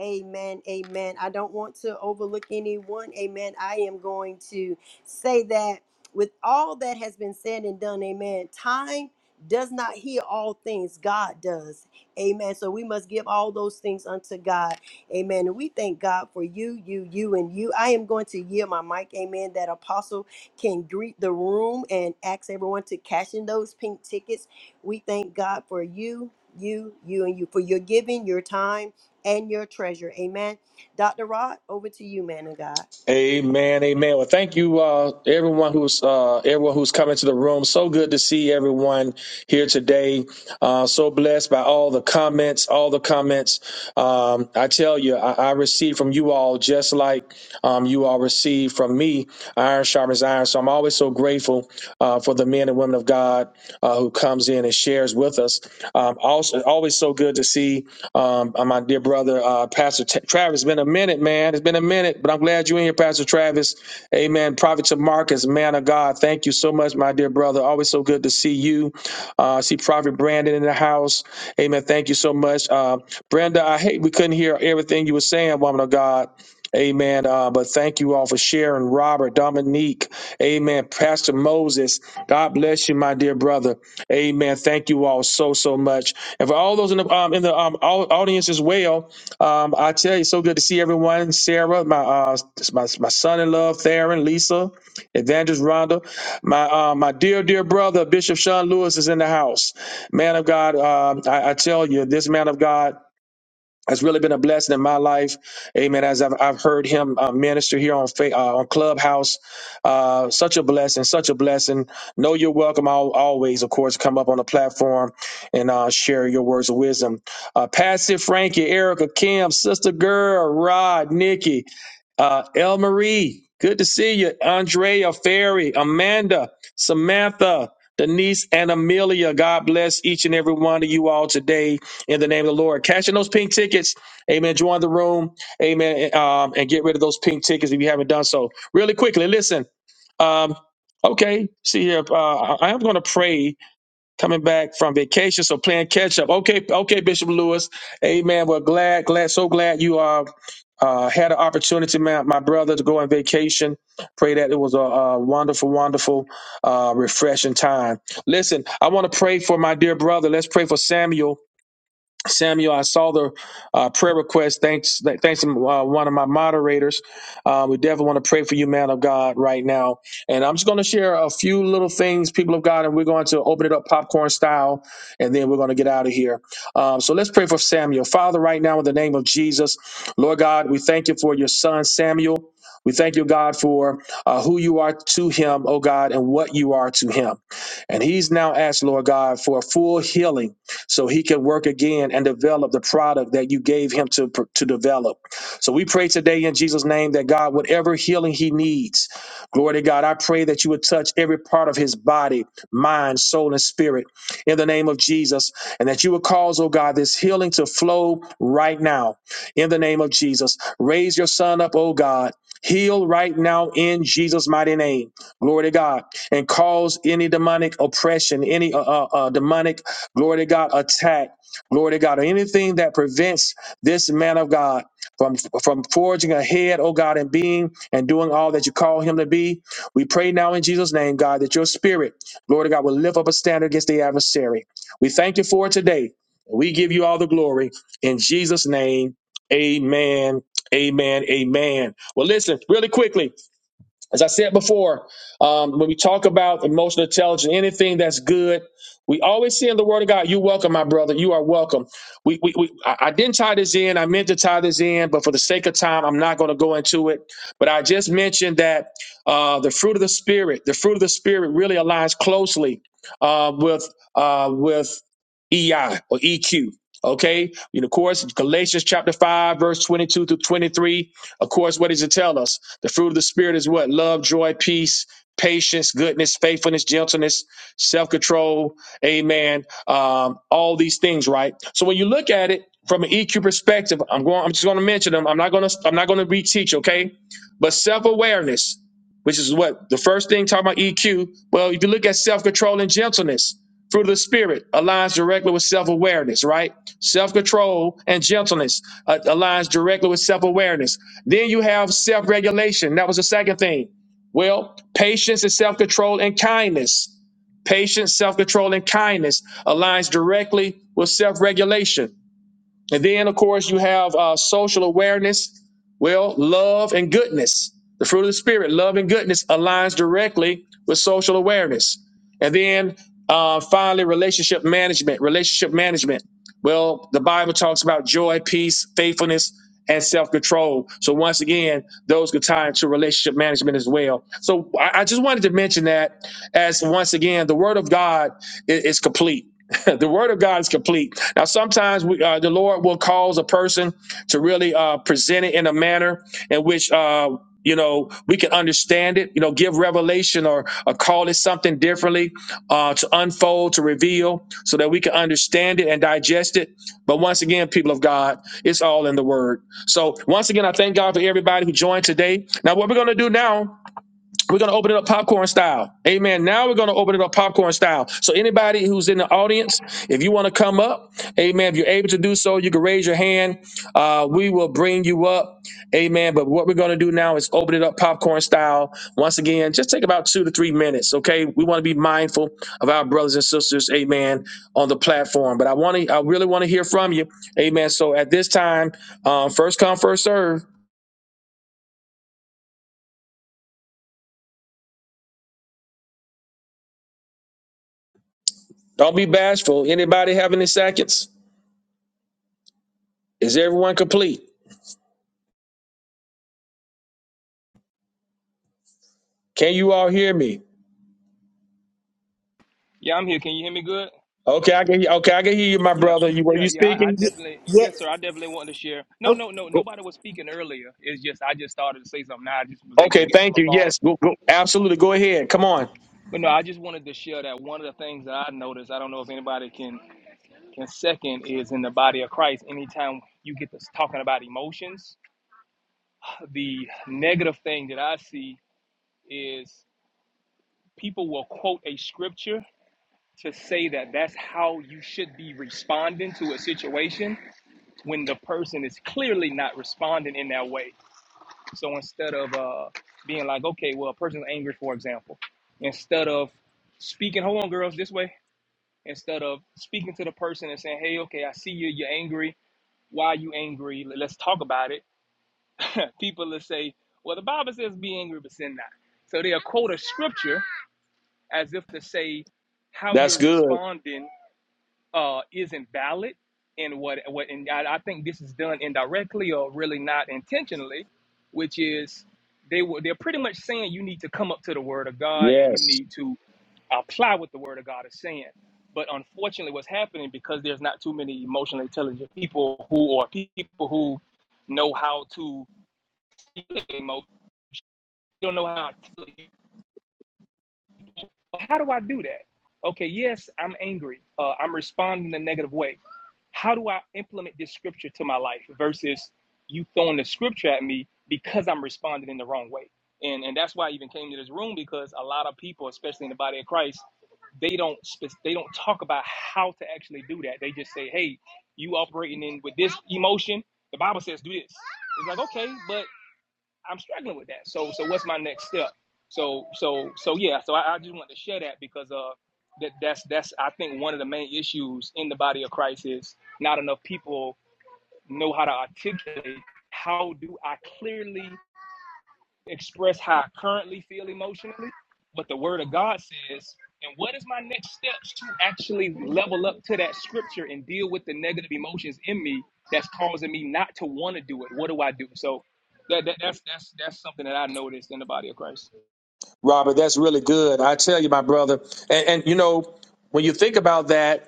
S2: Amen. Amen. I don't want to overlook anyone. Amen. I am going to say that with all that has been said and done, amen. Time does not hear all things, God does. Amen. So we must give all those things unto God. Amen. And we thank God for you, you, you, and you. I am going to yield my mic. Amen. That apostle can greet the room and ask everyone to cash in those pink tickets. We thank God for you, you, you, and you, for your giving, your time and your treasure. Amen. Dr. Rod, over to you, man of God.
S1: Amen, amen. Well, thank you, uh, everyone who's uh, everyone who's coming to the room. So good to see everyone here today. Uh, so blessed by all the comments, all the comments. Um, I tell you, I, I receive from you all just like um, you all receive from me. Iron sharpens iron. So I'm always so grateful uh, for the men and women of God uh, who comes in and in and his shares with us. Um, also, always so good to see um, uh, my dear brother, uh, Pastor T- Travis. It's been a minute, man. It's been a minute, but I'm glad you're in here, Pastor Travis. Amen. Prophet to Marcus, man of God. Thank you so much, my dear brother. Always so good to see you. Uh, see Prophet Brandon in the house. Amen. Thank you so much. Uh, Brenda, I hate we couldn't hear everything you were saying, woman of God. Amen. Uh, but thank you all for sharing, Robert, Dominique. Amen. Pastor Moses, God bless you, my dear brother. Amen. Thank you all so so much, and for all those in the um, in the um, au- audience as well. Um, I tell you, so good to see everyone. Sarah, my uh, my my son-in-law, Theron, Lisa, Evangelist Rhonda, my uh, my dear dear brother, Bishop Sean Lewis is in the house. Man of God, um, I, I tell you, this man of God. Has really been a blessing in my life, Amen. As I've, I've heard him uh, minister here on Fa- uh, on Clubhouse, uh, such a blessing, such a blessing. Know you're welcome. I'll always, of course, come up on the platform and uh, share your words of wisdom. Uh, Passive Frankie, Erica, Kim, Sister Girl, Rod, Nikki, uh, El Marie, good to see you. Andrea, Ferry, Amanda, Samantha, Denise, and Amelia. God bless each and every one of you all today in the name of the Lord. Cash in those pink tickets. Amen. Join the room. Amen. Um, and get rid of those pink tickets if you haven't done so. Really quickly, listen. Um, okay, see here. Uh, I I am going to pray coming back from vacation, so playing catch up. Okay, okay, Bishop Lewis. Amen. Well, glad, glad, so glad you are. Uh, had an opportunity, my, my brother, to go on vacation. Pray that it was a, a wonderful, wonderful, uh, refreshing time. Listen, I want to pray for my dear brother. Let's pray for Samuel Samuel, I saw the uh, prayer request. Thanks, th- thanks to uh, one of my moderators. Uh, we definitely want to pray for you, man of God, right now. And I'm just going to share a few little things, people of God, and we're going to open it up popcorn style, and then we're going to get out of here. Um, so let's pray for Samuel, Father, right now in the name of Jesus, Lord God, we thank you for your son Samuel. We thank you, God, for uh, who you are to him, oh God, and what you are to him. And he's now asked, Lord God, for a full healing so he can work again and develop the product that you gave him to, to develop. So we pray today in Jesus' name that God, whatever healing he needs, glory to God, I pray that you would touch every part of his body, mind, soul, and spirit in the name of Jesus, and that you would cause, oh God, this healing to flow right now in the name of Jesus. Raise your son up, oh God. Heal right now in Jesus' mighty name. Glory to God. And cause any demonic oppression, any uh, uh, uh, demonic glory to God, attack, glory to God, Or anything that prevents this man of God from from forging ahead, oh God, and being and doing all that you call him to be. We pray now in Jesus' name, God, that your spirit, Lord God, will lift up a standard against the adversary. We thank you for it today. We give you all the glory in Jesus' name. Amen. Amen. Amen. Well, listen, really quickly as I said before, um, when we talk about emotional intelligence, anything that's good, we always see in the Word of God, "You're welcome, my brother. You are welcome." We, we, we I, I didn't tie this in. I meant to tie this in, but for the sake of time, I'm not going to go into it. But I just mentioned that uh, the fruit of the Spirit, the fruit of the Spirit, really aligns closely uh, with uh, with EI or EQ. Okay, and of course, Galatians chapter five, verse twenty-two through twenty-three of course, what does it tell us? The fruit of the Spirit is what? Love, joy, peace, patience, goodness, faithfulness, gentleness, self control. Amen. Um, all these things, right? So when you look at it from an EQ perspective, I'm going. I'm just going to mention them. I'm not going to. I'm not going to reteach. Okay, but self awareness, which is what the first thing talking about EQ. Well, if you look at self control and gentleness, fruit of the Spirit aligns directly with self awareness, right? Self control and gentleness uh, aligns directly with self awareness. Then you have self regulation. That was the second thing. Well, patience and self control and kindness. Patience, self control, and kindness aligns directly with self regulation. And then, of course, you have uh, social awareness, well, love and goodness. The fruit of the Spirit, love and goodness, aligns directly with social awareness. And then uh, finally, relationship management. Relationship management. Well, the Bible talks about joy, peace, faithfulness, and self control. So, once again, those could tie into relationship management as well. So, I, I just wanted to mention that as once again, the Word of God i- is complete. the Word of God is complete now, sometimes we, uh, the Lord will cause a person to really uh, present it in a manner in which. Uh, you know, we can understand it, you know, give revelation or, or call it something differently uh, to unfold, to reveal, so that we can understand it and digest it. But once again, people of God, it's all in the Word. So, once again, I thank God for everybody who joined today. Now, what we're going to do now we're going to open it up popcorn style. Amen. Now we're going to open it up popcorn style. So, anybody who's in the audience, if you want to come up, amen, if you're able to do so, you can raise your hand. Uh, we will bring you up. Amen. But what we're going to do now is open it up popcorn style. Once again, just take about two to three minutes, okay? We want to be mindful of our brothers and sisters, amen, on the platform. But I want to, I really want to hear from you, amen. So, at this time, um, first come, first serve. Don't be bashful. Anybody have any seconds? Is everyone complete? Can you all hear me?
S11: Yeah, I'm here. Can you hear me good?
S1: Okay, I can. Okay, I can hear you, my
S11: Yeah,
S1: brother. You were
S11: yeah,
S1: you
S11: yeah. I, I
S1: speaking?
S2: Ye-
S11: definitely, yes,
S2: Yes.
S11: sir. I definitely wanted to share. No,
S2: Oh,
S11: no, no.
S1: Go-
S11: Nobody was speaking earlier. It's just I just started to say something. Now I just was able to
S1: Okay,
S11: get to
S1: thank
S11: my
S1: you.
S11: phone.
S1: Yes, go, go. absolutely. Go ahead. Come on.
S11: But no, I just wanted to share that one of the things that I noticed. I don't know if anybody can can second is in the body of Christ. Anytime you get this talking about emotions, the negative thing that I see is people will quote a scripture to say that that's how you should be responding to a situation when the person is clearly not responding in that way So instead of uh, being like, okay, well, a person's angry, for example, instead of speaking, hold on, girls, this way, instead of speaking to the person and saying, hey, okay, I see you, you're angry. Why are you angry? Let- Let's talk about it. People will say, well, the Bible says be angry, but sin not. So they'll quote a scripture as if to say how
S1: That's
S11: you're
S1: good.
S11: responding uh, isn't valid and what what and I, I think this is done indirectly or really not intentionally, which is they were they're pretty much saying you need to come up to the word of God and you
S1: Yes,
S11: need to apply what the word of God is saying. But unfortunately, what's happening because there's not too many emotionally intelligent people who or people who know how to feel emo- don't know how to. How do I do that? Okay, yes, I'm angry. Uh, I'm responding in a negative way how do I implement this scripture to my life versus you throwing the scripture at me because I'm responding in the wrong way. And and that's why I even came to this room because a lot of people, especially in the body of Christ, they don't spe- they don't talk about how to actually do that. They just say, "Hey, you operating in with this emotion. The Bible says do this." It's like, "Okay, but I'm struggling with that. So so what's my next step? So so so yeah. So I, I just wanted to share that because uh that that's that's I think one of the main issues in the body of Christ is not enough people know how to articulate how do I clearly express how I currently feel emotionally, but the word of God says, and what is my next steps to actually level up to that scripture and deal with the negative emotions in me that's causing me not to want to do it? What do I do? So that, that that's that's that's something that I noticed in the body of Christ.
S1: Robert, that's really good. I tell you, my brother, and, and you know when you think about that.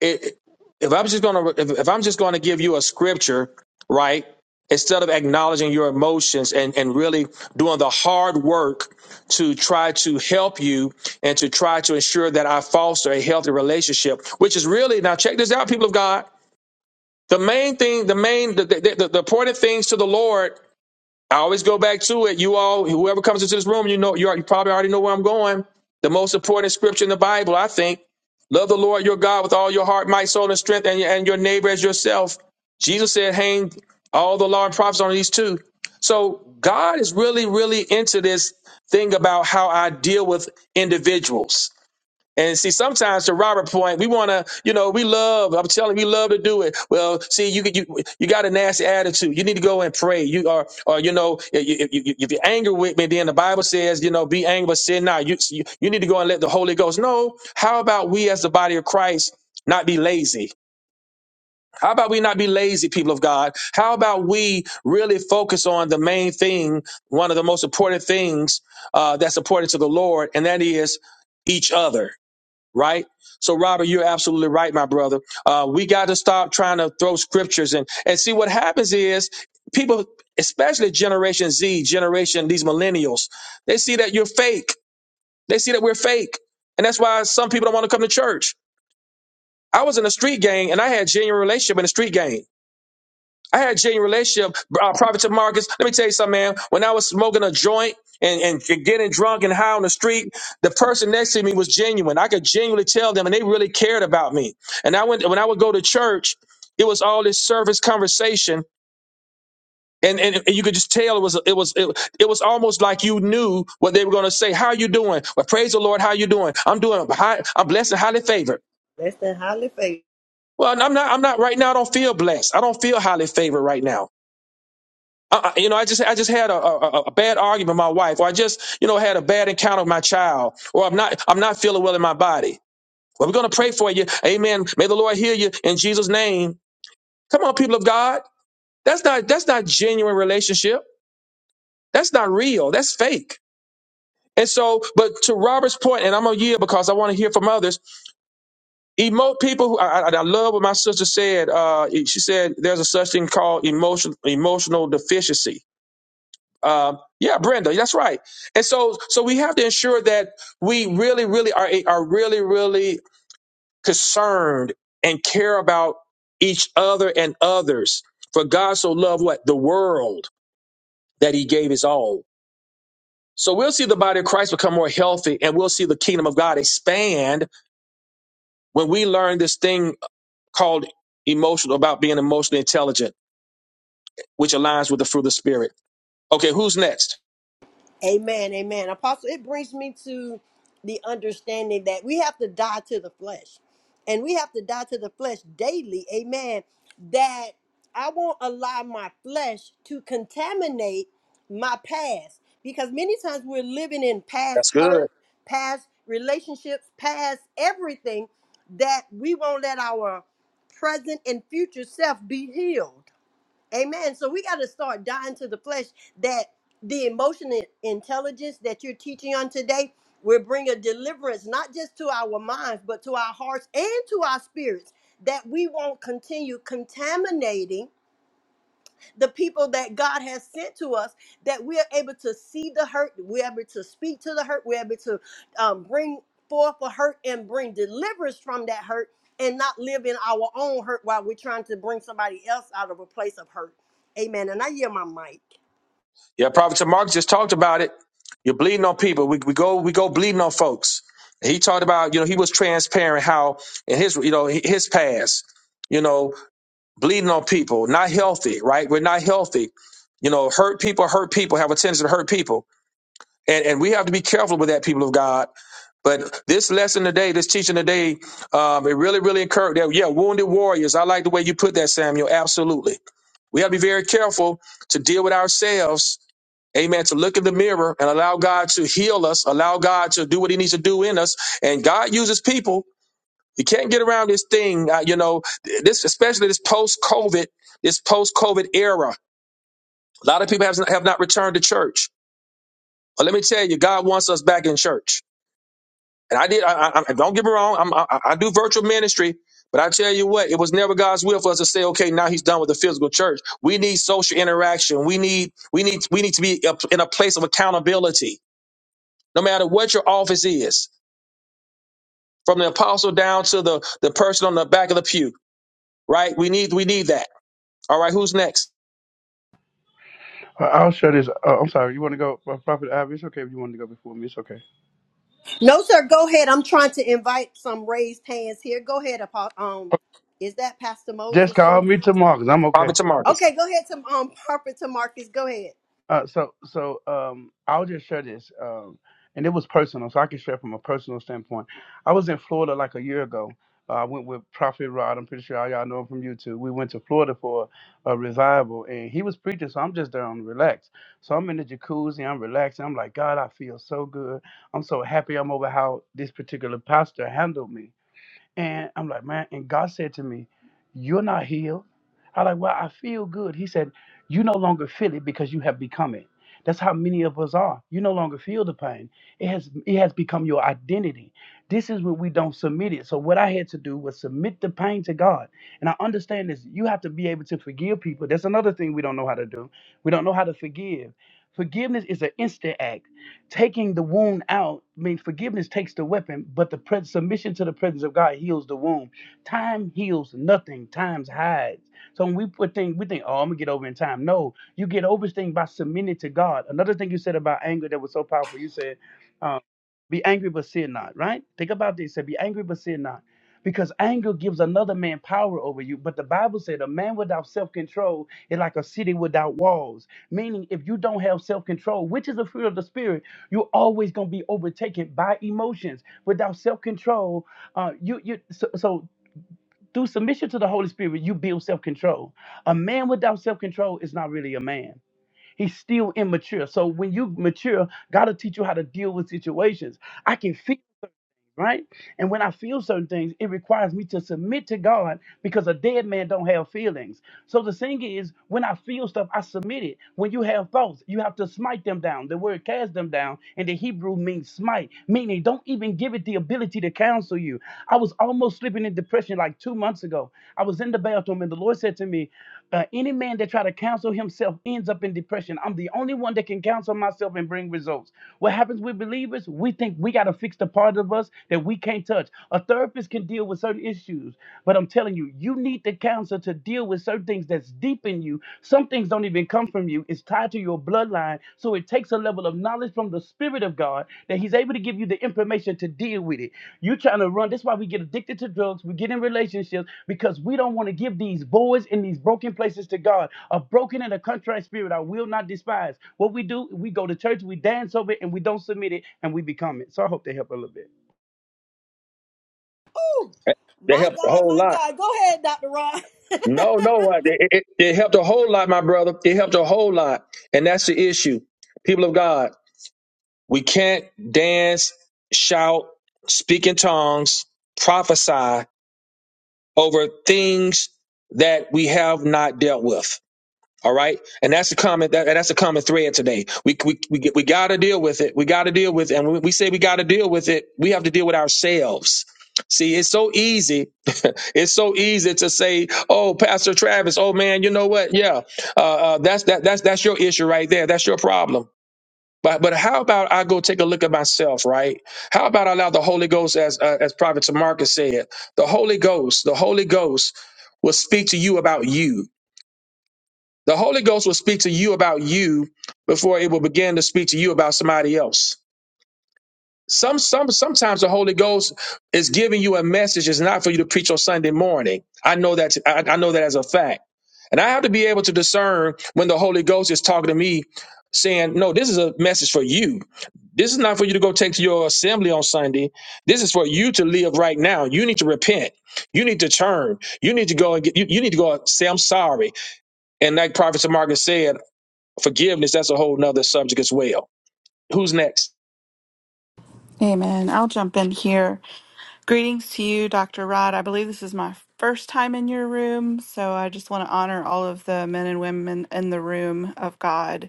S1: it, if I'm just gonna if, if I'm just gonna give you a scripture, right? Instead of acknowledging your emotions and, and really doing the hard work to try to help you and to try to ensure that I foster a healthy relationship, which is really now check this out, people of God. The main thing, the main, the, the, the, the important things to the Lord I always go back to it. You all, whoever comes into this room, you know, you, are, you probably already know where I'm going. The most important scripture in the Bible, I think, love the Lord your God with all your heart, might, soul, and strength, and, your- and your neighbor as yourself. Jesus said, hang all the law and prophets on these two. So God is really, really into this thing about how I deal with individuals. And see, sometimes to Robert point, we want to, you know, we love. I'm telling you, we love to do it. Well, see, you you you got a nasty attitude. You need to go and pray. You are, or you know, if, you- if, if you're angry with me, then the Bible says, you know, be angry, but sin not. You, you you need to go and let the Holy Ghost. No, how about we as the body of Christ not be lazy? How about we not be lazy, people of God? How about we really focus on the main thing, one of the most important things uh, that's important to the Lord, and that is each other right? So, Robert, you're absolutely right, my brother. Uh, we got to stop trying to throw scriptures and and see what happens is people, especially Generation Z, Generation these millennials, they see that you're fake. They see that we're fake, and that's why some people don't want to come to church. I was in a street gang, and I had genuine relationship in a street gang. I had a genuine relationship. Uh, Prophet Marcus, let me tell you something, man. When I was smoking a joint and, and getting drunk and high on the street, the person next to me was genuine. I could genuinely tell them, and they really cared about me. And I went when I would go to church, it was all this service conversation. And, and and you could just tell it was it was it, it was almost like you knew what they were going to say. How you doing? Well, praise the Lord. How you doing? I'm doing. High, I'm blessed and highly favored.
S2: that's the highly favored.
S1: Well, I'm not. I'm not right now. I don't feel blessed. I don't feel highly favored right now. Uh, you know, I just I just had a, a, a bad argument with my wife, or I just you know had a bad encounter with my child, or I'm not I'm not feeling well in my body. Well, we're gonna pray for you, Amen. May the Lord heal you in Jesus' name. Come on, people of God, that's not that's not genuine relationship. That's not real. That's fake. And so, but to Robert's point, and I'm gonna yield because I want to hear from others. Emote people who I, I, I love what my sister said. Uh, she said there's a such thing called emotional emotional deficiency Um, yeah, Brenda, that's right. And so, so we have to ensure that we really, really are are really, really concerned and care about each other and others. For God so loved what the world that He gave His all. So we'll see the body of Christ become more healthy, and we'll see the kingdom of God expand when we learn this thing called emotional about being emotionally intelligent, which aligns with the fruit of the Spirit. Okay, who's next?
S2: Amen, amen. Apostle, it brings me to the understanding that we have to die to the flesh. And we have to die to the flesh daily. Amen. That I won't allow my flesh to contaminate my past. Because many times we're living in past
S1: That's good.
S2: hurt, past relationships, past everything that we won't let our present and future self be healed. Amen. So we got to start dying to the flesh that the emotional intelligence that you're teaching on today will bring a deliverance, not just to our minds, but to our hearts and to our spirits, that we won't continue contaminating the people that God has sent to us, that we are able to see the hurt, we're able to speak to the hurt, we're able to um, bring forth a hurt and bring deliverance from that hurt and not live in our own hurt while we're trying to bring somebody else out of a place of hurt. Amen. And I hear my mic.
S1: Yeah, Prophet Mark just talked about it. You're bleeding on people. We, we go we go bleeding on folks. He talked about you know he was transparent how in his you know his past you know bleeding on people not healthy right we're not healthy you know hurt people hurt people have a tendency to hurt people and and we have to be careful with that people of God but this lesson today this teaching today um, it really really encouraged yeah wounded warriors I like the way you put that Samuel absolutely we have to be very careful to deal with ourselves Amen. To look in the mirror and allow God to heal us, allow God to do what He needs to do in us. And God uses people. You can't get around this thing, uh, you know, this, especially this post COVID, this post COVID era. A lot of people have, have not returned to church. But let me tell you, God wants us back in church. And I did, I, I, I- don't get me wrong, I'm, I, I do virtual ministry, but I tell you what, it was never God's will for us to say, okay, now He's done with the physical church. We need social interaction. We need, we need, we need to be up in a place of accountability. no matter what your office is, from the apostle down to the, the person on the back of the pew, right? We need we need that. All right, who's next?
S12: I- I'll share this. Uh, I'm sorry. You want to go, uh, Prophet Ivy? It's okay if you want to go before me. It's okay.
S2: No, sir, go ahead. I'm trying to invite some raised hands here. Go ahead, Apo- um, is that Pastor
S12: Just
S2: Moses?
S12: call
S2: Go
S12: me tomorrow because I'm okay.
S1: Prophet Marcus.
S2: Okay, go ahead to um Prophet to Marcus. Go ahead.
S12: Uh, so, so um, I'll just share this. Um, and it was personal, so I can share from a personal standpoint. I was in Florida like a year ago. Uh, I went with Prophet Rod. I'm pretty sure all y'all know him from YouTube. We went to Florida for a revival, and he was preaching, so I'm just there on relax. So I'm in the jacuzzi, I'm relaxing. I'm like, God, I feel so good. I'm so happy I'm over how this particular pastor handled me And I'm like, man, and God said to me, You're not healed. I like, well, I feel good. He said, You no longer feel it because you have become it. That's how many of us are. You no longer feel the pain. It has it has become your identity. This is when we don't submit it. So what I had to do was submit the pain to God. And I understand this. You have to be able to forgive people. That's another thing we don't know how to do. We don't know how to forgive. Forgiveness is an instant act taking the wound out I mean forgiveness takes the weapon, but the pres- submission to the presence of God heals the wound. Time heals nothing. Time hides. So when we put things, we think, oh, I'm gonna get over in time. No, you get over this thing by submitting to God. Another thing you said about anger that was so powerful. You said, um, be angry but sin not. Right? Think about this. It Said, be angry but sin not. Because anger gives another man power over you. But the Bible said a man without self control is like a city without walls meaning if you don't have self control, which is the fruit of the spirit. You're always gonna be overtaken by emotions. Without self control, uh, you you so, so through submission to the Holy Spirit, you build self control. A man without self control is not really a man. He's still immature. So when you mature, God will teach you how to deal with situations. I can fix right? And when I feel certain things, it requires me to submit to God because a dead man don't have feelings. So the thing is, when I feel stuff, I submit it. When you have thoughts, you have to smite them down. The word cast them down, and the Hebrew means smite, meaning don't even give it the ability to counsel you. I was almost slipping in depression like two months ago. I was in the bathroom, and the Lord said to me. Uh, any man that try to counsel himself ends up in depression. I'm the only one that can counsel myself and bring results. What happens with believers? We think we got to fix the part of us that we can't touch. A therapist can deal with certain issues, but I'm telling you, you need the counselor to deal with certain things that's deep in you. Some things don't even come from you. It's tied to your bloodline, so it. So it takes a level of knowledge from the Spirit of God that He's able to give you the information to deal with it. you are trying to run. That's why we get addicted to drugs. We get in relationships because we don't want to give these boys in these broken places to God. A broken and a contrite spirit I will not despise. What we do, we go to church, we dance over it, and we don't submit it, and we become it. So I hope they help a little bit.
S2: Woo! My God,
S1: Whole
S2: my
S1: lot.
S2: God. Go ahead, Dr. Ron.
S1: No, no, it, it it helped a whole lot, my brother. It helped a whole lot, and that's the issue. People of God, we can't dance, shout, speak in tongues, prophesy over things that we have not dealt with. All right, and that's a common that, that's a common thread today. We we we, we got to deal with it. We got to deal with it. And when we say we got to deal with it, we have to deal with ourselves. See, it's so easy. it's so easy to say, "Oh, Pastor Travis, oh man, you know what? Yeah, uh, uh, that's that that's that's your issue right there. That's your problem." But but how about I go take a look at myself, right? How about I allow the Holy Ghost, as uh, as Prophet Marcus said, the Holy Ghost, the Holy Ghost will speak to you about you. The Holy Ghost will speak to you about you before it will begin to speak to you about somebody else. Some, some, sometimes the Holy Ghost is giving you a message. It's not for you to preach on Sunday morning. I know that. I, I know that as a fact, and I have to be able to discern when the Holy Ghost is talking to me, saying, "No, this is a message for you. This is not for you to go take to your assembly on Sunday. This is for you to live right now. You need to repent. You need to turn. You need to go and get. You, you need to go and say, am sorry." And like Prophet Margaret said. Forgiveness, that's a whole nother subject as well. Who's next?
S15: Amen. I'll jump in here. Greetings to you, Dr. Rod. I believe this is my first time in your room, so I just want to honor all of the men and women in the room of God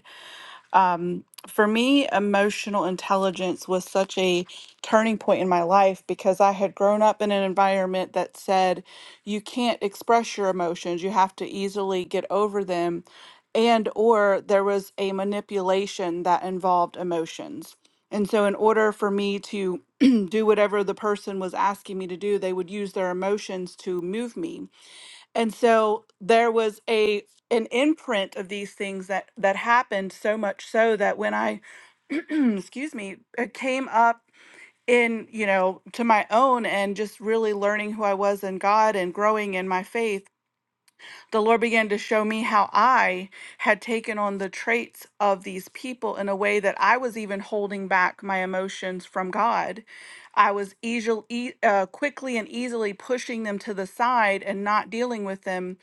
S15: for me, emotional intelligence was such a turning point in my life because I had grown up in an environment that said you can't express your emotions, you have to easily get over them, and or there was a manipulation that involved emotions. And so in order for me to do whatever the person was asking me to do, they would use their emotions to move me. And so there was a an imprint of these things that that happened so much so that when I excuse me, it came up in, you know, to my own and just really learning who I was in God and growing in my faith the Lord began to show me how I had taken on the traits of these people in a way that I was even holding back my emotions from God. I was easily, e- uh, quickly and easily pushing them to the side and not dealing with them.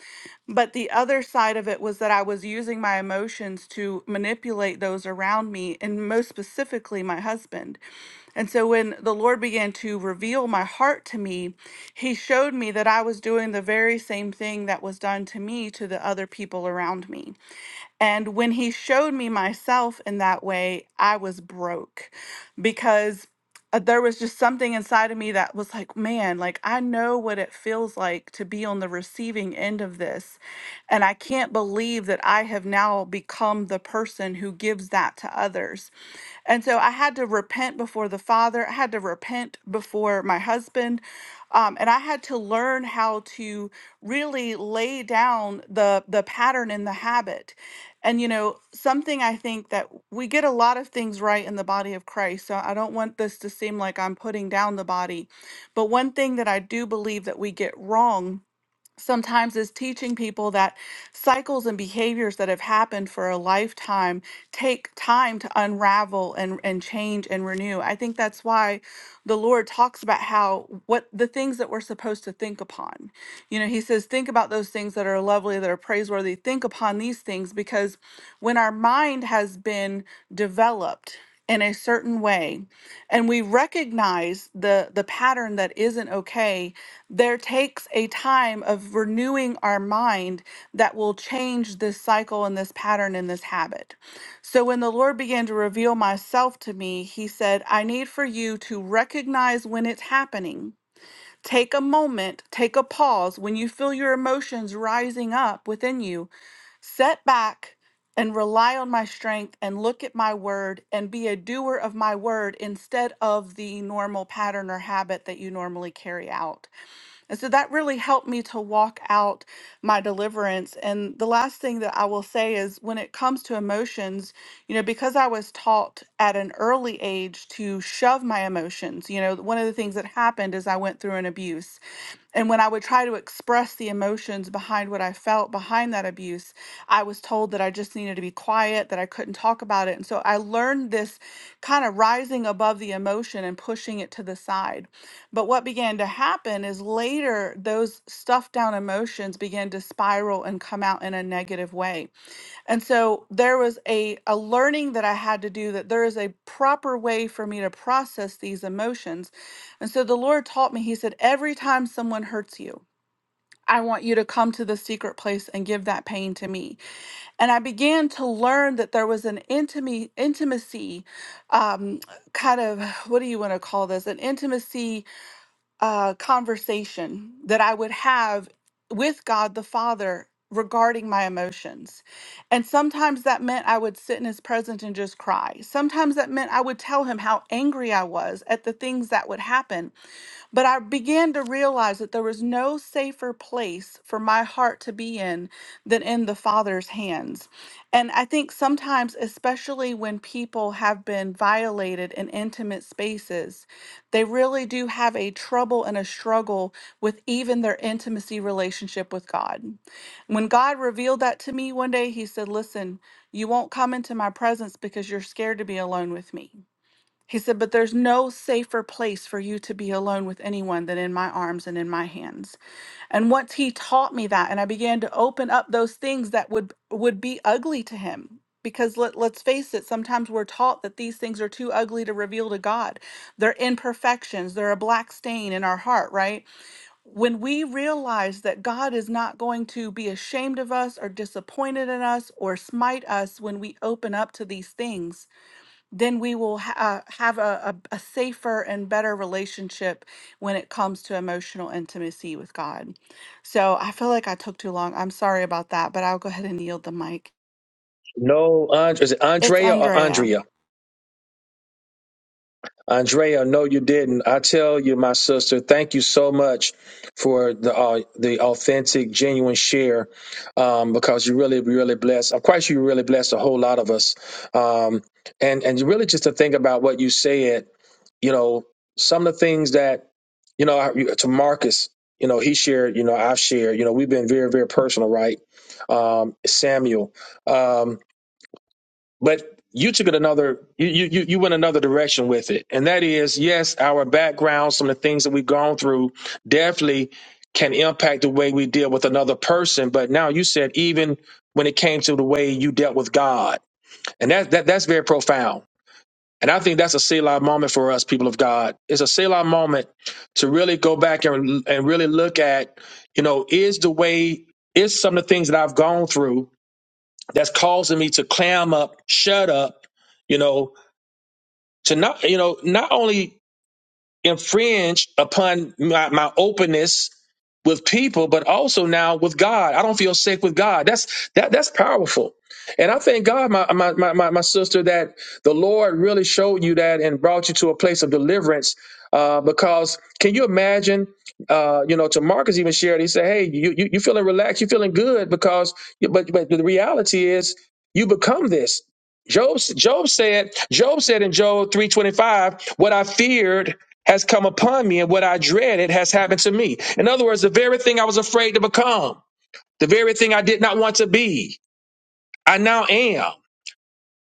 S15: But the other side of it was that I was using my emotions to manipulate those around me, and most specifically, my husband. And so when the Lord began to reveal my heart to me, He showed me that I was doing the very same thing that was done to me to the other people around me. And when he showed me myself in that way, I was broke because uh, there was just something inside of me that was like, man, like I know what it feels like to be on the receiving end of this. And I can't believe that I have now become the person who gives that to others. And so I had to repent before the Father. I had to repent before my husband. Um, and I had to learn how to really lay down the, the pattern and the habit. And you know, something I think that we get a lot of things right in the body of Christ. So I don't want this to seem like I'm putting down the body. But one thing that I do believe that we get wrong sometimes is teaching people that cycles and behaviors that have happened for a lifetime take time to unravel and, and change and renew. I think that's why the Lord talks about how what the things that we're supposed to think upon. You know, He says, think about those things that are lovely, that are praiseworthy. Think upon these things because when our mind has been developed, in a certain way and we recognize the the pattern that isn't okay there takes a time of renewing our mind that will change this cycle and this pattern and this habit so when the Lord began to reveal myself to me, he said, I need for you to recognize when it's happening. Take a moment, take a pause. When you feel your emotions rising up within you, set back and rely on my strength and look at my word and be a doer of my word instead of the normal pattern or habit that you normally carry out. And so that really helped me to walk out my deliverance. And the last thing that I will say is when it comes to emotions, you know, because I was taught at an early age to shove my emotions, you know, one of the things that happened is I went through an abuse. And when I would try to express the emotions behind what I felt behind that abuse, I was told that I just needed to be quiet, that I couldn't talk about it. And so I learned this kind of rising above the emotion and pushing it to the side. But what began to happen is later those stuffed down emotions began to spiral and come out in a negative way. And so there was a, a learning that I had to do that there is a proper way for me to process these emotions. And so the Lord taught me, He said, every time someone hurts you, I want you to come to the secret place and give that pain to me. And I began to learn that there was an intimacy, intimacy, um, kind of, what do you want to call this? An intimacy uh, conversation that I would have with God the Father regarding my emotions. And sometimes that meant I would sit in his presence and just cry. Sometimes that meant I would tell him how angry I was at the things that would happen. But I began to realize that there was no safer place for my heart to be in than in the Father's hands. And I think sometimes, especially when people have been violated in intimate spaces, they really do have a trouble and a struggle with even their intimacy relationship with God. When God revealed that to me one day, He said, Listen, you won't come into my presence because you're scared to be alone with me. He said, But there's no safer place for you to be alone with anyone than in my arms and in my hands. And once he taught me that, and I began to open up those things that would would be ugly to him. Because let, let's face it, sometimes we're taught that these things are too ugly to reveal to God. They're imperfections, they're a black stain in our heart, right? When we realize that God is not going to be ashamed of us or disappointed in us or smite us when we open up to these things, then we will ha- uh, have a, a, a safer and better relationship when it comes to emotional intimacy with God. So I feel like I took too long. I'm sorry about that, but I'll go ahead and yield the mic.
S1: No, and- is it
S15: It's
S1: Andrea or
S15: Andrea.
S1: Andrea? Andrea, no, you didn't. I tell you, my sister, thank you so much for the uh, the authentic, genuine share, um, because you really, really blessed. Of course, you really blessed a whole lot of us, um, and and really just to think about what you said you know, some of the things that, you know, I- to Marcus, you know, he shared, you know, I've shared, you know, we've been very, very personal, right? Um, Samuel. Um, but you took it another, you, you, you you went another direction with it. And that is, yes, our background, some of the things that we've gone through definitely can impact the way we deal with another person. But now you said, even when it came to the way you dealt with God, and that, that that's very profound and I think that's a Selah moment for us, people of God. It's a Selah moment to really go back and, and really look at, you know, is the way, is some of the things that I've gone through that's causing me to clam up, shut up, you know, to not, you know, not only infringe upon my, my openness with people, but also now with God. I don't feel safe with God. That's that that's powerful. And I thank God, my my my, my my sister, that the Lord really showed you that and brought you to a place of deliverance. Uh, because can you imagine? Uh, you know, to Marcus even shared, he said, "Hey, you you you feeling relaxed? You feeling good? Because but but the reality is, you become this." Job Job said Job said in Job three twenty five, "What I feared." has come upon me and what I dreaded has happened to me. In other words, the very thing I was afraid to become, the very thing I did not want to be, I now am.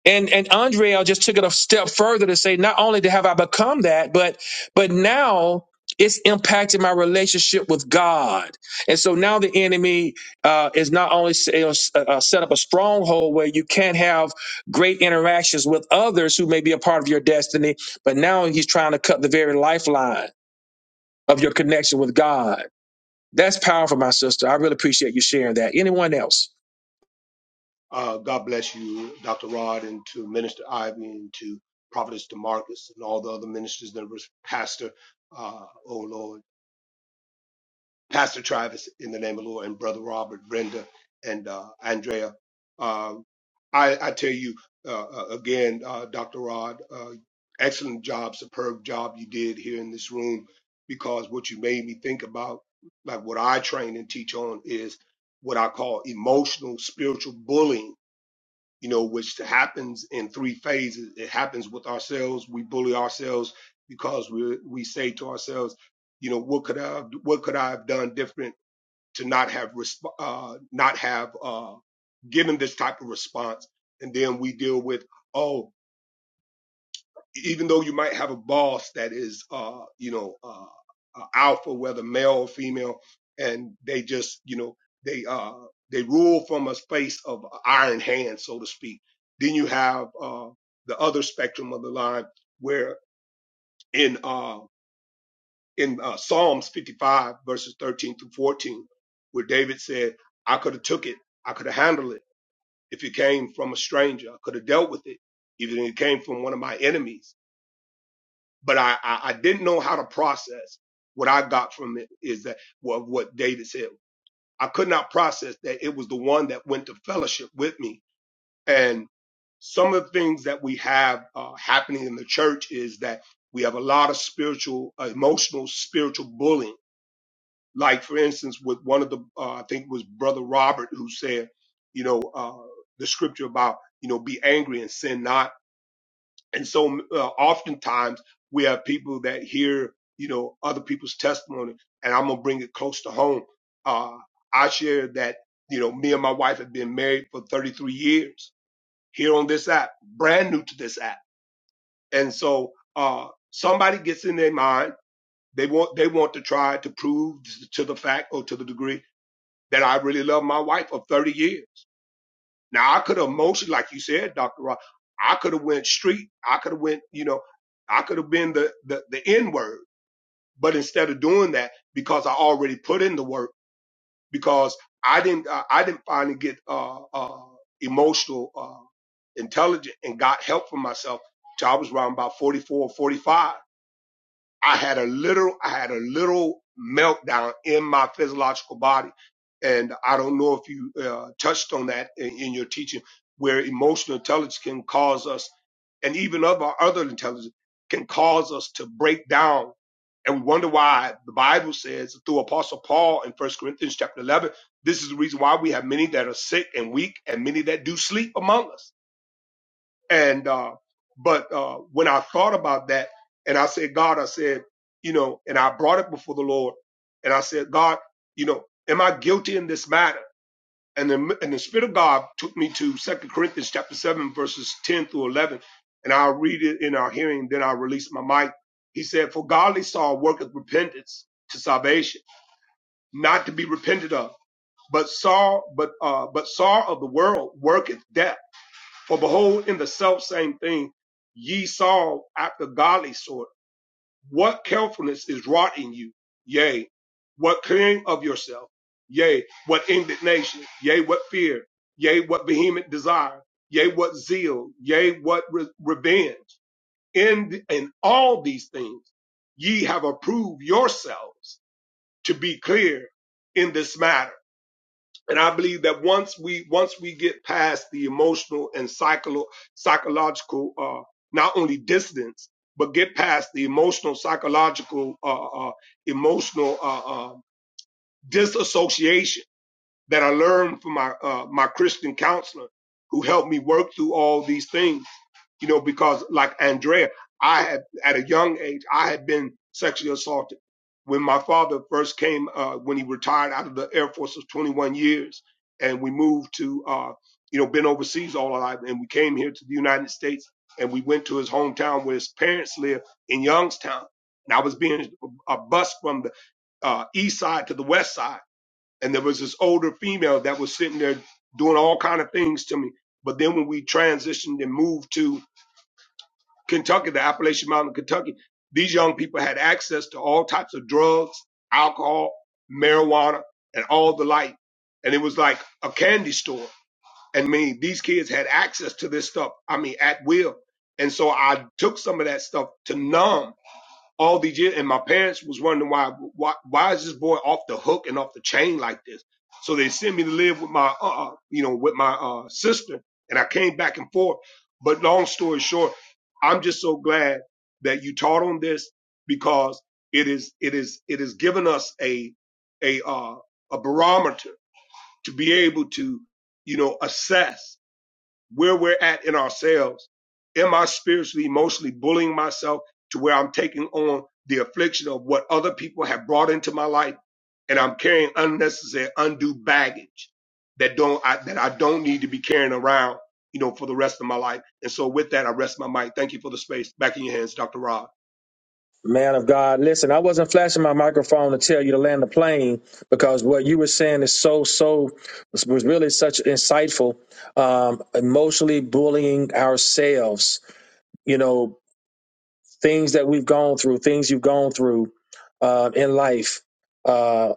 S1: And and Andrea just took it a step further to say not only have I become that, but but now it's impacted my relationship with God. And so now the enemy uh, is not only you know, s- uh, uh, set up a stronghold where you can't have great interactions with others who may be a part of your destiny, but now he's trying to cut the very lifeline of your connection with God. That's powerful, my sister. I really appreciate you sharing that. Anyone else?
S6: Uh, God bless you, Dr. Rod, and to Minister Ivy and to Prophetess Demarcus and all the other ministers that was pastor. Uh, oh Lord. Pastor Travis, in the name of the Lord, and Brother Robert, Brenda, and uh, Andrea. Um, I, I tell you uh, uh, again, uh, Dr. Rod, uh, excellent job, superb job you did here in this room because what you made me think about, like what I train and teach on, is what I call emotional spiritual bullying, you know, which happens in three phases. It happens with ourselves. We bully ourselves because we, we say to ourselves, you know, what could I, have- what could I have done different? to not have resp- uh, not have uh, given this type of response, and then we deal with oh, even though you might have a boss that is uh, you know uh, uh, alpha, whether male or female, and they just you know they uh, they rule from a space of iron hand, so to speak. Then you have uh, the other spectrum of the line where in uh, in uh, Psalms 55 verses 13 through 14, where David said, I could have took it. I could have handled it if it came from a stranger. I could have dealt with it, even if it came from one of my enemies. But I, I, I didn't know how to process what I got from it is that what, what David said. I could not process that it was the one that went to fellowship with me. And some of the things that we have uh, happening in the church is that we have a lot of spiritual, uh, emotional, spiritual bullying like for instance with one of the uh, i think it was brother robert who said you know uh, the scripture about you know be angry and sin not and so uh, oftentimes we have people that hear you know other people's testimony and i'm gonna bring it close to home uh, i share that you know me and my wife have been married for 33 years here on this app brand new to this app and so uh, somebody gets in their mind they want they want to try to prove to the fact or to the degree that I really love my wife for 30 years. Now I could have emotionally, like you said, Dr. Ross, I could have went street. I could have went, you know, I could have been the, the, the N word, but instead of doing that, because I already put in the work, because I didn't, uh, I didn't finally get, uh, uh, emotional, uh, intelligent and got help for myself. till I was around about 44 or 45 I had a little, I had a little meltdown in my physiological body. And I don't know if you uh, touched on that in, in your teaching, where emotional intelligence can cause us, and even other other intelligence can cause us to break down. And we wonder why the Bible says through Apostle Paul in First Corinthians chapter 11, this is the reason why we have many that are sick and weak and many that do sleep among us and uh, but uh, when I thought about that, and I said, God, I said, you know, and I brought it before the Lord, and I said, God, you know, am I guilty in this matter? And the and the Spirit of God took me to Second Corinthians chapter seven verses ten through eleven, and I'll read it in our hearing. Then I'll release my mic. He said, For godly sorrow worketh repentance to salvation, not to be repented of. But sorrow, but uh, but sorrow of the world worketh death. For behold, in the selfsame thing ye saw after godly sort, what carefulness is wrought in you, yea, what clearing of yourself, yea, what indignation, yea, what fear, yea, what vehement desire, yea, what zeal, yea, what re- revenge. In, the, in all these things ye have approved yourselves to be clear in this matter and I believe that once we once we get past the emotional and psycholo- psychological, uh, not only distance, but get past the emotional, psychological, uh, uh, emotional uh, uh, disassociation that I learned from my uh, my Christian counselor, who helped me work through all these things you know, because like Andrea, I had at a young age, I had been sexually assaulted. When my father first came, uh, when he retired out of the Air Force of 21 years, and we moved to, uh, you know, been overseas all our life, and we came here to the United States, and we went to his hometown where his parents lived in Youngstown, and I was being a bus from the uh, east side to the west side, and there was this older female that was sitting there doing all kind of things to me. But then when we transitioned and moved to Kentucky, the Appalachian Mountain, Kentucky, these young people had access to all types of drugs, alcohol, marijuana, and all the like. And it was like a candy store. And I mean, these kids had access to this stuff, I mean, at will. And so I took some of that stuff to numb all these years, and my parents was wondering why why why is this boy off the hook and off the chain like this? So they sent me to live with my uh uh, you know with my uh sister, and I came back and forth. But long story short, I'm just so glad that you taught on this because it is it is it has given us a a uh a barometer to be able to you know assess where we're at in ourselves. Am I spiritually, emotionally bullying myself to where I'm taking on the affliction of what other people have brought into my life, and I'm carrying unnecessary, undue baggage that don't I, that I don't need to be carrying around, you know, for the rest of my life. And so, with that, I rest my mic. Thank you for the space. Back in your hands, Dr. Rob.
S1: Man of God, listen, I wasn't flashing my microphone to tell you to land the plane because what you were saying is so, so, was was really such insightful. Um, emotionally bullying ourselves, you know, things that we've gone through, things you've gone through uh, in life. Uh,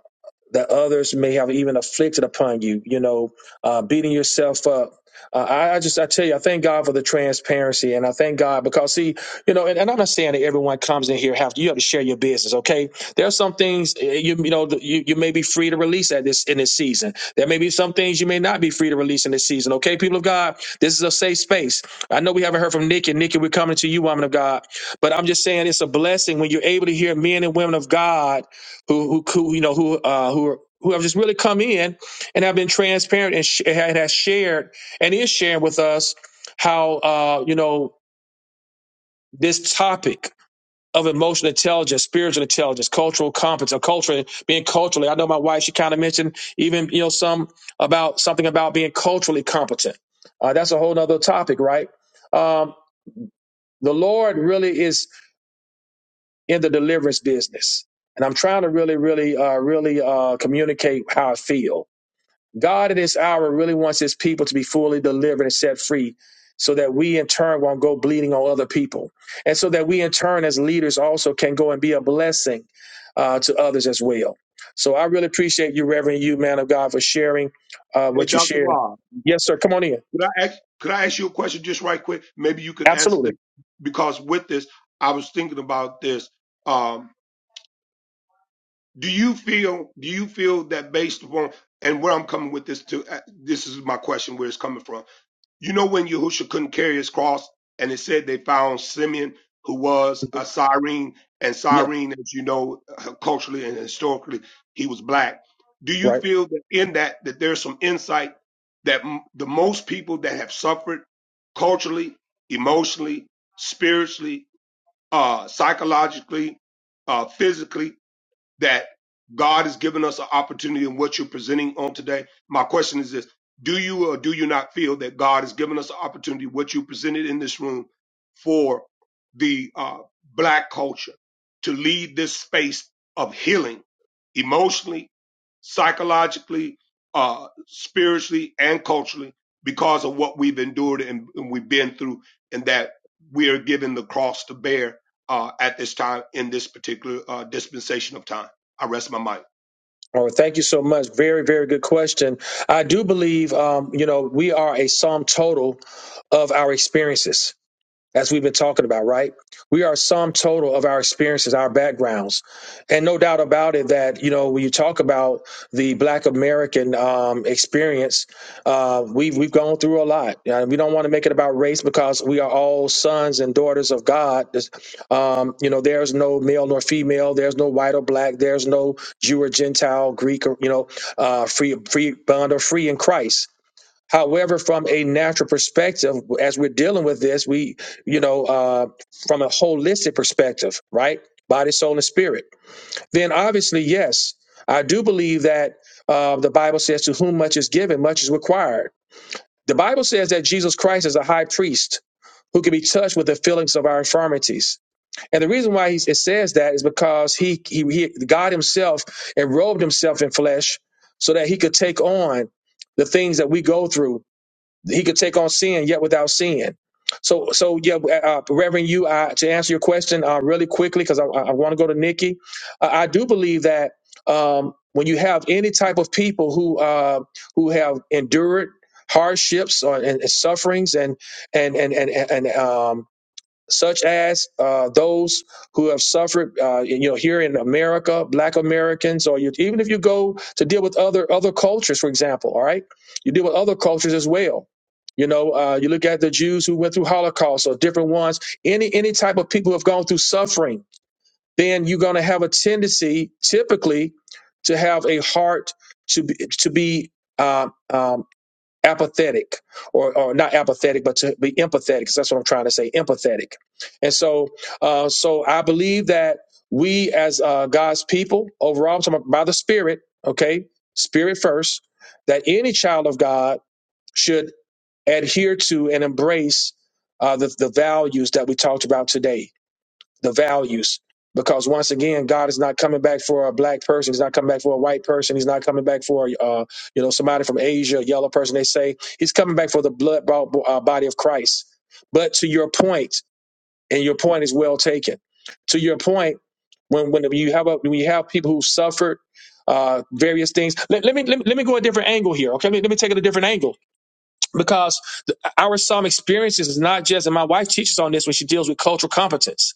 S1: that others may have even afflicted upon you, you know, uh, beating yourself up. Uh, I, I just, I tell you, I thank God for the transparency and I thank God because see, you know, and, and I'm not saying that everyone comes in here, have you have to share your business. Okay. There are some things eh, you, you know, that you, you may be free to release at this, in this season. There may be some things you may not be free to release in this season. Okay. People of God, this is a safe space. I know we haven't heard from Nikki. Nikki, we're coming to you, woman of God, but I'm just saying it's a blessing when you're able to hear men and women of God who who, who you know who uh, who are, who have just really come in and have been transparent and, sh- and has shared and is sharing with us how uh, you know this topic of emotional intelligence, spiritual intelligence, cultural competence, or culture being culturally. I know my wife; she kind of mentioned even you know some about something about being culturally competent. Uh, that's a whole other topic, right? Um, the Lord really is in the deliverance business, and I'm trying to really, really, uh, really uh, communicate how I feel God at this hour really wants his people to be fully delivered and set free so that we in turn won't go bleeding on other people. And so that we in turn as leaders also can go and be a blessing uh, to others as well. So I really appreciate you, Reverend, you, man of God, for sharing uh,
S6: Hey,
S1: what you
S6: Dr.
S1: shared.
S6: Rob,
S1: Yes, sir. Come on in.
S6: could I ask, could I ask you a question just right quick? Maybe you can answer
S1: Absolutely.
S6: this because with this, I was thinking about this. Um, Do you feel? Do you feel that based upon and where I'm coming with this to? uh, This is my question. Where it's coming from? You know when Yahusha couldn't carry his cross, and it said they found Simeon, who was a Cyrene, and
S1: Yeah.
S6: Cyrene, as you know, uh, culturally and historically, he was black. Do you
S1: Right.
S6: feel that in that that there's some insight that m- the most people that have suffered culturally, emotionally, spiritually, uh, psychologically, uh, physically that God has given us an opportunity in what you're presenting on today. My question is this Do you or do you not feel that God has given us an opportunity, what you presented in this room, for the uh, Black culture to lead this space of healing? emotionally psychologically, uh, spiritually, and culturally because of what we've endured and, and we've been through, and that we are given the cross to bear uh, at this time in this particular uh, dispensation of time. I rest my mind.
S1: All right. Thank you so much. Very, very good question. I do believe, um, you know, we are a sum total of our experiences as we've been talking about, right? We are sum total of our experiences, our backgrounds, and no doubt about it that you know when you talk about the Black American um, experience, uh, we've we've gone through a lot. Uh, we don't want to make it about race because we are all sons and daughters of God. This- Um, you know, there's no male nor female, there's no white or black, there's no Jew or Gentile, Greek or you know, uh, free free bond or free in Christ However, from a natural perspective, as we're dealing with this, we, you know, uh, from a holistic perspective, right? Body, soul, and spirit. Then obviously, yes, I do believe that uh, the Bible says, to whom much is given, much is required. The Bible says that Jesus Christ is a high priest who can be touched with the feelings of our infirmities. And the reason why he, it says that is because he, he, he, God himself enrobed himself in flesh so that he could take on the things that we go through he could take on sin yet without sin. So, so yeah, uh, uh, Reverend, you uh, to answer your question uh, really quickly because I, I want to go to Nikki. Uh, I do believe that um, when you have any type of people who uh, who have endured hardships or, and, and sufferings and and and and and, um, such as uh, those who have suffered, uh, you know, here in America, Black Americans, or you, even if you go to deal with other other cultures, for example, all right, you deal with other cultures as well. You know, uh, you look at the Jews who went through Holocaust or different ones. Any any type of people who have gone through suffering, then you're going to have a tendency, typically, to have a heart to be, to be um, um, apathetic or, or not apathetic but to be empathetic 'cause that's what i'm trying to say empathetic and so uh, so i believe that we as uh, god's people overall I'm talking about by the spirit okay spirit first that any child of god should adhere to and embrace uh, the, the values that we talked about today the values. Because once again, God is not coming back for a black person. He's not coming back for a white person. He's not coming back for uh, you know somebody from Asia, a yellow person. They say he's coming back for the blood bought uh, body of Christ. But to your point, and your point is well taken. To your point, when when you have a, when you have people who suffered uh, various things, let, let me let me let me go a different angle here. Okay, let me, let me take it a different angle because the, our some experiences is not just, and my wife teaches on this when she deals with cultural competence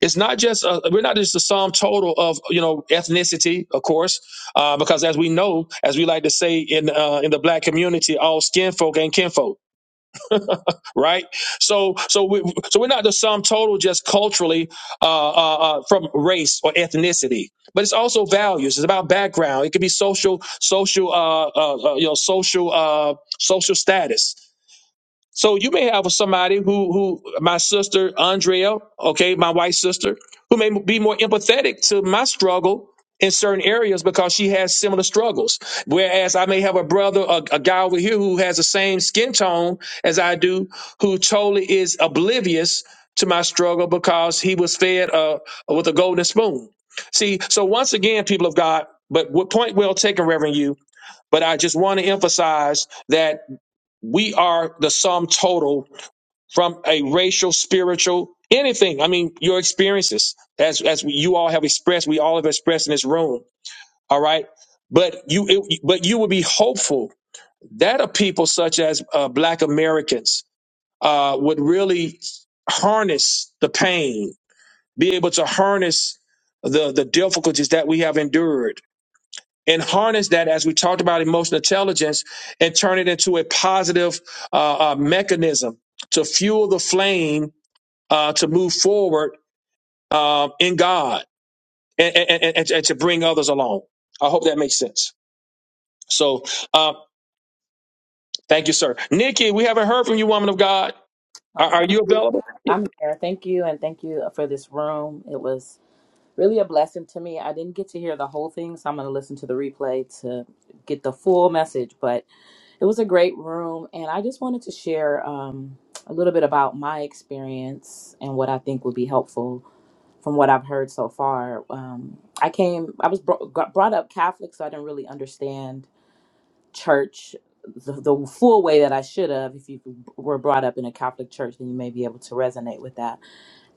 S1: it's not just a, we're not just the sum total of you know ethnicity, of course, uh, because as we know, as we like to say in uh, in the black community, all skin folk ain't kinfolk, right? So so we so we're not the sum total just culturally uh, uh, uh, from race or ethnicity, but it's also values. It's about background. It could be social social uh, uh, uh, you know social uh, social status. So you may have somebody who, who my sister Andrea, okay, my white sister, who may be more empathetic to my struggle in certain areas because she has similar struggles. Whereas I may have a brother, a, a guy over here who has the same skin tone as I do, who totally is oblivious to my struggle because he was fed uh, with a golden spoon. See, so once again, people of God, but what point well taken, Reverend you. But I just want to emphasize that we are the sum total from a racial, spiritual, anything. I mean, your experiences, as as we, you all have expressed, we all have expressed in this room. All right, but you it, but you would be hopeful that a people such as uh, Black Americans uh, would really harness the pain, be able to harness the the difficulties that we have endured and harness that as we talked about emotional intelligence and turn it into a positive uh, uh, mechanism to fuel the flame uh, to move forward uh, in God and, and, and, and to bring others along. I hope that makes sense. So uh, thank you, sir. Nikki, we haven't heard from you, woman of God.
S16: Oh,
S1: Are, are
S16: thank
S1: you
S16: you.
S1: available?
S16: I'm here. Thank you, and thank you for this room. It was really a blessing to me. I didn't get to hear the whole thing, so I'm going to listen to the replay to get the full message. But it was a great room, and I just wanted to share um, a little bit about my experience and what I think would be helpful from what I've heard so far. Um, I came, I was bro- got brought up Catholic, so I didn't really understand church the, the full way that I should have. If you were brought up in a Catholic church, then you may be able to resonate with that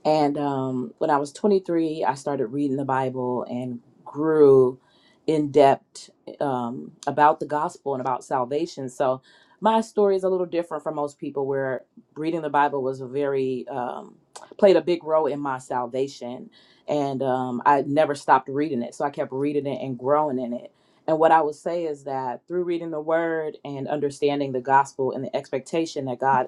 S16: and um, when I was 23, I started reading the Bible and grew in depth um, about the gospel and about salvation. So my story is a little different from most people, where reading the Bible was a very um, played a big role in my salvation, and um, I never stopped reading it. So I kept reading it and growing in it. And what I would say is that through reading the Word and understanding the gospel and the expectation that God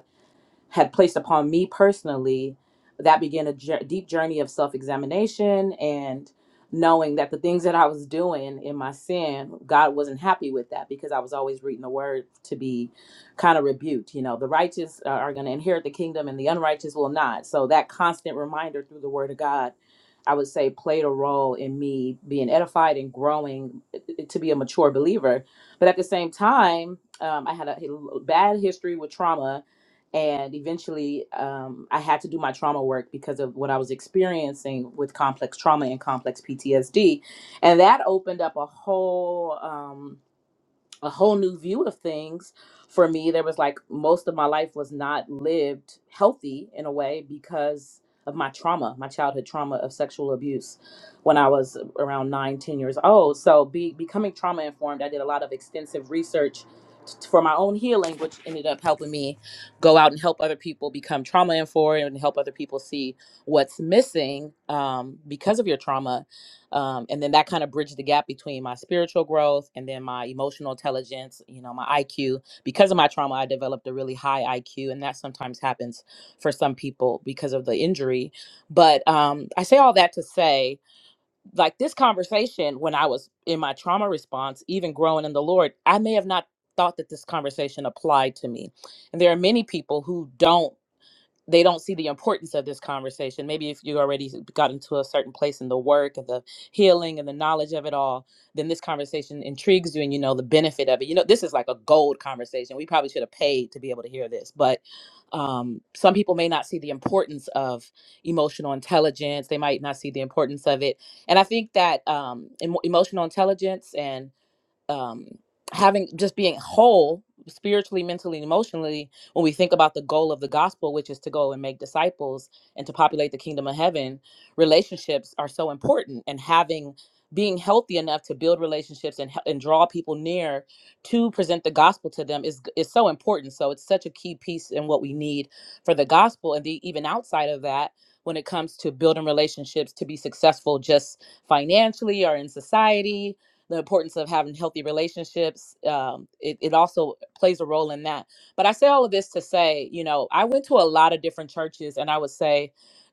S16: had placed upon me personally, that began a jour- deep journey of self examination and knowing that the things that I was doing in my sin, God wasn't happy with that because I was always reading the word to be kind of rebuked. You know, the righteous are, are going to inherit the kingdom and the unrighteous will not. So that constant reminder through the word of God. I would say played a role in me being edified and growing eh, to be a mature believer. But at the same time, um, I had a a bad history with trauma and eventually um, i had to do my trauma work because of what i was experiencing with complex trauma and complex ptsd and that opened up a whole um, a whole new view of things for me. There was like most of my life was not lived healthy in a way because of my trauma, my childhood trauma of sexual abuse when I was around nine, ten years old. So be, becoming trauma informed, I did a lot of extensive research t- for my own healing, which ended up helping me go out and help other people become trauma informed and help other people see what's missing um, because of your trauma um, and then that kind of bridged the gap between my spiritual growth and then my emotional intelligence you know my iq because of my trauma i developed a really high iq and that sometimes happens for some people because of the injury but um, i say all that to say like this conversation when i was in my trauma response even growing in the lord i may have not thought that this conversation applied to me and there are many people who don't they don't see the importance of this conversation. Maybe if you already got into a certain place in the work and the healing and the knowledge of it all, then this conversation intrigues you and you know the benefit of it. You know, this is like a gold conversation. We probably should have paid to be able to hear this, but um, some people may not see the importance of emotional intelligence. They might not see the importance of it. And I think that um, emo emotional intelligence and um having just being whole spiritually mentally and emotionally when we think about the goal of the gospel which is to go and make disciples and to populate the kingdom of heaven relationships are so important and having being healthy enough to build relationships and, hel- and draw people near to present the gospel to them is g- is so important so it's such a key piece in what we need for the gospel and the, even outside of that when it comes to building relationships to be successful just financially or in society the importance of having healthy relationships. Um, it, it also plays a role in that. But I say all of this to say, you know, I went to a lot of different churches, and I would say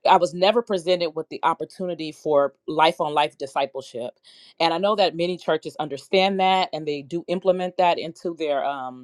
S16: I was never presented with the opportunity for life on life discipleship. And I know that many churches understand that and they do implement that into their. Um,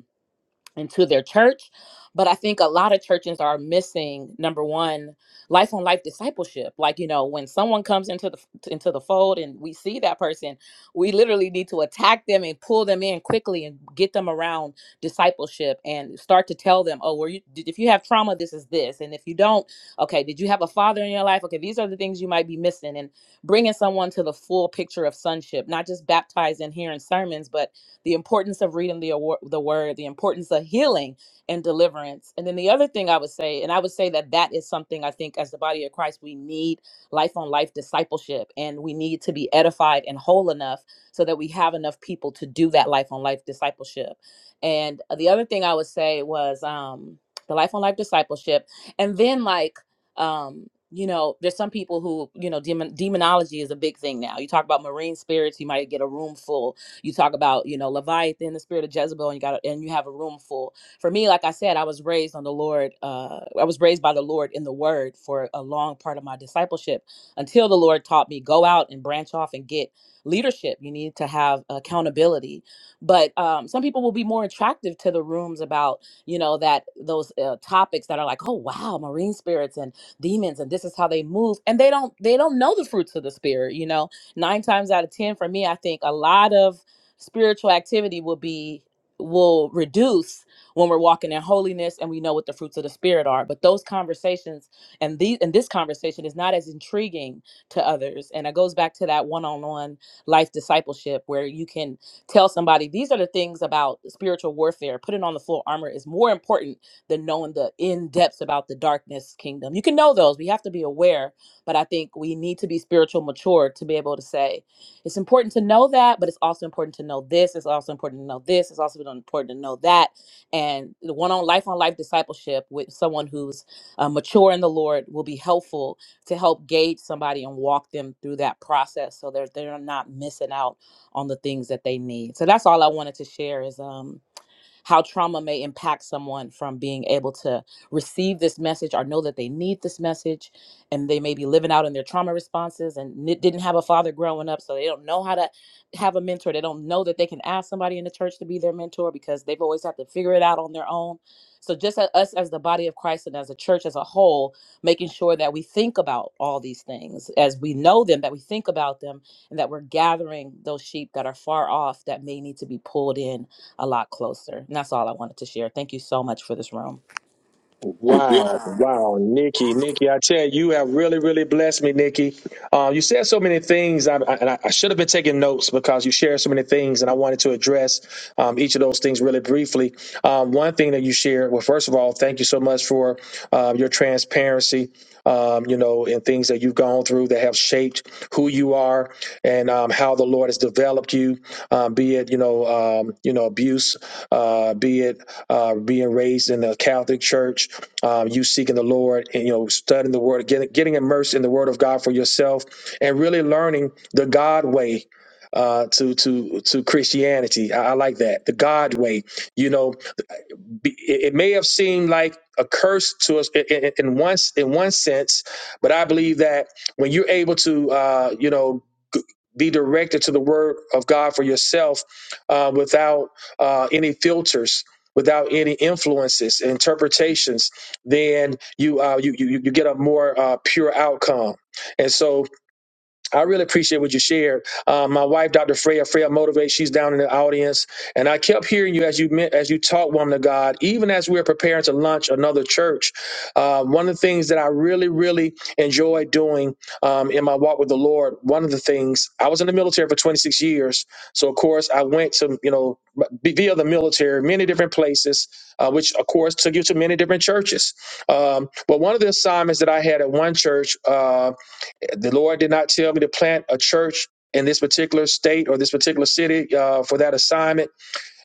S16: into their church. But I think a lot of churches are missing number one, life on life discipleship. Like you know, when someone comes into the into the fold and we see that person, we literally need to attack them and pull them in quickly and get them around discipleship and start to tell them, oh, were you did- if you have trauma, this is this, and if you don't, okay, did you have a father in your life? Okay, these are the things you might be missing, and bringing someone to the full picture of sonship, not just baptized and hearing sermons, but the importance of reading the awor- the word, the importance of healing and deliverance. And then the other thing I would say, and I would say that that is something I think as the body of Christ we need life on life discipleship, and we need to be edified and whole enough so that we have enough people to do that life on life discipleship. And the other thing I would say was um, the life on life discipleship, and then like um you know there's some people who you know demon, demonology is a big thing now you talk about marine spirits you might get a room full you talk about, you know, Leviathan, the spirit of Jezebel, and you got and you have a room full. For me, like I said, I was raised on the Lord, uh, I was raised by the Lord in the word for a long part of my discipleship until the Lord taught me, go out and branch off and get leadership. You need to have accountability but um, some people will be more attractive to the rooms about you know that those uh, topics that are like oh wow marine spirits and demons and this is how they move and they don't they don't know the fruits of the spirit you know nine times out of ten for me i think a lot of spiritual activity will be will reduce when we're walking in holiness and we know what the fruits of the spirit are but those conversations and these and this conversation is not as intriguing to others and it goes back to that one-on-one life discipleship where you can tell somebody these are the things about spiritual warfare putting on the full armor is more important than knowing the in depths about the darkness kingdom you can know those we have to be aware but i think we need to be spiritual mature to be able to say it's important to know that, but it's also important to know this. It's also important to know this. It's also important to know that. And the one on life on life discipleship with someone who's uh, mature in the Lord will be helpful to help gauge somebody and walk them through that process so they're, they're not missing out on the things that they need. So that's all I wanted to share is um, how trauma may impact someone from being able to receive this message or know that they need this message and they may be living out in their trauma responses and n- didn't have a father growing up so they don't know how to have a mentor they don't know that they can ask somebody in the church to be their mentor because they've always had to figure it out on their own so just a- us as the body of christ and as a church as a whole making sure that we think about all these things as we know them that we think about them and that we're gathering those sheep that are far off that may need to be pulled in a lot closer. And that's all I wanted to share. Thank you so much for this room.
S1: Wow,
S16: Wow.
S1: wow, Nikki, Nikki, I tell you, you have really, really blessed me, Nikki. Uh, you said so many things, I, I, and I I should have been taking notes because you shared so many things, and I wanted to address um, each of those things really briefly. Um, one thing that you shared, well, first of all, thank you so much for um, your transparency, um, you know, and things that you've gone through that have shaped who you are and um, how the Lord has developed you, um, be it, you know, um, you know, abuse, uh, be it uh, being raised in the Catholic Church, um, you seeking the Lord and you know studying the Word, getting getting immersed in the Word of God for yourself, and really learning the God way. Uh, to to to Christianity, I, I like that the God way. You know, be- it may have seemed like a curse to us in, in, in one in one sense, but I believe that when you're able to, uh, you know, g- be directed to the Word of God for yourself uh, without uh, any filters, without any influences, interpretations, then you uh, you, you you get a more uh, pure outcome. And so I really appreciate what you shared. Uh, my wife, Dr. Freya, Freya Motivate, she's down in the audience. And I kept hearing you as you meant, as you taught woman of God, even as we were preparing to launch another church. Uh, one of the things that I really, really enjoy doing um, in my walk with the Lord, one of the things, I was in the military for 26 years. So, of course, I went to, you know, b- via the military, many different places, uh, which, of course, took you to many different churches. Um, but one of the assignments that I had at one church, uh, the Lord did not tell me to plant a church in this particular state or this particular city uh, for that assignment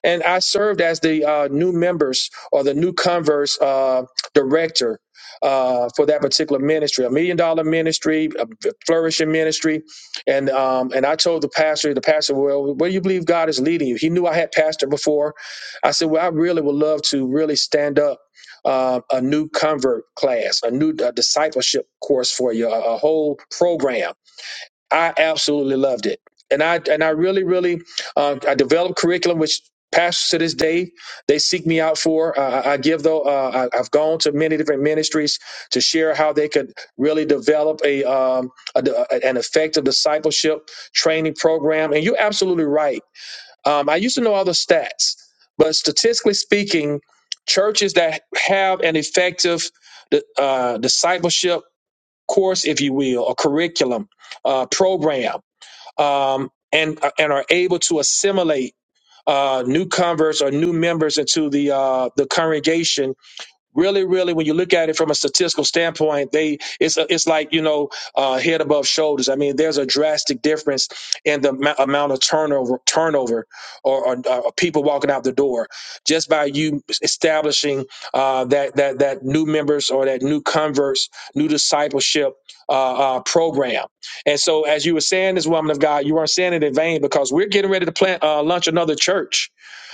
S1: and I served as the uh, new members or the new converse uh, director uh, for that particular ministry, a million dollar ministry, a flourishing ministry, and um, and I told the pastor, the pastor, well, where do you believe God is leading you? He knew I had pastored before. I said, well, I really would love to really stand up. Uh, a new convert class, a new uh, discipleship course for you, a, a whole program I absolutely loved it, and I and I really really um, I developed curriculum which pastors to this day they seek me out for. Uh, I I give though uh, I, I've gone to many different ministries to share how they could really develop a, um, a d- an effective discipleship training program. And you're absolutely right. Um, I used to know all the stats, but statistically speaking, churches that have an effective uh, discipleship course, if you will, a curriculum uh, program um, and uh, and are able to assimilate uh, new converts or new members into the uh, the congregation really really when you look at it from a statistical standpoint they it's a, it's like you know uh, head above shoulders i mean there's a drastic difference in the amou- amount of turnover turnover or, or, uh people walking out the door just by you establishing uh, that that that new members or that new converts new discipleship uh, uh, program and so as you were saying this woman of god you weren't saying it in vain because we're getting ready to plant uh, launch another church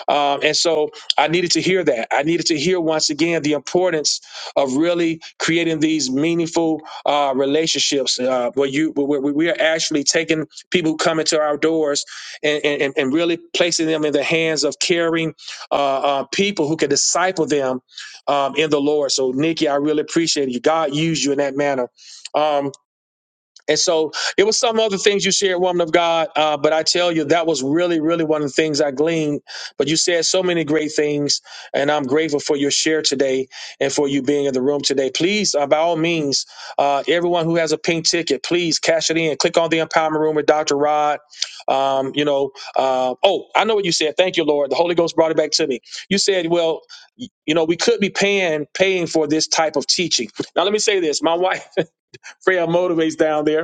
S1: um, and so I needed to hear that. I needed to hear once again the importance of really creating these meaningful uh, relationships uh, where you where we we are actually taking people who come into our doors and, and, and really placing them in the hands of caring uh, uh, people who can disciple them um, in the Lord. So, Nikki, I really appreciate you. God used you in that manner. Um, and so it was some other things you shared, woman of God. Uh, but I tell you, that was really, really one of the things I gleaned. But you said so many great things, and I'm grateful for your share today and for you being in the room today. Please, uh, by all means, uh, everyone who has a pink ticket, please cash it in. Click on the empowerment room with Dr. Rod. Um, you know, uh, oh, I know what you said. Thank you, Lord. The Holy Ghost brought it back to me. You said, well, y- you know, we could be paying paying for this type of teaching. Now, let me say this. My wife, Freya, motivates down there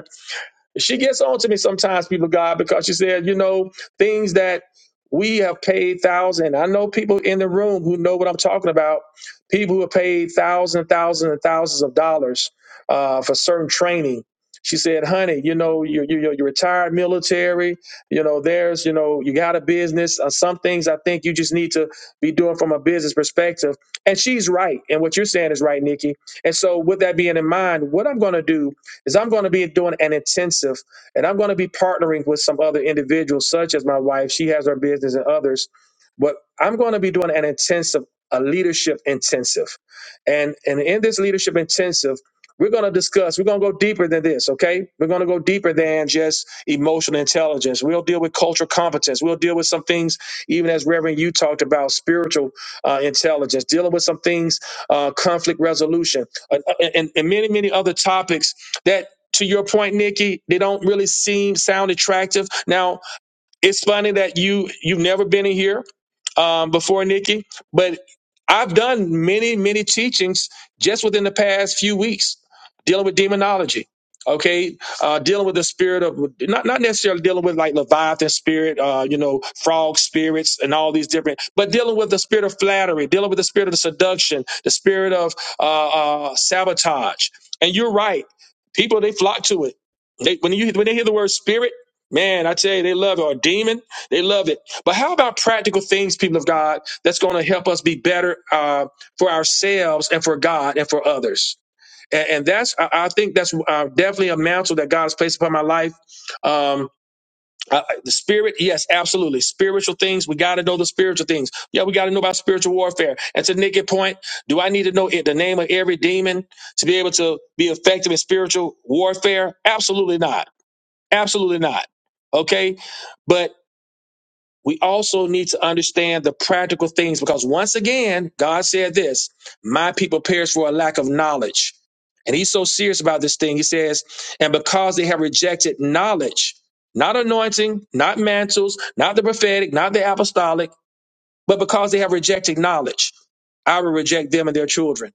S1: she gets on to me sometimes, people of God, because she said, you know, things that we have paid thousand. I know people in the room who know what I'm talking about. People who have paid thousands, thousands, and thousands of dollars uh, for certain training. She said, "Honey, you know, you you you're retired military. You know, there's, you know, you got a business. Uh, some things I think you just need to be doing from a business perspective." And she's right, and what you're saying is right, Nikki. And so, with that being in mind, what I'm going to do is I'm going to be doing an intensive and I'm going to be partnering with some other individuals, such as my wife. She has her business and others. But I'm going to be doing an intensive, a leadership intensive. And, and in this leadership intensive, we're going to discuss, we're going to go deeper than this, okay? We're going to go deeper than just emotional intelligence. We'll deal with cultural competence. We'll deal with some things, even as Reverend, you talked about spiritual uh, intelligence, dealing with some things, uh, conflict resolution, uh, uh, and, and many, many other topics that to your point, Nikki, they don't really seem sound attractive. Now, it's funny that you you've never been in here um, before nikki but i've done many many teachings just within the past few weeks dealing with demonology okay uh, dealing with the spirit of not, not necessarily dealing with like leviathan spirit uh, you know frog spirits and all these different but dealing with the spirit of flattery dealing with the spirit of seduction the spirit of uh, uh, sabotage and you're right people they flock to it they, when you when they hear the word spirit Man, I tell you, they love it. Or demon, they love it. But how about practical things, people of God, that's going to help us be better uh, for ourselves and for God and for others? And, and that's, I, I think that's uh, definitely a mantle that God has placed upon my life. Um, I- I- the spirit, yes, absolutely. Spiritual things, we got to know the spiritual things. Yeah, we got to know about spiritual warfare. And to Nick's point, do I need to know it, the name of every demon to be able to be effective in spiritual warfare? Absolutely not. Absolutely not. Okay. But we also need to understand the practical things because once again, God said this My people perish for a lack of knowledge. And he's so serious about this thing. He says, And because they have rejected knowledge, not anointing, not mantles, not the prophetic, not the apostolic, but because they have rejected knowledge, I will reject them and their children.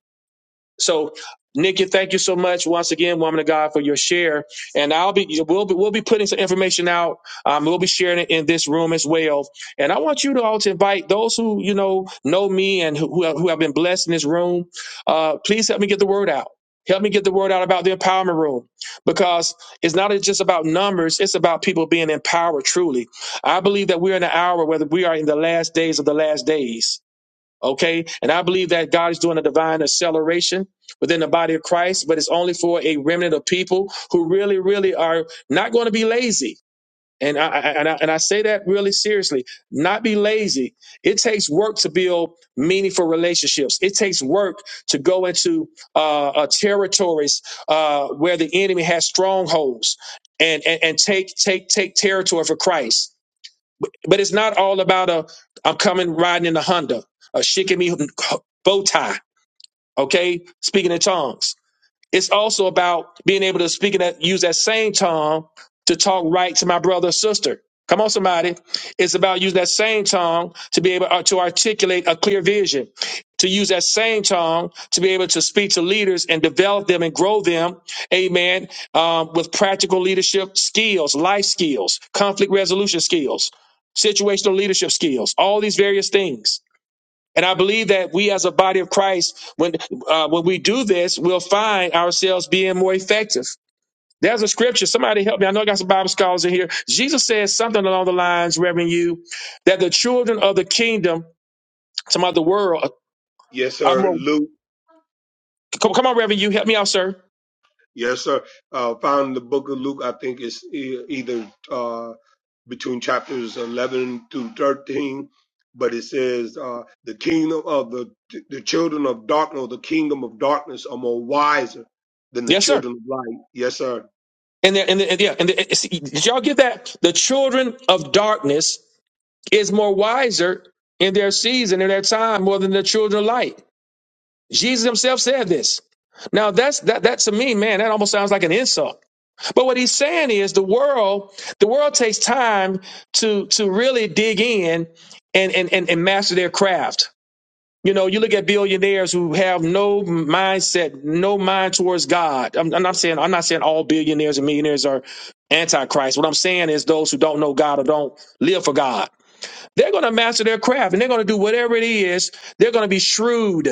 S1: So, Nikki, thank you so much once again, woman of God, for your share. And I'll be we'll be we'll be putting some information out. Um, we'll be sharing it in this room as well. And I want you to all to invite those who you know know me and who who have who have been blessed in this room. Uh, please help me get the word out. Help me get the word out about the empowerment room because it's not just about numbers, it's about people being empowered truly. I believe that we're in an hour where we are in the last days of the last days Okay. And I believe that God is doing a divine acceleration within the body of Christ, but it's only for a remnant of people who really, really are not going to be lazy. And I, I- and, I, and I say that really seriously. Not be lazy. It takes work to build meaningful relationships. It takes work to go into uh, uh, territories uh, where the enemy has strongholds and, and and take take take territory for Christ. But it's not all about a I'm coming riding in a Honda, a shikimi bow tie. Okay, speaking in tongues. It's also about being able to speak and that, use that same tongue to talk right to my brother or sister. Come on, somebody. It's about using that same tongue to be able uh, to articulate a clear vision, to use that same tongue to be able to speak to leaders and develop them and grow them, amen, um, with practical leadership skills, life skills, conflict resolution skills, situational leadership skills, all these various things. And I believe that we, as a body of Christ, when uh, when we do this, we'll find ourselves being more effective. There's a scripture. Somebody help me. I know I got some Bible scholars in here. Jesus says something along the lines, Reverend you, that the children of the kingdom, some of the world,
S6: Yes,
S1: are
S6: sir.
S1: more.
S6: Luke.
S1: Come, come on, Reverend you, help me out, sir.
S6: Yes, sir. Uh, found in the book of Luke, I think it's e- either uh, between chapters 11 through 13 but it says uh, the kingdom of the the children of darkness or the kingdom of darkness are more wiser than the
S1: Yes, sir.
S6: children of light yes sir
S1: And then, and, the, and yeah, and the, see, did y'all get that? The children of darkness is more wiser in their season, in their time, more than the children of light. Jesus himself said this. Now that's that that to me, man, that almost sounds like an insult. But what he's saying is the world, the world takes time to to really dig in and and and, and master their craft. You know, you look at billionaires who have no mindset, no mind towards God. I'm, I'm not saying I'm not saying all billionaires and millionaires are antichrist. What I'm saying is those who don't know God or don't live for God, they're going to master their craft and they're going to do whatever it is. They're going to be shrewd.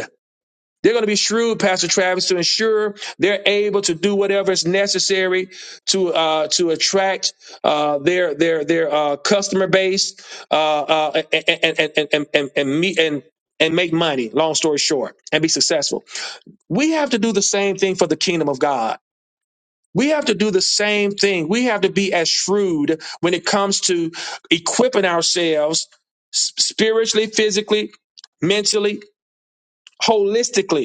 S1: They're going to be shrewd, Pastor Travis, to ensure they're able to do whatever is necessary to uh, to attract uh, their their their uh, customer base uh, uh, and, and, and, and, and, and meet and and make money. Long story short, and be successful. We have to do the same thing for the kingdom of God. We have to do the same thing. We have to be as shrewd when it comes to equipping ourselves s- spiritually, physically, mentally, holistically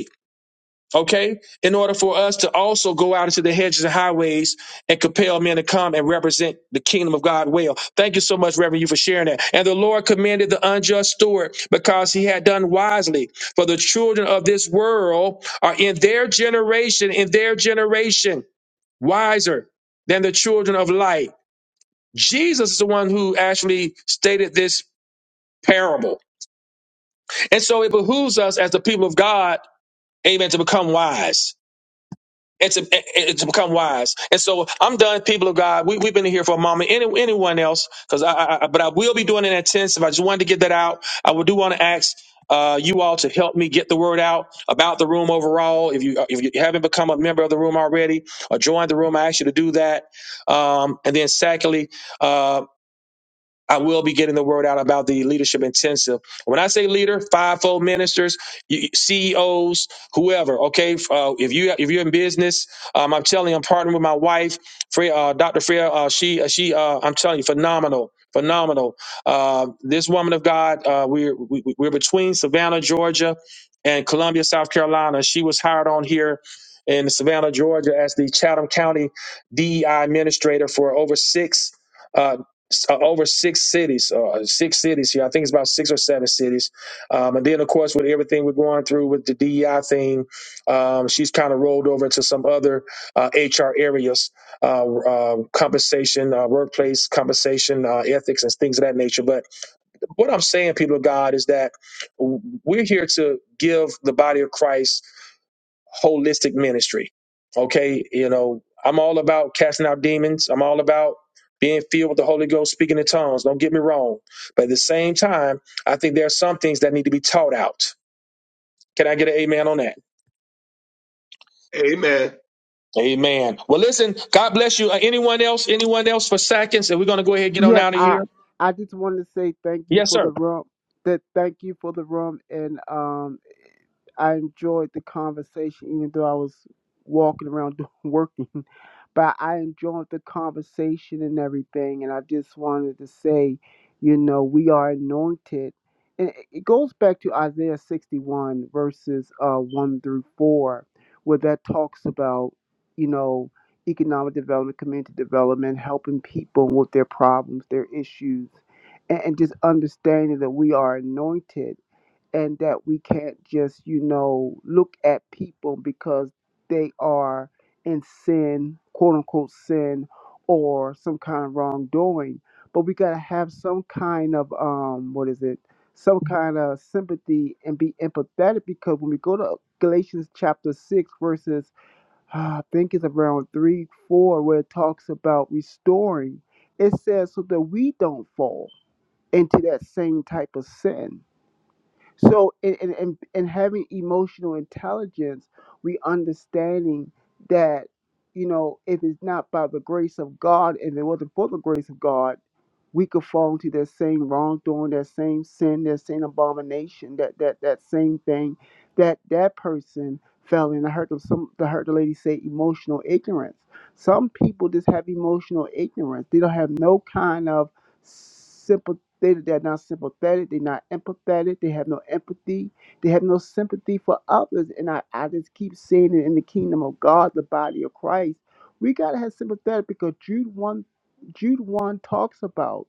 S1: Okay, in order for us to also go out into the hedges and highways and compel men to come and represent the kingdom of God well. Thank you so much, Reverend, you for sharing that. And the Lord commended the unjust steward because he had done wisely. For the children of this world are in their generation, in their generation, wiser than the children of light. Jesus is the one who actually stated this parable. And so it behooves us as the people of God, amen, to become wise. and to, and to become wise. And so I'm done, people of God. We, we've been here for a moment. Any, anyone else? Because I, I, I, but I will be doing it intensive. I just wanted to get that out. I would do want to ask uh, you all to help me get the word out about the room overall. If you if you haven't become a member of the room already or joined the room, I ask you to do that. Um, and then secondly, uh, I will be getting the word out about the leadership intensive. When I say leader, fivefold ministers, you- CEOs, whoever. Okay, uh, if you if you're in business, um, I'm telling you, I'm partnering with my wife, Freya, uh, Dr. Freya. Uh, she uh, she uh, I'm telling you, phenomenal, phenomenal. Uh, this woman of God, uh, we're we, we- we're between Savannah, Georgia, and Columbia, South Carolina. She was hired on here. In Savannah, Georgia, as the Chatham County DEI administrator for over six uh, s- uh, over six cities, uh, six cities here. I think it's about six or seven cities. Um, and then, of course, with everything we're going through with the DEI thing, um, she's kind of rolled over into some other uh, HR areas, uh, uh, compensation, uh, workplace compensation, uh, ethics, and things of that nature. But what I'm saying, people of God, is that w- we're here to give the body of Christ holistic ministry. Okay, you know, I'm all about casting out demons. I'm all about being filled with the Holy Ghost, speaking in tongues. Don't get me wrong. But at the same time, I think there are some things that need to be taught out. Can I get an amen on that?
S6: amen
S1: Amen. Well, listen, God bless you. Uh, anyone else? Anyone else for seconds? And we're going to go ahead and get on
S8: Yes,
S1: out of
S8: I
S1: here.
S8: I just wanted to say thank you
S1: Yes,
S8: for the
S1: sir.
S8: room. That thank you for the room and um I enjoyed the conversation, even though I was walking around doing- working. But I enjoyed the conversation and everything. And I just wanted to say, you know, we are anointed. And it it goes back to Isaiah 61, verses uh, 1 through 4, where that talks about, you know, economic development, community development, helping people with their problems, their issues, and, and just understanding that we are anointed and that we can't just, you know, look at people because they are in sin, quote unquote sin, or some kind of wrongdoing. But we gotta have some kind of um, what is it? Some kind of sympathy and be empathetic because when we go to Galatians chapter six, verses ah, I think it's around three, four, where it talks about restoring. It says so that we don't fall into that same type of sin so in, in, in, in having emotional intelligence, we understanding that, you know, if it's not by the grace of God, if it wasn't for the grace of God, we could fall into that same wrongdoing, that same sin, that same abomination, that that that same thing that that person fell in. I heard of some I heard the lady say emotional ignorance. Some people just have emotional ignorance. They don't have no kind of sympathy. They're not sympathetic. They're not empathetic. They have no empathy. They have no sympathy for others. And I, I just keep saying it in the kingdom of God, the body of Christ. We gotta have sympathetic because Jude one Jude one talks about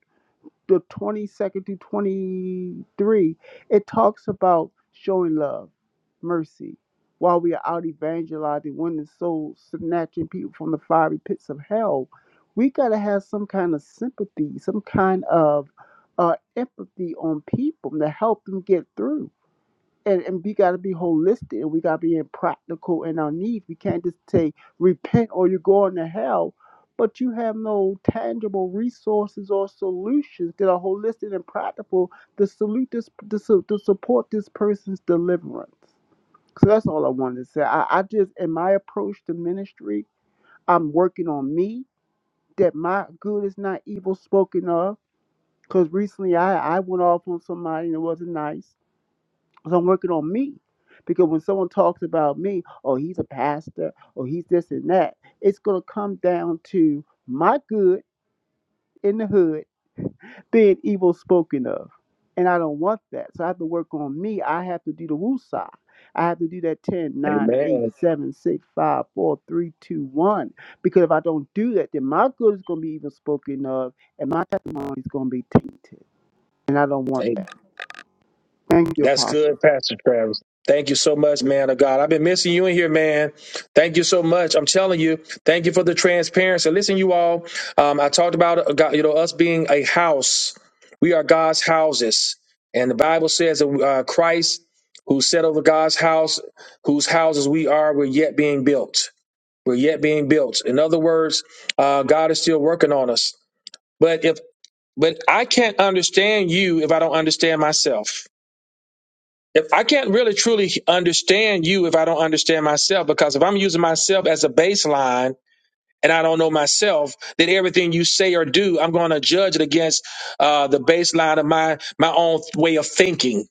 S8: the 22nd to 23, it talks about showing love, mercy, while we are out evangelizing, winning souls, snatching people from the fiery pits of hell. We got to have some kind of sympathy, some kind of uh, empathy on people to help them get through and, and we got to be holistic and we got to be in practical in our needs. We can't just say repent or you're going to hell, but you have no tangible resources or solutions that are holistic and practical to salute this to, su- to support this person's deliverance. So that's all I wanted to say. I, I just in my approach to ministry, I'm working on me that my good is not evil spoken of. Because recently I, I went off on somebody and it wasn't nice so I'm working on me. Because when someone talks about me, oh, he's a pastor, or he's this and that, it's going to come down to my good in the hood being evil spoken of. And I don't want that. So I have to work on me. I have to do the woosah. I have to do that ten, nine,
S1: Amen.
S8: eight, seven, six, five, four, three, two, one. Because if I don't do that, then my good is going to be evil spoken of, and my testimony is going to be tainted. And I don't want that. Thank you,
S1: That's
S8: Apostle.
S1: good, Pastor Travis. Thank you so much, man of God. I've been missing you in here, man. Thank you so much. I'm telling you, thank you for the transparency. Listen, you all, um, I talked about uh, God, you know us being a house. We are God's houses, and the Bible says that uh, Christ, who set over God's house, whose houses we are, we're yet being built. We're yet being built. In other words, uh, God is still working on us. But if but I can't understand you if I don't understand myself. If I can't really truly understand you if I don't understand myself, because if I'm using myself as a baseline and I don't know myself, then everything you say or do, I'm going to judge it against uh, the baseline of my my own way of thinking.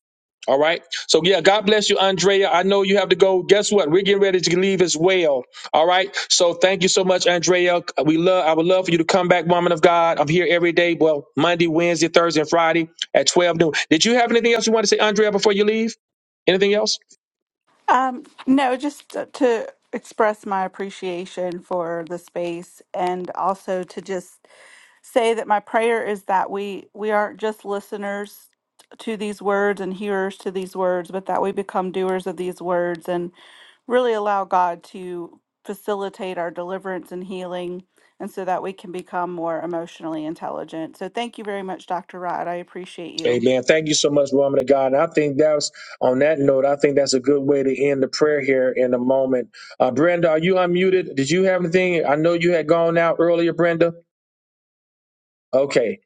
S1: All right. So yeah, God bless you, Andrea. I know you have to go. Guess what? We're getting ready to leave as well. All right. So thank you so much, Andrea. We love. I would love for you to come back, woman of God. I'm here every day. Well, Monday, Wednesday, Thursday, and Friday at 12 noon. Did you have anything else you want to say, Andrea, before you leave? Anything else?
S15: Um, no, just to to express my appreciation for the space and also to just say that my prayer is that we we aren't just listeners to these words and hearers to these words, but that we become doers of these words and really allow God to facilitate our deliverance and healing and so that we can become more emotionally intelligent. So thank you very much Dr. Rod. I appreciate you.
S1: Amen. Thank you so much, woman of God. And I think that's on that note, I think that's a good way to end the prayer here in a moment. Uh, Brenda, are you unmuted? Did you have anything? I know you had gone out earlier, Brenda. Okay.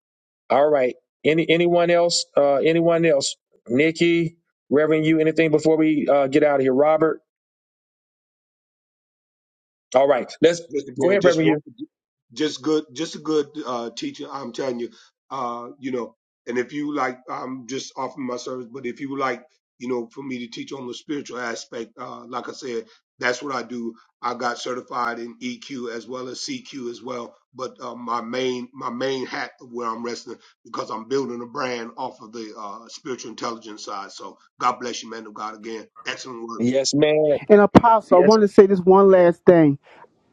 S1: All right. Any anyone else? Uh, anyone else? Nikki, Reverend you, anything before we uh, get out of here? Robert? All right. Let's
S6: just
S1: go
S6: again,
S1: ahead,
S6: just
S1: Reverend
S6: one,
S1: you.
S6: just good, just a good uh, teacher. I'm telling you, uh, you know. And if you like, I'm just offering my service. But if you would like, you know, for me to teach on the spiritual aspect, uh, like I said, that's what I do. I got certified in EQ as well as CQ as well. But uh, my main, my main hat of where I'm resting because I'm building a brand off of the uh, spiritual intelligence side. So God bless you, man of God. Again, excellent work.
S1: Yes, man.
S8: And Apostle, I
S1: Yes.
S8: want to say this one last thing.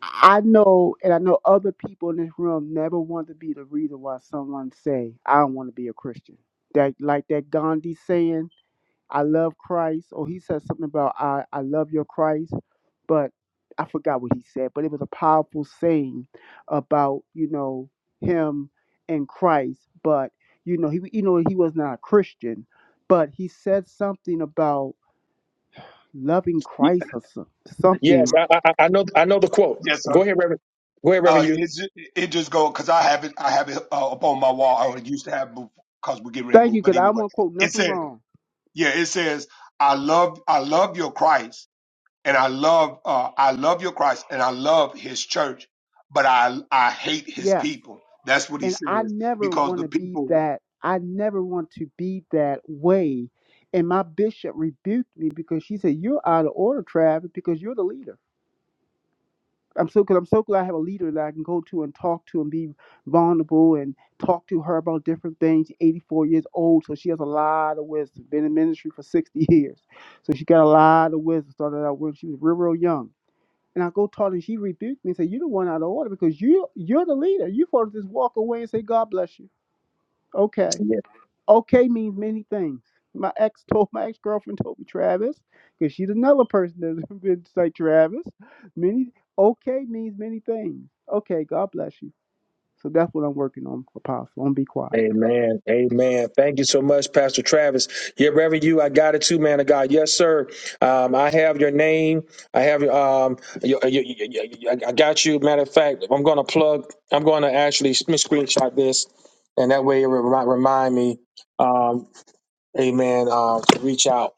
S8: I know, and I know other people in this room never want to be the reason why someone say, "I don't want to be a Christian." That, like that Gandhi saying, "I love Christ," or he said something about, "I I love your Christ," but I forgot what he said. But it was a powerful saying about you know him and Christ, but you know he you know he was not a Christian, but he said something about loving
S1: y-
S8: Christ or some-
S1: Yes.
S8: something.
S1: I I, I I know I know the quote.
S6: Yes, sir.
S1: Go ahead, Reverend. Go ahead, Reverend
S6: Uh,
S1: you.
S6: it's it just go because I have it. I have it uh, up on my wall. I used to have because we get ready to
S8: Thank you,
S6: move. But
S8: because I
S6: anyway,
S8: won't quote
S6: it
S8: nothing
S6: says,
S8: wrong.
S6: yeah, it says, I love, I love your Christ, and I love, uh, I love your Christ, and I love His church, but I, I hate His
S8: Yeah.
S6: people. That's what he
S8: and I
S6: says
S8: never
S6: because
S8: want
S6: the
S8: to be
S6: people
S8: that. I never want to be that way. And my bishop rebuked me because she said, "You're out of order, Travis, because you're the leader." I'm so because I'm so glad I have a leader that I can go to and talk to and be vulnerable and talk to her about different things. She's 84 years old, so she has a lot of wisdom. Been in ministry for 60 years, so she got a lot of wisdom. Started out when she was real, real young. And I go talk to her, and she rebuked me and said, "You're the one out of order because you you're the leader. You supposed to just walk away and say God bless you." Okay. Okay means many things. My ex told my ex girlfriend told me Travis, because she's another person that's been like Travis. Many okay means many things. Okay, God bless you. So that's what I'm working on, Apostle. I'm gonna be quiet.
S1: Amen. Amen. Thank you so much, Pastor Travis. Yeah, Reverend, you, I got it too, man of God. Yes, sir. Um, I have your name. I have your, um, your, your, your, your- your- I got you. Matter of fact, I'm going to plug, I'm going to actually let me screenshot this, and that way it will remi- remind me, um, amen, uh, to reach out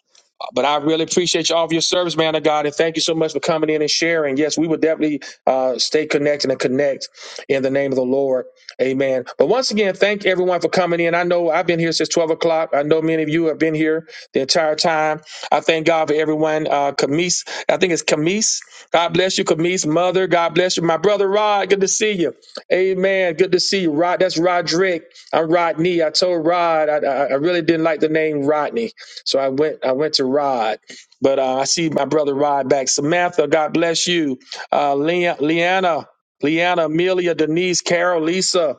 S1: but I really appreciate you all of your service, man of God, and thank you so much for coming in and sharing. Yes, we will definitely uh, stay connected and connect in the name of the Lord. Amen. But once again, thank everyone for coming in. I know I've been here since 12 o'clock. I know many of you have been here the entire time. I thank God for everyone. Uh, Camise, I think it's Camise. God bless you, Camise. Mother, God bless you. My brother Rod, good to see you. Amen. Good to see you, Rod. That's Roderick. I'm Rodney. I told Rod I, I I really didn't like the name Rodney. So I went I went to Rod, but uh, I see my brother Rod back. Samantha, God bless you. Uh, Leanna, Leanna, Leanna, Amelia, Denise, Carol, Lisa.